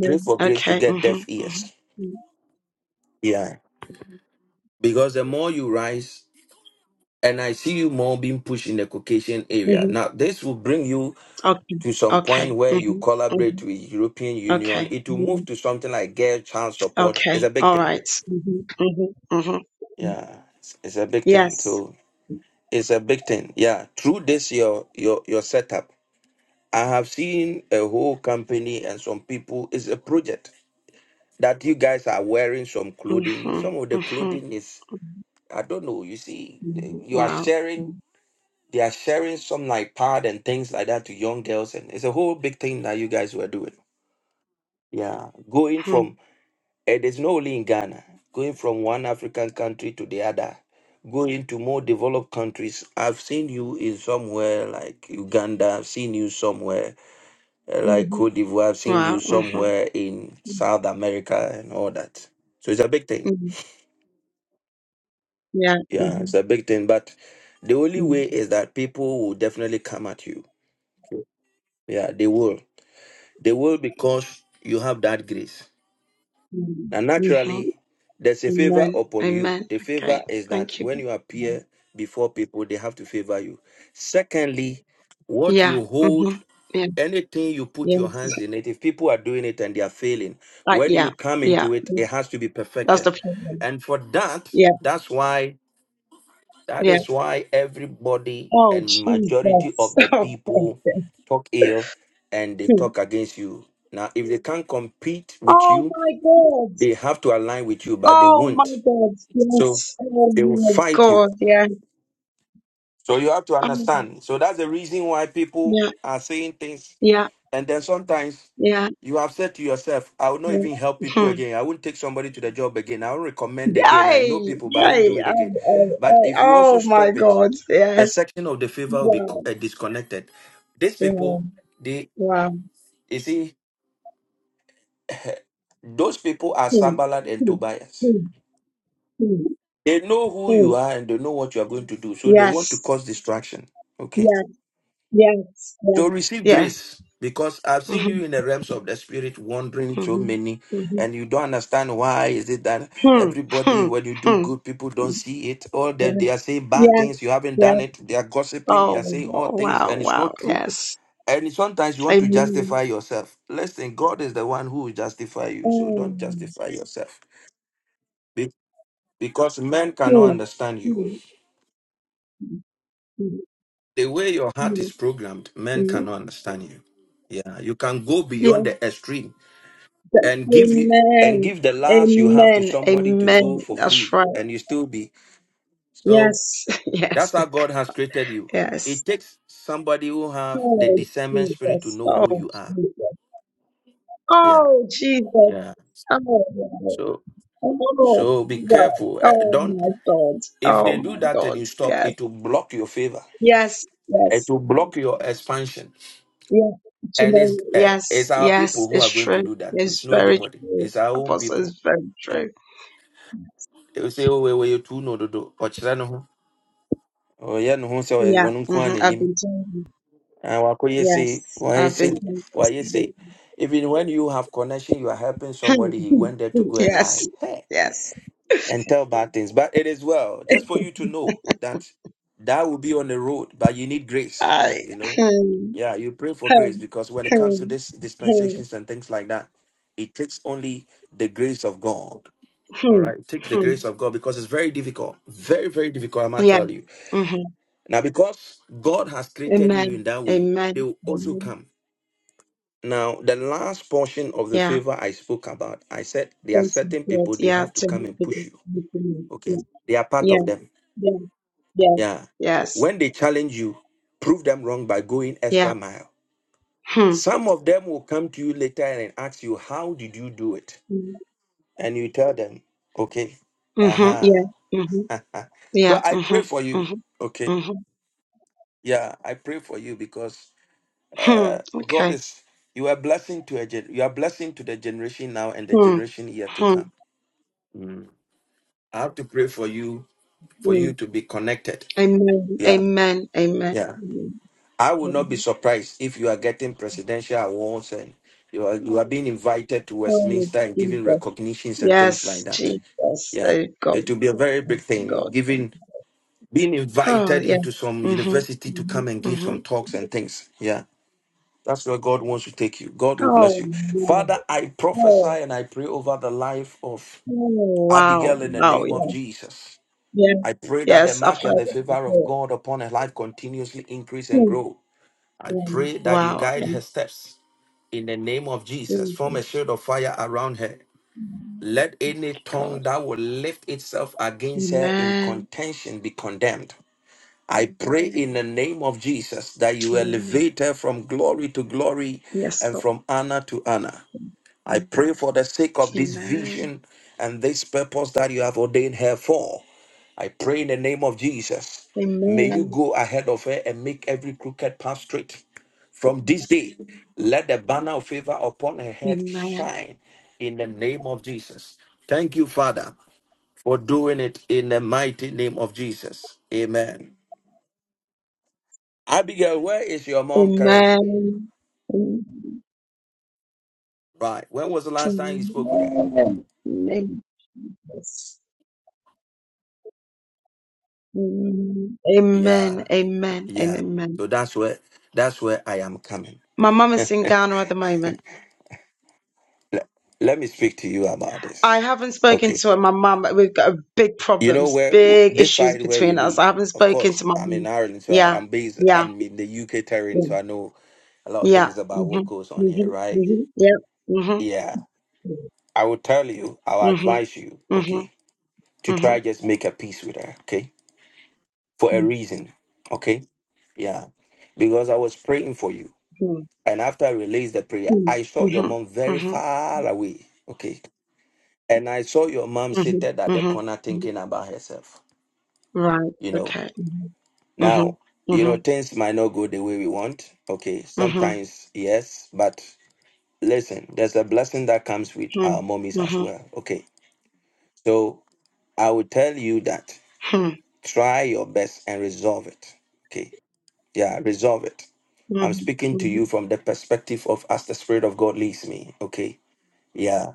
Pray for grace to
Okay.
get
Mm-hmm,
deaf
mm-hmm,
ears. Yeah. Because the more you rise, and I see you more being pushed in the Caucasian area.
mm-hmm.
Now, this will bring you
Okay.
to some
Okay.
point where you
Mm-hmm, mm-hmm.
collaborate with European Union.
Okay.
It will
hmm
move to something like girl child support. It's
Okay.
a big
All
thing.
right. Mm-hmm, mm-hmm, mm-hmm.
Yeah. It's, it's a big thing.
Yes.
So it's a big thing. Yeah. Through this your your your setup, I have seen a whole company and some people. It's a project that you guys are wearing some clothing.
Mm-hmm,
Some of the
mm-hmm.
clothing is I don't know. You see, they- you are
Wow.
sharing. They are sharing some like pad and things like that to young girls, and it's a whole big thing that you guys were doing. Yeah, going
Mm-hmm.
from eh, there's no only in Ghana, going from one African country to the other, going to more developed countries. I've seen you in somewhere like Uganda. I've seen you somewhere eh, like Cote d'Ivoire. I've seen you
Wow. Mm-hmm.
somewhere in South America and all that. So it's a big thing.
Mm-hmm. Yeah.
Yeah,
Mm-hmm.
it's a big thing. But the only
Mm-hmm.
way is that people will definitely come at you. Yeah, they will. They will because you have that grace. Now,
Mm-hmm.
naturally, there's a favor
Amen.
upon you.
Amen.
The favor
Okay.
is that
Thank you.
when you appear before people, they have to favor you. Secondly, what
Yeah.
you hold,
Mm-hmm. Yeah.
anything you put your
Yes.
hands in it, if people are doing it and they are failing,
Uh,
when
yeah.
you come
Yeah.
into it, it has to be
That's the
perfected.
problem.
And for that,
Yeah.
that's why That
yeah.
is why everybody
Oh,
and majority
Jesus.
of the people talk ill and
Oh, thank
they
you.
talk against you. Now, if they can't compete with
oh
you,
my God.
they have to align with you, but they
Oh my
won't.
God.
So
Yes. Oh
they will
my
fight you.
God. Yeah.
So you have to
Oh,
understand. So that's the reason why people
yeah.
are saying things.
Yeah.
And then sometimes
Yeah.
you have said to yourself, I will not
Yeah.
even help people
Hmm.
again. I won't take somebody to the job again. I won't recommend again. I know
Hey,
people, but I won't do
hey,
it
I, I,
again. But
I,
if you also
oh my
stop it
God,
the
yes,
section of the favor will be
wow,
uh, disconnected. These people,
wow,
they
wow,
you see, those people are
Hmm.
Sambalat and
Hmm.
Tobias.
Hmm. Hmm.
They know who
Hmm.
you are and they know what you are going to do, so they want to
yes,
cause distraction. Okay,
yes, yes, yes,
so receive
yes,
grace because I've seen
mm-hmm,
you in the realms of the spirit wandering so many,
mm-hmm, mm-hmm.
and you don't understand why is it that
Hmm.
everybody when you do
Hmm.
good people
Hmm.
don't see it or
Yeah.
that they are saying bad
Yeah.
things you haven't
Yeah.
done it they are gossiping they
Oh,
are saying all things
wow.
and it's
Wow.
not true
Yes.
And sometimes you want to
Amen.
justify yourself. Listen, God is the one who will justify you. So
Mm.
don't justify yourself. Be- Because men cannot
Mm.
understand you.
Mm. Mm.
The way your heart is
Mm.
programmed, men
Mm.
cannot understand you. Yeah. You can go
Yeah.
beyond the extreme
that-
and give it and
Amen.
give the last you have to
Amen.
somebody to
Amen.
go for
That's
free.
right.
And you still be. So
Yes. Yes.
that's how God has created you.
Yes.
It takes somebody who have the
Oh,
discernment spirit to
Jesus.
know
Oh,
who you are.
Jesus.
Yeah.
Oh, Jesus.
Yeah.
Oh, wow.
So
Oh,
so be
wow.
careful. Eh,
Oh,
Don't
my God.
If
Oh,
they do
my
that and
God.
you stop,
Yes.
it will block your favor.
Yes. Yes.
It will block your expansion.
Yeah, you
And
know,
it's uh, it's
yes,
our
yes,
people who
it's
are going to
true.
do that. It's
It's
not
very
anybody.
true.
It's our own
Apostle
people.
it's very
Yeah.
true.
They will say, oh, we were you two no do do. Or chira no ho. Or yeah no ho say or
Yeah,
one
hmm
unkuan
I've
enim.
been telling you.
And wako ye say,
Yes,
why ye
I've been
say,
telling
why ye say.
you.
Even when you have connection, you are helping somebody. He went there to go and
Yes,
lie. Hey.
yes.
And tell bad things. But it is well, just for you to know that that will be on the road, but you need grace,
I.
you know
hmm,
Yeah, you pray for
hmm,
grace because when it comes to
hmm,
this
hmm,
dispensations and things like that, it takes only the grace of God. All
hmm,
right, it takes the
hmm.
grace of God because it's very difficult, very very difficult. I might
Yeah.
tell you
hmm
now because God has created
Amen.
you in that way, they
Amen.
will also
Amen.
come. Now, the last portion of the
Yeah.
favor I spoke about, I said there are
Thanks to
certain
God.
people they
Yeah.
have to
To
come
him
and push
because
you.
he can.
Okay, they are part
Yeah. Yeah.
of them.
Yeah. Yeah.
Yeah,
Yes.
when they challenge you, prove them wrong by going
Yeah.
extra mile
Hmm.
Some of them will come to you later and ask you, How did you do it?
hmm.
And you tell them, Okay, uh
Mm-hmm. Yeah.
huh.
Mm-hmm.
so
Yeah.
I
Mm-hmm.
pray for you.
Mm-hmm.
Okay,
Mm-hmm.
yeah, I pray for you because
Hmm.
uh, God
Okay.
is, you are blessing to a gen- you are blessing to the generation now and the
Hmm.
generation yet to
Hmm.
come. Mm. I have to pray for you, for
Hmm.
you to be connected.
Amen. Amen.
Yeah,
Amen. Amen.
yeah. I will not be
Amen.
surprised if you are getting presidential awards and you are you are being invited to
Oh,
Westminster and giving
Jesus.
recognitions and things
Yes,
like that.
Jesus.
Yeah,
Oh, God.
it will be a very big
Oh,
thing.
God.
Giving being
Oh,
invited
yeah.
into some
Mm-hmm.
university to come and
Mm-hmm.
give
Mm-hmm.
some talks and things. Yeah. That's where God wants to take you. God will bless
Oh,
you.
wow.
Father, I prophesy
Oh, oh,
and I pray over the life of
wow.
Abigail in the
Wow.
name of
Yeah.
Jesus.
Yeah.
I pray that the
Yes, I've
mark
heard
and the
it
favor of
before.
God upon her life continuously increase and
Hmm.
grow. I
Hmm.
pray that you
Wow. Yeah.
guide her steps in the name of Jesus. Form a
Jesus.
shield of fire around her. Let any tongue
God.
that will lift itself against her in
Amen.
contention be condemned. I pray in the name of Jesus that you
Amen.
elevate her from glory to glory
Yes,
and
Lord.
from honor to honor. I pray for the sake of this
Amen.
vision and this purpose that you have ordained her for. I pray in the name of Jesus. May you
Amen.
go ahead of her and make every crooked path straight. From this day, let the banner of favor upon her head
Amen.
shine in the name of Jesus. Thank you, Father, for doing it in the mighty name of Jesus. Amen. Abigail, where is your mom currently?
Amen.
Right. When was the last time you
Amen.
spoke with her?
Amen. Yes. Amen. Amen.
Yeah.
Amen. And
Yeah.
amen.
So that's where that's where I am coming.
My mum is in Ghana at the moment.
Let, let me speak to you about
I
this.
haven't spoken
Okay.
to her. My mum, we've got big
You know
problems,
where
big
this
issues
side where we
between us. I
live.
haven't
Of
spoken
course,
to my
I'm in
mum.
Ireland, so
Yeah.
I'm based.
Yeah.
I'm in the UK terrain,
Yeah.
so I know a lot of
Yeah.
things about
hmm
what goes on
hmm
here, right?
hmm Yeah. hmm
Yeah. I will tell you. I'll
hmm
advise you. Okay. To
hmm
try just make a peace with her. Okay. For a reason. Okay. Yeah. Because I was praying for you,
hmm
and after I released the prayer,
Mm-hmm.
I saw your
Mm-hmm.
mom very
Mm-hmm.
far away. Okay And I saw your mom
Mm-hmm.
seated at the corner
Mm-hmm.
thinking about herself.
Right.
You know,
Okay. Mm-hmm.
now, you
Mm-hmm.
know, things might not go the way we want. Okay,
Mm-hmm.
sometimes, yes, but listen, there's a blessing that comes with
Hmm.
our mommies as
Mm-hmm.
well. Okay, so I will tell you that
Hmm.
try your best and resolve it. Okay, yeah, resolve it. I'm
Mm-hmm.
speaking to
Mm-hmm.
you from the perspective of as the Spirit of God leads me. Okay, yeah.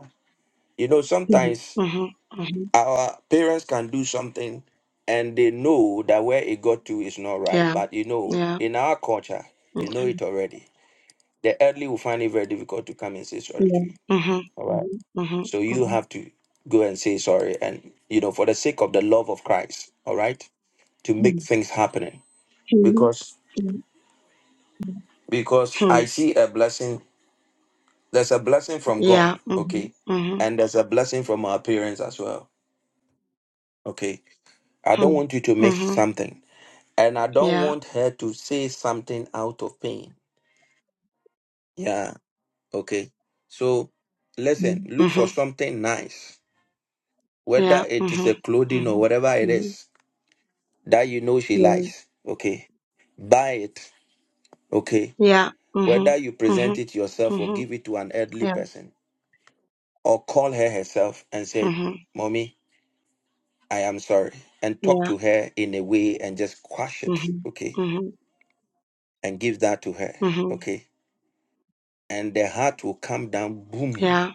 You know,
Mm-hmm.
sometimes
Mm-hmm.
Our parents can do something and they know that where it got to is not right.
Yeah.
But you know,
Yeah.
in our culture, you know
Okay.
it already. The elderly will find it very difficult to come and say sorry to
Yeah.
you.
Mm-hmm.
All right.
Mm-hmm.
So you
Mm-hmm.
have to go and say sorry and you know, for the sake of the love of Christ, all right, to
Mm-hmm.
make things happening.
hmm Hmm.
Because
Hmm.
because
Hmm.
I see a blessing, there's a blessing from
Yeah.
God,
Mm-hmm.
okay?
Mm-hmm.
And there's a blessing from our parents as well. Okay. I
Hmm.
don't want you to miss
Mm-hmm.
something and I don't
Yeah.
want her to say something out of pain. Yeah, okay. So listen, look for
Mm-hmm.
something nice, whether
Yeah.
it is
Mm-hmm.
a clothing
Mm-hmm.
or whatever
Mm-hmm.
it is that you know she
Yeah.
likes. Okay, buy it. Okay,
Yeah. Mm-hmm.
whether you
Mm-hmm.
present it yourself or
Mm-hmm.
give it to an elderly
Yeah.
person or call her herself and say,
Mm-hmm.
"Mommy, I am sorry," and talk
Yeah.
to her in a way and just quash it.
Mhm.
Okay,
Mhm.
and give that to her.
Mhm.
Okay, and the heart will come down. Boom
Yeah.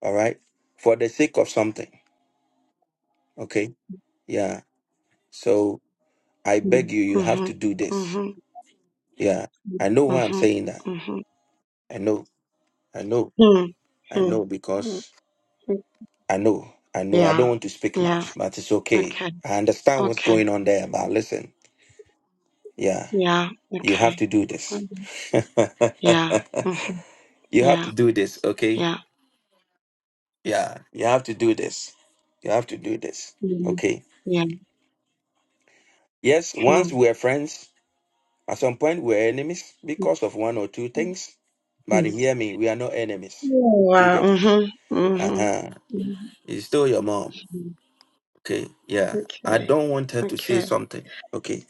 all right for the sake of something okay yeah so i beg
Mhm.
you you have to
Mhm.
do this
Mhm.
yeah i know why i'm
Mhm.
saying that
Mhm.
i know i know
Mhm.
i know
Mhm.
because i know i know i don't
Yeah.
want to speak
Yeah.
much but it's okay
Okay.
i understand what's
Okay.
going on there but listen yeah
Yeah.
you have
Okay.
to do this
Mhm. Yeah. Mhm.
you have to
Yeah.
do this okay
Yeah.
yeah you have to do this you have to do this
Mhm.
okay
Yeah.
yes once
Mhm.
we were friends At some point, we we're enemies because of one or two things. But
Mhm.
hear me, we are not enemies.
Oh,
Do you
wow.
get it?
Mhm.
Uh
Mhm.
huh. It's still your mom.
Mhm.
Okay. Yeah. I
Okay.
don't want her to say
Okay.
something. Okay.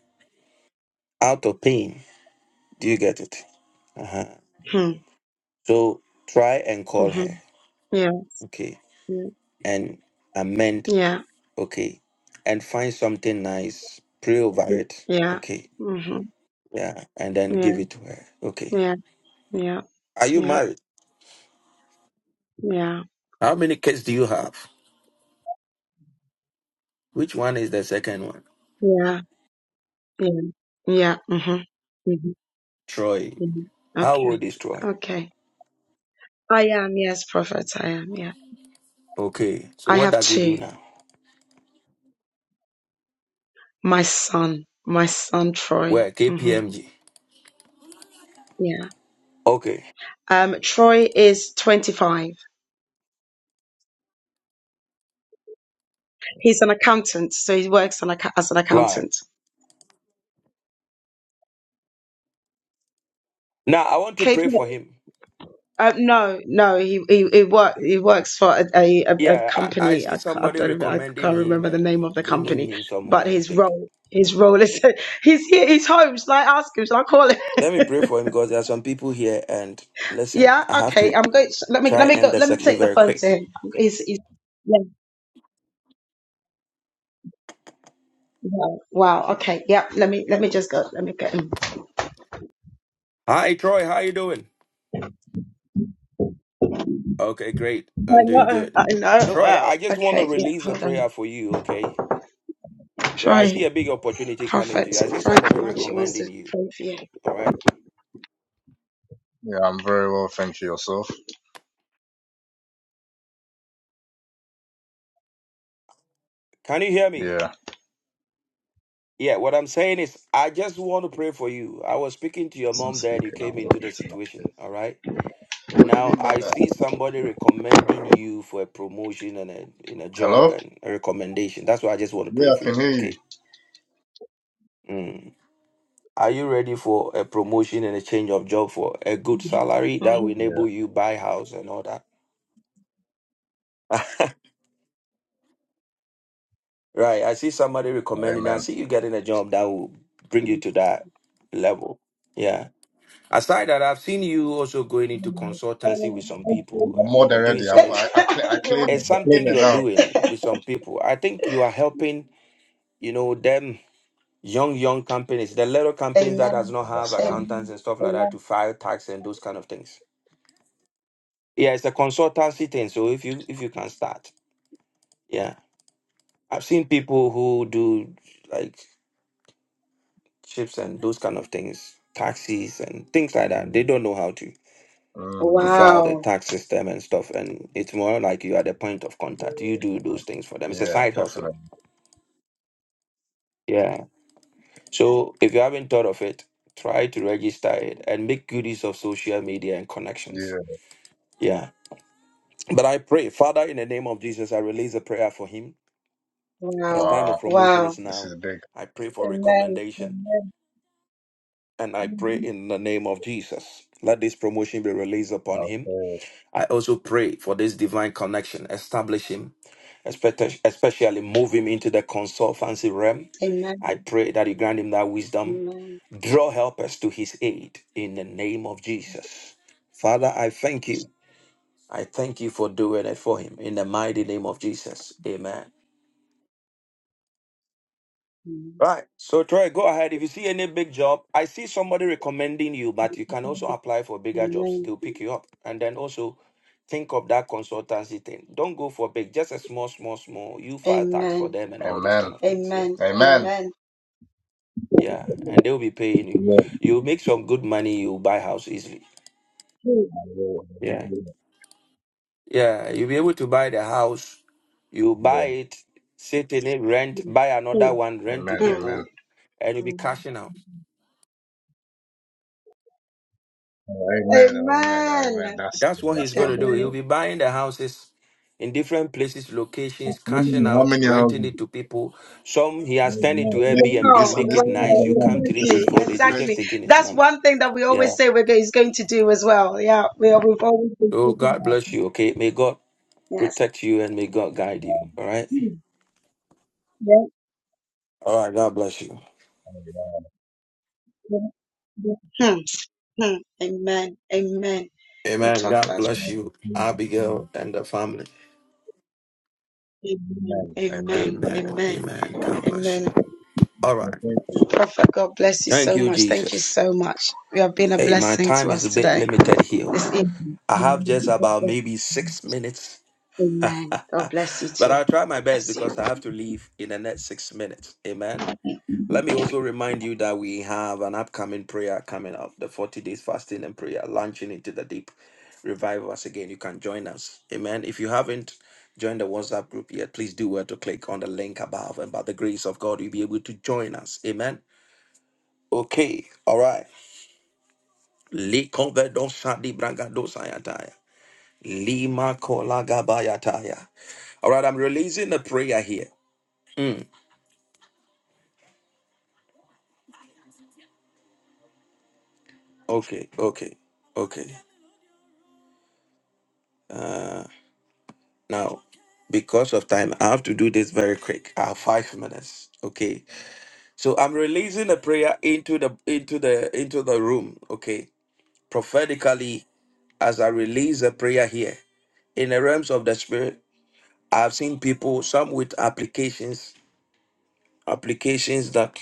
Out of pain. Do you get it? Uh huh.
Mhm.
So try and call her.
Mhm. Yeah.
Okay.
Yeah.
And amend.
Yeah.
Okay. And find something nice. Pray over it.
Yeah.
Okay.
Mhm.
Yeah. And then give
Yeah.
it to her. Okay.
Yeah. Yeah.
Are you
Yeah.
married?
Yeah.
How many kids do you have? Which one is the second one?
Yeah. Yeah. Yeah. Mhm. Mhm.
Troy.
Mhm.
How
Okay.
old is Troy?
Okay. I am. Yes, prophet. I am. Yeah.
Okay. So
I
what
have
does he
two.
do now?
My son. My son Troy.
Where?
hmm
KPMG.
Yeah.
Okay.
Um. Troy is 25. He's an accountant, so he works on, acc- as an
Right.
accountant.
Now I want to
K
pray
P
for him.
Uh, no, no, he he he, work, he works for a, a, a a
Yeah, I, I
company.
see
I, ca- I
somebody
don't even, I
recommending
can't
him
remember the
and
name of the
bringing
company,
him
but
somewhere
his
big.
role his role is he's here, he's home. Shall I ask him? Shall I call him?
Let me pray for him because there are some people here and listen,
Yeah,
I have
okay.
to
I'm going. sh- Let me let
try
me go.
end the
Let me
section
take the
very
phone to
quick.
him. He's, he's yeah. Wow. wow. Okay. Yeah. Let me let me just go. Let me get him. I
Hi Troy, how you doing? Okay, great. I'm doing
know.
good.
I know.
Troy,
Wow.
I just want to
Okay. Yeah.
release a
Hold on.
prayer for you, okay? Right, I
Try
see a big opportunity coming to
Prophet
you. I see
Frank.
somebody
How much he wants
recommending
to
you.
pray for you.
All right.
Yeah, I'm very well, thank you. Yourself?
Can you hear me?
Yeah.
Yeah, what I'm saying is, I just want to pray for you. I was speaking to your
It's not
mom dad. You
speaking. I
came
thought
into the
it's not this.
situation. All right.
What do you mean
Now
by
I
that?
see somebody recommending you for a promotion and a in a job
Hello?
and a recommendation. That's why I just want to pray
Yeah, I
for
can
you.
hear you.
Okay. Mm. Are you ready for a promotion and a change of job for a good salary
Mm-hmm.
that will
Yeah,
enable you buy house and all that? right. I see somebody recommending. I
amen.
see you getting a job that will bring you to that level. Yeah. Aside that, I've seen you also going into
Amen.
consultancy with some people.
I'm
I
more
mean,
than
you're doing
ready. I'm,
some.
I, I, cla- I claim it.
It's
I claim
something
it
you're
now.
doing with some people. I think you are helping, you know, them young young companies, the little companies that does
Amen.
not have
That's one.
accountants and stuff like that to
Amen.
file tax and those kind of things. Yeah, it's a consultancy thing. So if you if you can start, yeah, I've seen people who do like chips and those kind of things, taxis and things like that. They
Amen.
don't know how to.
Mm. Mm.
to file the
Wow.
tax system and stuff. And it's more like you are the point of contact. You do
Mm.
those things for them. It's a
Yeah,
side hustle.
definitely.
Yeah. So if you haven't thought of it, try to register it and make good use of social media and
Yeah.
connections. Yeah. But I pray, Father, in the name of Jesus, I release a prayer for him.
Wow.
His time of
Wow.
promotion
Wow.
is
This
now.
is big.
I pray for
Amen.
recommendation.
Amen.
And I pray
Mhm.
in the name of Jesus. Let this promotion be released upon him
Okay.
I also pray for this divine connection, establish him, espec- especially move him into the consultancy realm.
Amen.
I pray that you grant him that wisdom.
Amen.
Draw helpers to his aid in the name of Jesus. Father, I thank you. I thank you for doing it for him in the mighty name of Jesus. Amen.
Amen.
Right. So Troy, go ahead. If you see any big job, I see somebody recommending you, but you can also apply for bigger jobs.
Amen.
They'll pick you up. And then also think of that consultancy thing. Don't go for big, just a small, small, small. You file tax for
Amen.
them and all those kind of things. Yeah.
Amen. Amen.
Yeah. And they'll be paying you.
Amen.
you make some good money, you buy house easily.
Amen,
Yeah. Yeah. You'll be able to buy the house. You buy it, sit in it, rent, buy another
Mm.
one, rent to
amen.
people, and you'll be
Mm.
cashing out.
Oh, amen, amen, That's
That's what he's
that's
going to do. He'll
wonderful.
be buying the houses in different places, locations,
How many,
cashing
how
out,
many
renting it
houses?
to people. Some he has turned it to Airbnb,
Oh, wow. This Wow, one,
make
this
it
wow,
nice. You come
one.
three
This is exactly,
days, four days, he's
exactly.
just
twenty.
taking his
That's
money.
one thing that we always
Yeah.
say we're going, is going to do as well. Yeah, we are, we've always been
So God bless you, okay? May God
yes.
protect you and may God guide
Wow.
you, all right?
Hmm, Yeah.
All right, God bless you.
Oh, wow. yeah. Hmm, hmm. Amen. Amen. We'll
Amen.
talk
God
about
bless you, Abigail and the family.
Amen. Amen. Amen.
Amen.
Amen.
Amen. God bless
Amen.
you. All right.
Prophet, God bless you
Thank
so
you,
much. Thank you
Jesus.
so much. You have been a
Hey, my
blessing to
time
us
is a bit
today,
limited here.
this evening.
I have just
God
about
bless you
maybe six minutes. but
Amen. God bless you too.
I'll try my best
Bless
because
you.
I have to leave in the next six minutes. Amen. Let me also remind you that we have an upcoming prayer coming up the 40 days fasting and prayer, launching into the deep. Revive us again. You can join us. Amen. If you haven't joined the WhatsApp group yet, please do well to click on the link above. And by the grace of God, you'll be able to join us. Amen. Okay. All right. Likonvedosadibragadosayataya. Lima kola gabayataya. All right, I'm releasing a prayer here. Mm, okay, okay, okay. Uh, now, because of time, I have to do this very quick. I have five minutes. Okay, so I'm releasing a prayer into the into the into the room. Okay, prophetically, as I release a prayer here in the realms of the spirit, I've seen people some with applications, applications that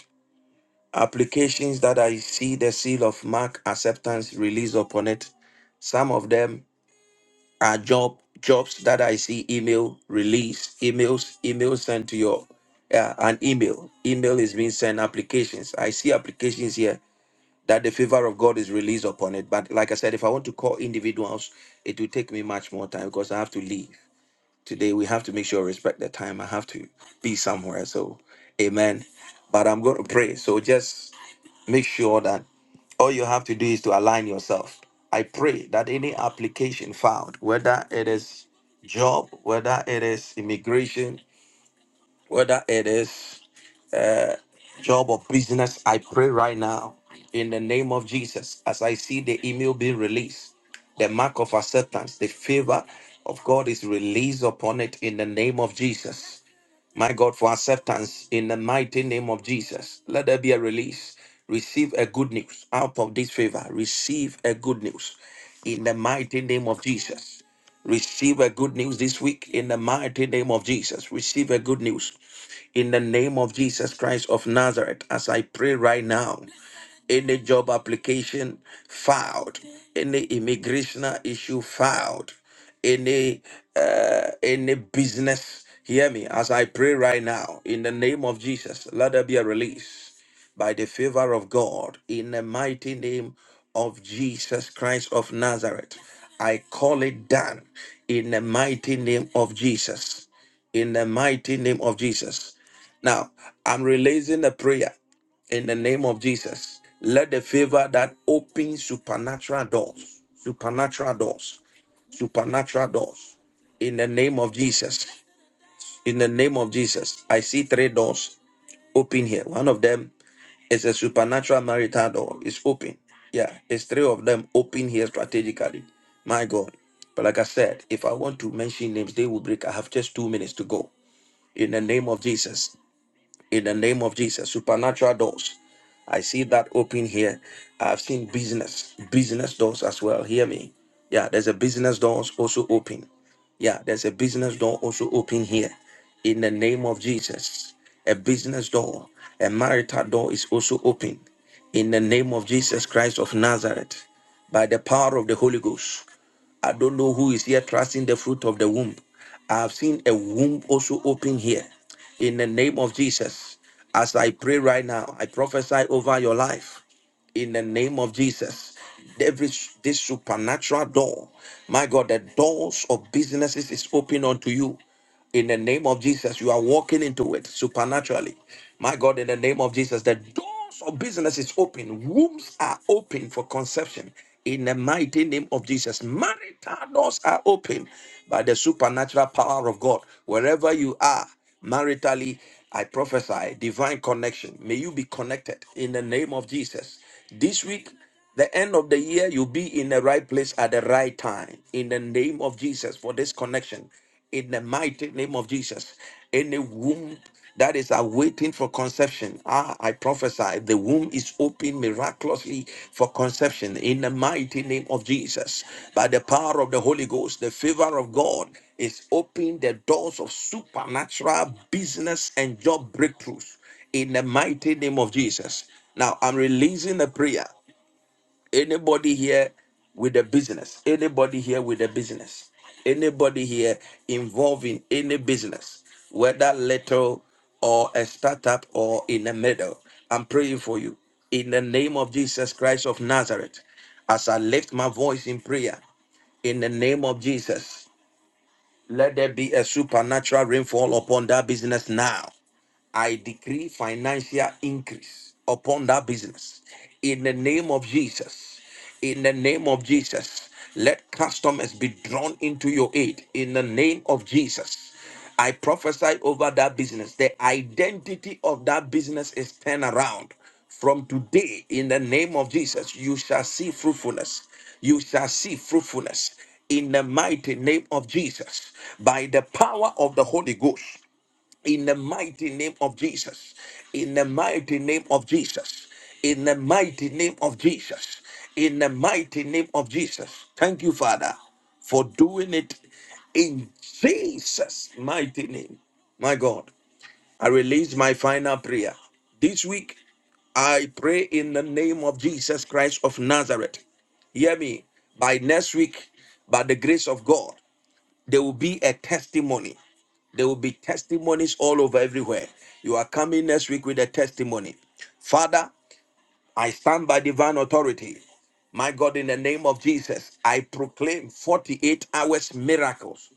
Applications that I see the seal of mark acceptance release upon it. Some of them are job jobs that I see email release, emails, emails sent to your yeah, an email. Email is being sent applications. I see applications here that the favor of God is released upon it. But like I said, if I want to call individuals, it will take me much more time because I have to leave. Today we have to make sure I respect the time. I have to be somewhere. So amen. But I'm gonna pray. So just Make sure that all you have to do is to align yourself. I pray that any application filed, whether it is job, whether it is immigration, whether it is job or business, I pray right now in the name of Jesus as I see the email being released, the mark of acceptance, the favor of God is released upon it in the name of Jesus my God, for acceptance in the mighty name of Jesus. Let there be a release. Receive a good news out of this favor. Receive a good news in the mighty name of Jesus. Receive a good news this week in the mighty name of Jesus. Receive a good news in the name of Jesus Christ of Nazareth as I pray right now any job application filed, any immigration issue filed, any uh, any business. Hear me as I pray right now in the name of Jesus. Let there be a release by the favor of God in the mighty name of Jesus Christ of Nazareth. I call it done in the mighty name of Jesus. In the mighty name of Jesus. Now, I'm releasing a prayer in the name of Jesus. Let the favor that opens supernatural doors, supernatural doors, supernatural doors, in the name of Jesus. In the name of Jesus, I see three doors open here. One of them is a supernatural marital door. It's open. Yeah, it's three of them open here strategically. My God. But like I said, if I want to mention names, they will break. I have just two minutes to go. In the name of Jesus in the name of Jesus. Supernatural doors. I see that open here. I've seen business, business doors as well. Hear me. Yeah, there's a business doors also open. Yeah, there's a business door also open here. In the name of Jesus. A business door, a marital door is also open. In the name of Jesus Christ of Nazareth. By the power of the Holy Ghost. I don't know who is here trusting the fruit of the womb. I have seen a womb also open here. In the name of Jesus, as I pray right now, I prophesy over your life. In the name of Jesus, every this supernatural door, my God, the doors of businesses is open unto you. In the name of Jesus, you are walking into it supernaturally. My God, in the name of Jesus, the doors of business is open. Wombs are open for conception. In the mighty name of Jesus, marital doors are open by the supernatural power of God. Wherever you are, maritally, I prophesy divine connection. May you be connected in the name of Jesus. This week, the end of the year, you'll be in the right place at the right time. In the name of Jesus, for this connection, in the mighty name of Jesus, in the womb that is awaiting for conception, ah, I prophesy the womb is open miraculously for conception in the mighty name of Jesus. By the power of the Holy Ghost, the favor of God is opening the doors of supernatural business and job breakthroughs in the mighty name of Jesus. Now I'm releasing a prayer. Anybody here with a business, anybody here with a business, anybody here involved in any business, whether little or a startup or in the middle, I'm praying for you. In the name of Jesus Christ of Nazareth, as I lift my voice in prayer, in the name of Jesus, let there be a supernatural rainfall upon that business now. I decree financial increase upon that business in the name of Jesus. In the name of Jesus, let customers be drawn into your aid in the name of Jesus. I prophesy over that business. The identity of that business is turned around. From today, in the name of Jesus, you shall see fruitfulness. You shall see fruitfulness in the mighty name of Jesus by the power of the Holy Ghost in the mighty name of Jesus. In the mighty name of Jesus. In the mighty name of Jesus. In the mighty name of Jesus. Thank you, Father, for doing it in Jesus' mighty name. My God, I release my final prayer. This week, I pray in the name of Jesus Christ of Nazareth. Hear me. By next week, by the grace of God, there will be a testimony there will be testimonies all over everywhere. You are coming next week with a testimony. Father, I stand by divine authority. My God, in the name of Jesus, I proclaim 48 hours miracles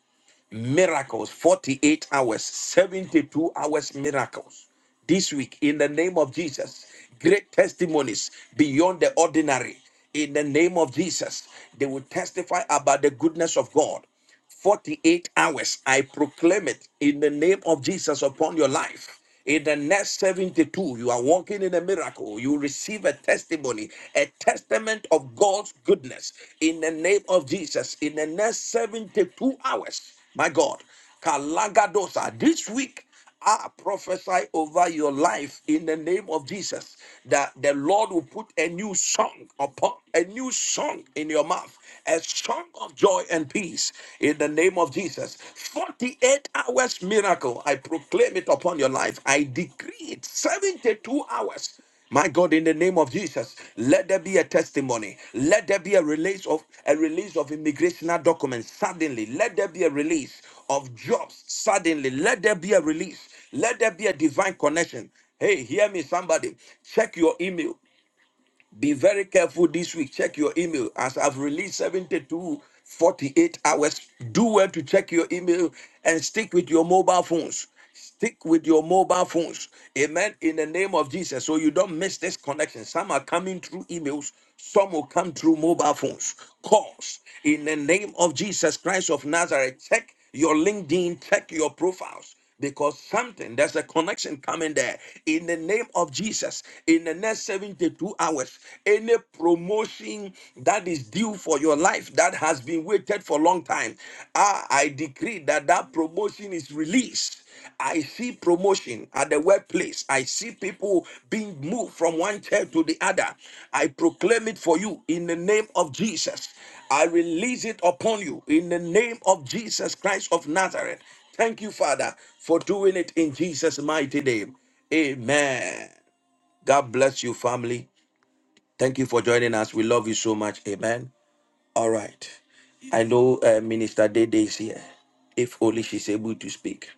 miracles 48 hours 72 hours miracles this week in the name of jesus great testimonies beyond the ordinary in the name of jesus they will testify about the goodness of god 48 hours i proclaim it in the name of jesus upon your life in the next 72, you are walking in a miracle. You receive a testimony, a testament of God's goodness in the name of Jesus. In the next 72 hours, my God, Kalagadosa, this week, I prophesy over your life in the name of Jesus that the Lord will put a new song upon a new song in your mouth, a song of joy and peace peace in the name of Jesus. 48 hours miracle. I proclaim it upon your life. I decree it. 72 hours. My God, in the name of Jesus, let there be a testimony. Let there be a release of a release of immigrational documents suddenly. Let there be a release of jobs suddenly. Let there be a release. Let there be a divine connection. Hey, hear me, somebody. Check your email. Be very careful this week. Check your email. As I've released 72 48 hours, do well to check your email and stick with your mobile phones. Stick with your mobile phones. Amen. In the name of Jesus. So you don't miss this connection. Some are coming through emails, some will come through mobile phones. Calls. In the name of Jesus Christ of Nazareth, check your LinkedIn, check your profiles because something there's a connection coming there in the name of jesus in the next 72 hours any promotion that is due for your life that has been waited for a long time i, I decree that that promotion is released I see promotion at the workplace. I see people being moved from one chair to the other. I proclaim it for you in the name of Jesus. I release it upon you in the name of Jesus Christ of Nazareth. Thank you, Father, for doing it in Jesus' mighty name. Amen. God bless you, family. Thank you for joining us. We love you so much. Amen. All right. I know uh, Minister Dede is here. If only she's able to speak.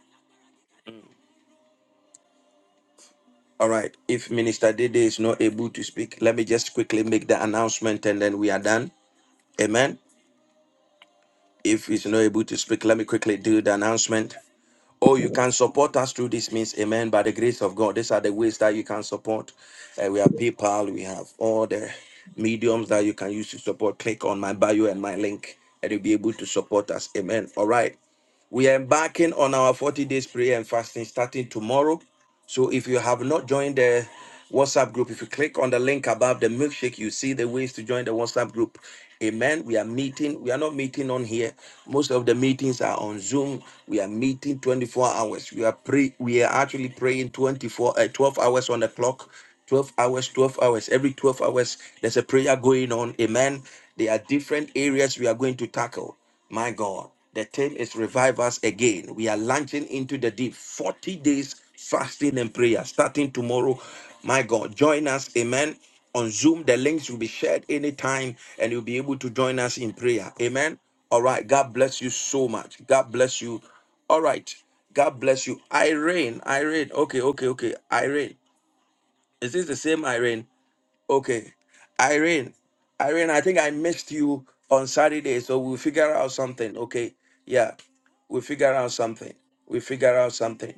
All right. If Minister Dede is not able to speak, let me just quickly make the announcement and then we are done. Amen. If he's not able to speak, let me quickly do the announcement. Oh, you can support us through this means, amen, by the grace of God. These are the ways that you can support. Uh, we have PayPal, we have all the mediums that you can use to support. Click on my bio and my link, and you'll be able to support us, amen. All right. We are embarking on our 40 days prayer and fasting starting tomorrow. So if you have not joined the WhatsApp group, if you click on the link above the milkshake, you see the ways to join the WhatsApp group. Amen. We are meeting. We are not meeting on here. Most of the meetings are on Zoom. We are meeting 24 hours. We are pray. We are actually praying 24, uh, 12 hours on the clock. 12 hours, 12 hours. Every 12 hours, there's a prayer going on. Amen. There are different areas we are going to tackle. My God, the theme is revive us again. We are launching into the deep 40 days fasting and prayer starting tomorrow. My God, join us. Amen. On Zoom, the links will be shared anytime and you'll be able to join us in prayer. Amen. All right. God bless you so much. God bless you. All right. God bless you. Irene, Irene. Okay, okay, okay. Irene. Is this the same Irene? Okay. Irene, Irene, I think I missed you on Saturday, so we'll figure out something. Okay. Yeah. We'll figure out something. We'll figure out something.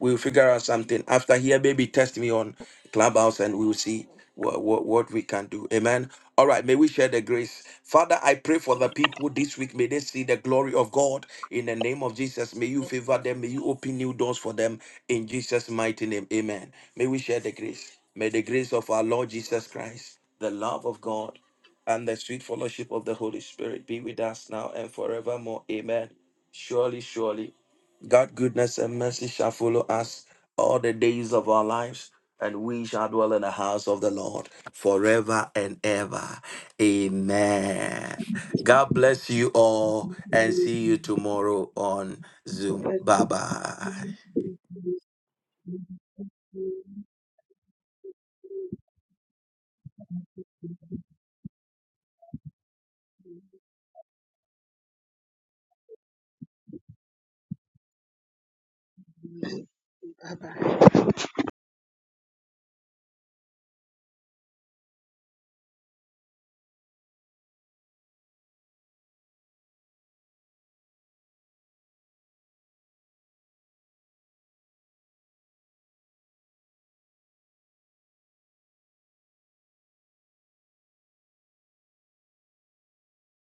We'll figure out something. After here, maybe test me on Clubhouse and we'll see what, what, what we can do. Amen. All right, may we share the grace. Father, I pray for the people this week. May they see the glory of God in the name of Jesus. May you favor them. May you open new doors for them in Jesus' mighty name. Amen. May we share the grace. May the grace of our Lord Jesus Christ, the love of God, and the sweet fellowship of the Holy Spirit be with us now and forevermore. Amen. Surely, surely. God, goodness and mercy shall follow us all the days of our lives, and we shall dwell in the house of the Lord forever and ever. Amen. God bless you all, and see you tomorrow on Zoom.
Bye
Bye bye.
bye.